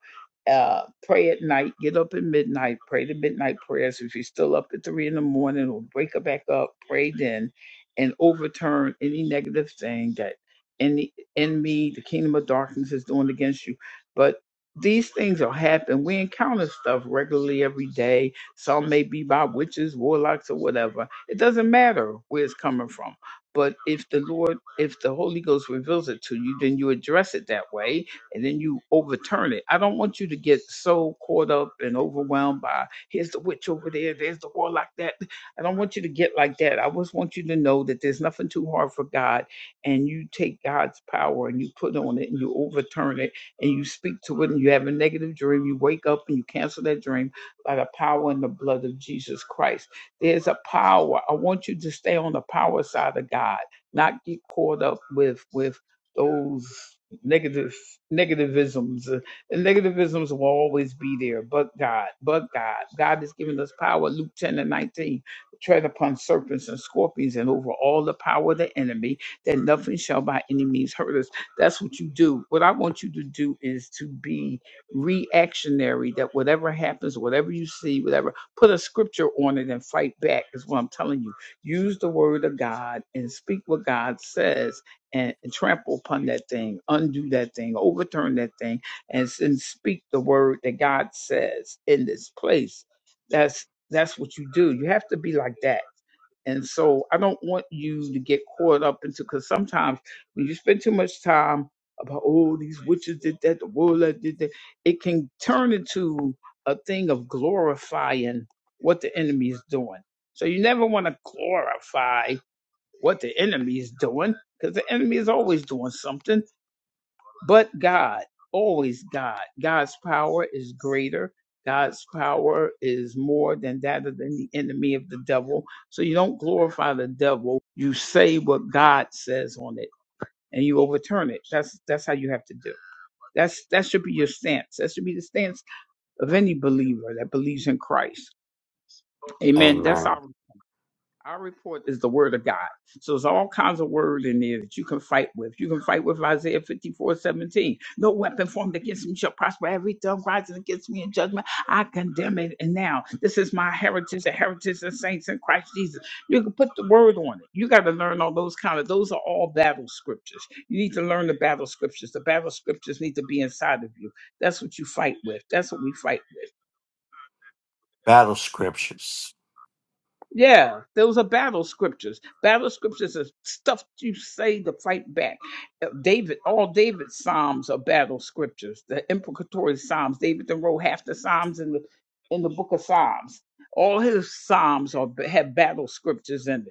S1: Uh, pray at night, get up at midnight, pray the midnight prayers. If you're still up at three in the morning or break it back up, pray then and overturn any negative thing that any enemy, the kingdom of darkness is doing against you. But these things will happen. We encounter stuff regularly every day. Some may be by witches, warlocks, or whatever. It doesn't matter where it's coming from. But if the Lord, if the Holy Ghost reveals it to you, then you address it that way and then you overturn it. I don't want you to get so caught up and overwhelmed by here's the witch over there, there's the warlock that. I don't want you to get like that. I just want you to know that there's nothing too hard for God and you take God's power and you put on it and you overturn it and you speak to it and you have a negative dream, you wake up and you cancel that dream by the power and the blood of Jesus Christ. There's a power. I want you to stay on the power side of God, not get caught up with with those negative negativisms. Uh, The negativisms will always be there, but God, but God. God has given us power, Luke 10 and 19, to tread upon serpents and scorpions and over all the power of the enemy, that nothing shall by any means hurt us. That's what you do. What I want you to do is to be reactionary, that whatever happens, whatever you see, whatever, put a scripture on it and fight back, is what I'm telling you. Use the word of God and speak what God says and, and trample upon that thing, undo that thing, overturn that thing, and, s- and speak the word that God says in this place. That's that's what you do. You have to be like that and so I don't want you to get caught up into because sometimes when you spend too much time about oh these witches did that, the ruler did that, it can turn into a thing of glorifying what the enemy is doing. So you never want to glorify what the enemy is doing because the enemy is always doing something but God, always God. God's power is greater. God's power is more than that of the enemy of the devil. So you don't glorify the devil. You say what God says on it and you overturn it. That's that's how you have to do. That's that should be your stance. That should be the stance of any believer that believes in Christ. Amen. That's our
S5: amen.
S1: our report is the word of God. So there's all kinds of word in there that you can fight with. You can fight with Isaiah 54 17. No weapon formed against me shall prosper. Every tongue rising against me in judgment, I condemn it. And now this is my heritage, the heritage of saints in Christ Jesus. You can put the word on it. You got to learn all those kind of, those are all battle scriptures. You need to learn the battle scriptures. The battle scriptures need to be inside of you. That's what you fight with. That's what we fight with.
S5: Battle scriptures.
S1: Yeah, those are battle scriptures. Battle scriptures are stuff you say to fight back. Uh, David, all David's psalms are battle scriptures. The imprecatory psalms. David then wrote half the psalms in the in the book of Psalms. All his psalms are have battle scriptures in it.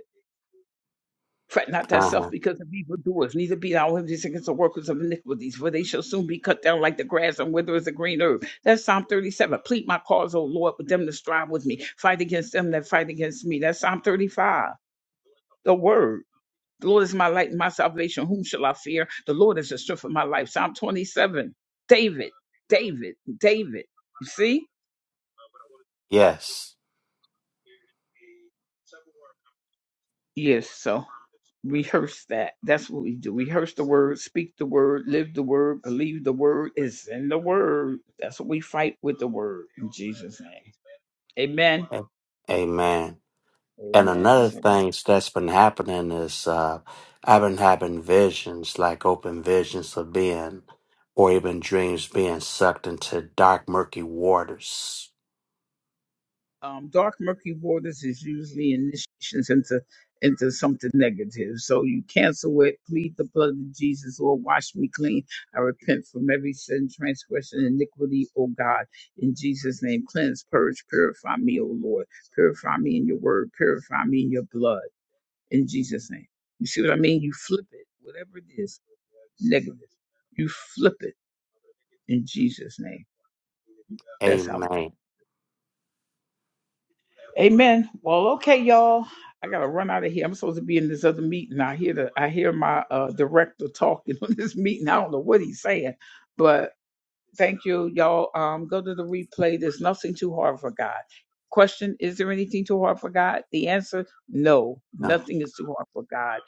S1: Fret not thyself
S5: Uh-huh.
S1: because of evildoers, neither be thou envious against the workers of iniquities, for they shall soon be cut down like the grass and wither as the green herb. That's Psalm 37. Plead my cause, O Lord, with them that strive with me. Fight against them that fight against me. That's Psalm 35. The word. The Lord is my light and my salvation. Whom shall I fear? The Lord is the strength of my life. Psalm 27. David, David, David. You see?
S5: Yes.
S1: Yes, so. rehearse that. That's what we do. Rehearse the word, speak the word, live the word, believe the word is in the word. That's what we fight with the word in Jesus' name. Amen.
S5: A- Amen. And
S1: Amen.
S5: another
S1: So,
S5: thing that's been happening is uh, I've been having visions, like open visions of being, or even dreams being sucked into dark, murky waters.
S1: um, dark murky waters is usually initiations into into something negative. So you cancel it, plead the blood of Jesus, or wash me clean. I repent from every sin, transgression, iniquity, O God. In Jesus' name, cleanse, purge, purify me, O Lord. Purify me in your word, purify me in your blood. in Jesus' name. You see what I mean? You flip it, whatever it is, negative. You flip it in Jesus' name. That's how we.
S5: Amen.
S1: Amen. Well, okay, y'all. I gotta run out of here. I'm supposed to be in this other meeting. I hear the I hear my uh, director talking on this meeting. I don't know what he's saying, but. Thank you, y'all. Um, go to the replay. There's nothing too hard for God. Question Is there anything too hard for God? The answer No,
S5: No.
S1: nothing is too hard for God.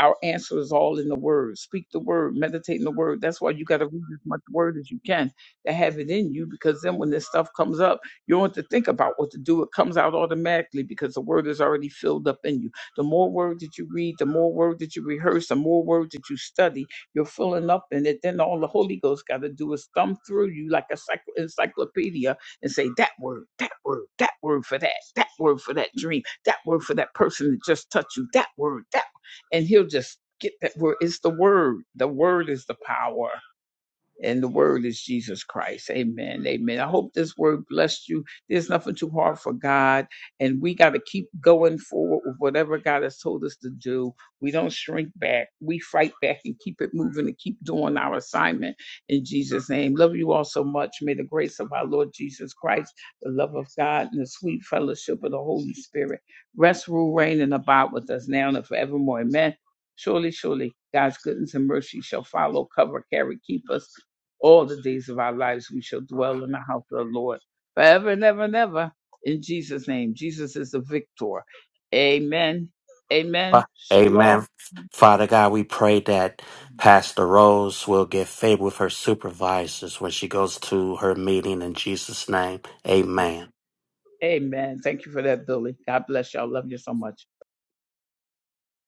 S1: Our answer is all in the Word. Speak the Word, meditate in the Word. That's why you got to read as much Word as you can to have it in you because then when this stuff comes up, you don't have to think about what to do. It comes out automatically because the Word is already filled up in you. The more Word that you read, the more Word that you rehearse, the more Word that you study, you're filling up, in it, then all the Holy Ghost got to do is thumb through you like a cyc- encyclopedia and say that word, that word, that word for that, that word for that dream, that word for that person that just touched you, that word, that, and he'll just get that word. It's the word. The word is the power and the word is Jesus Christ. Amen. Amen. I hope this word blessed you. There's nothing too hard for God, and we got to keep going forward with whatever God has told us to do. We don't shrink back. We fight back and keep it moving and keep doing our assignment in Jesus' name. Love you all so much. May the grace of our Lord Jesus Christ, the love of God, and the sweet fellowship of the Holy Spirit rest, rule, reign, and abide with us now and forevermore. Amen. Surely, surely, God's goodness and mercy shall follow, cover, carry, keep us all the days of our lives we shall dwell in the house of the Lord forever and ever and ever. In Jesus' name, Jesus is the victor. Amen. Amen.
S5: Fa-
S1: Shalom.
S5: Amen. Father God, we pray that Pastor Rose will get favor with her supervisors when she goes to her meeting in Jesus' name.
S1: Yeah.
S5: Amen.
S1: Amen. Thank you for that, Billy. God bless y'all. Love you so much.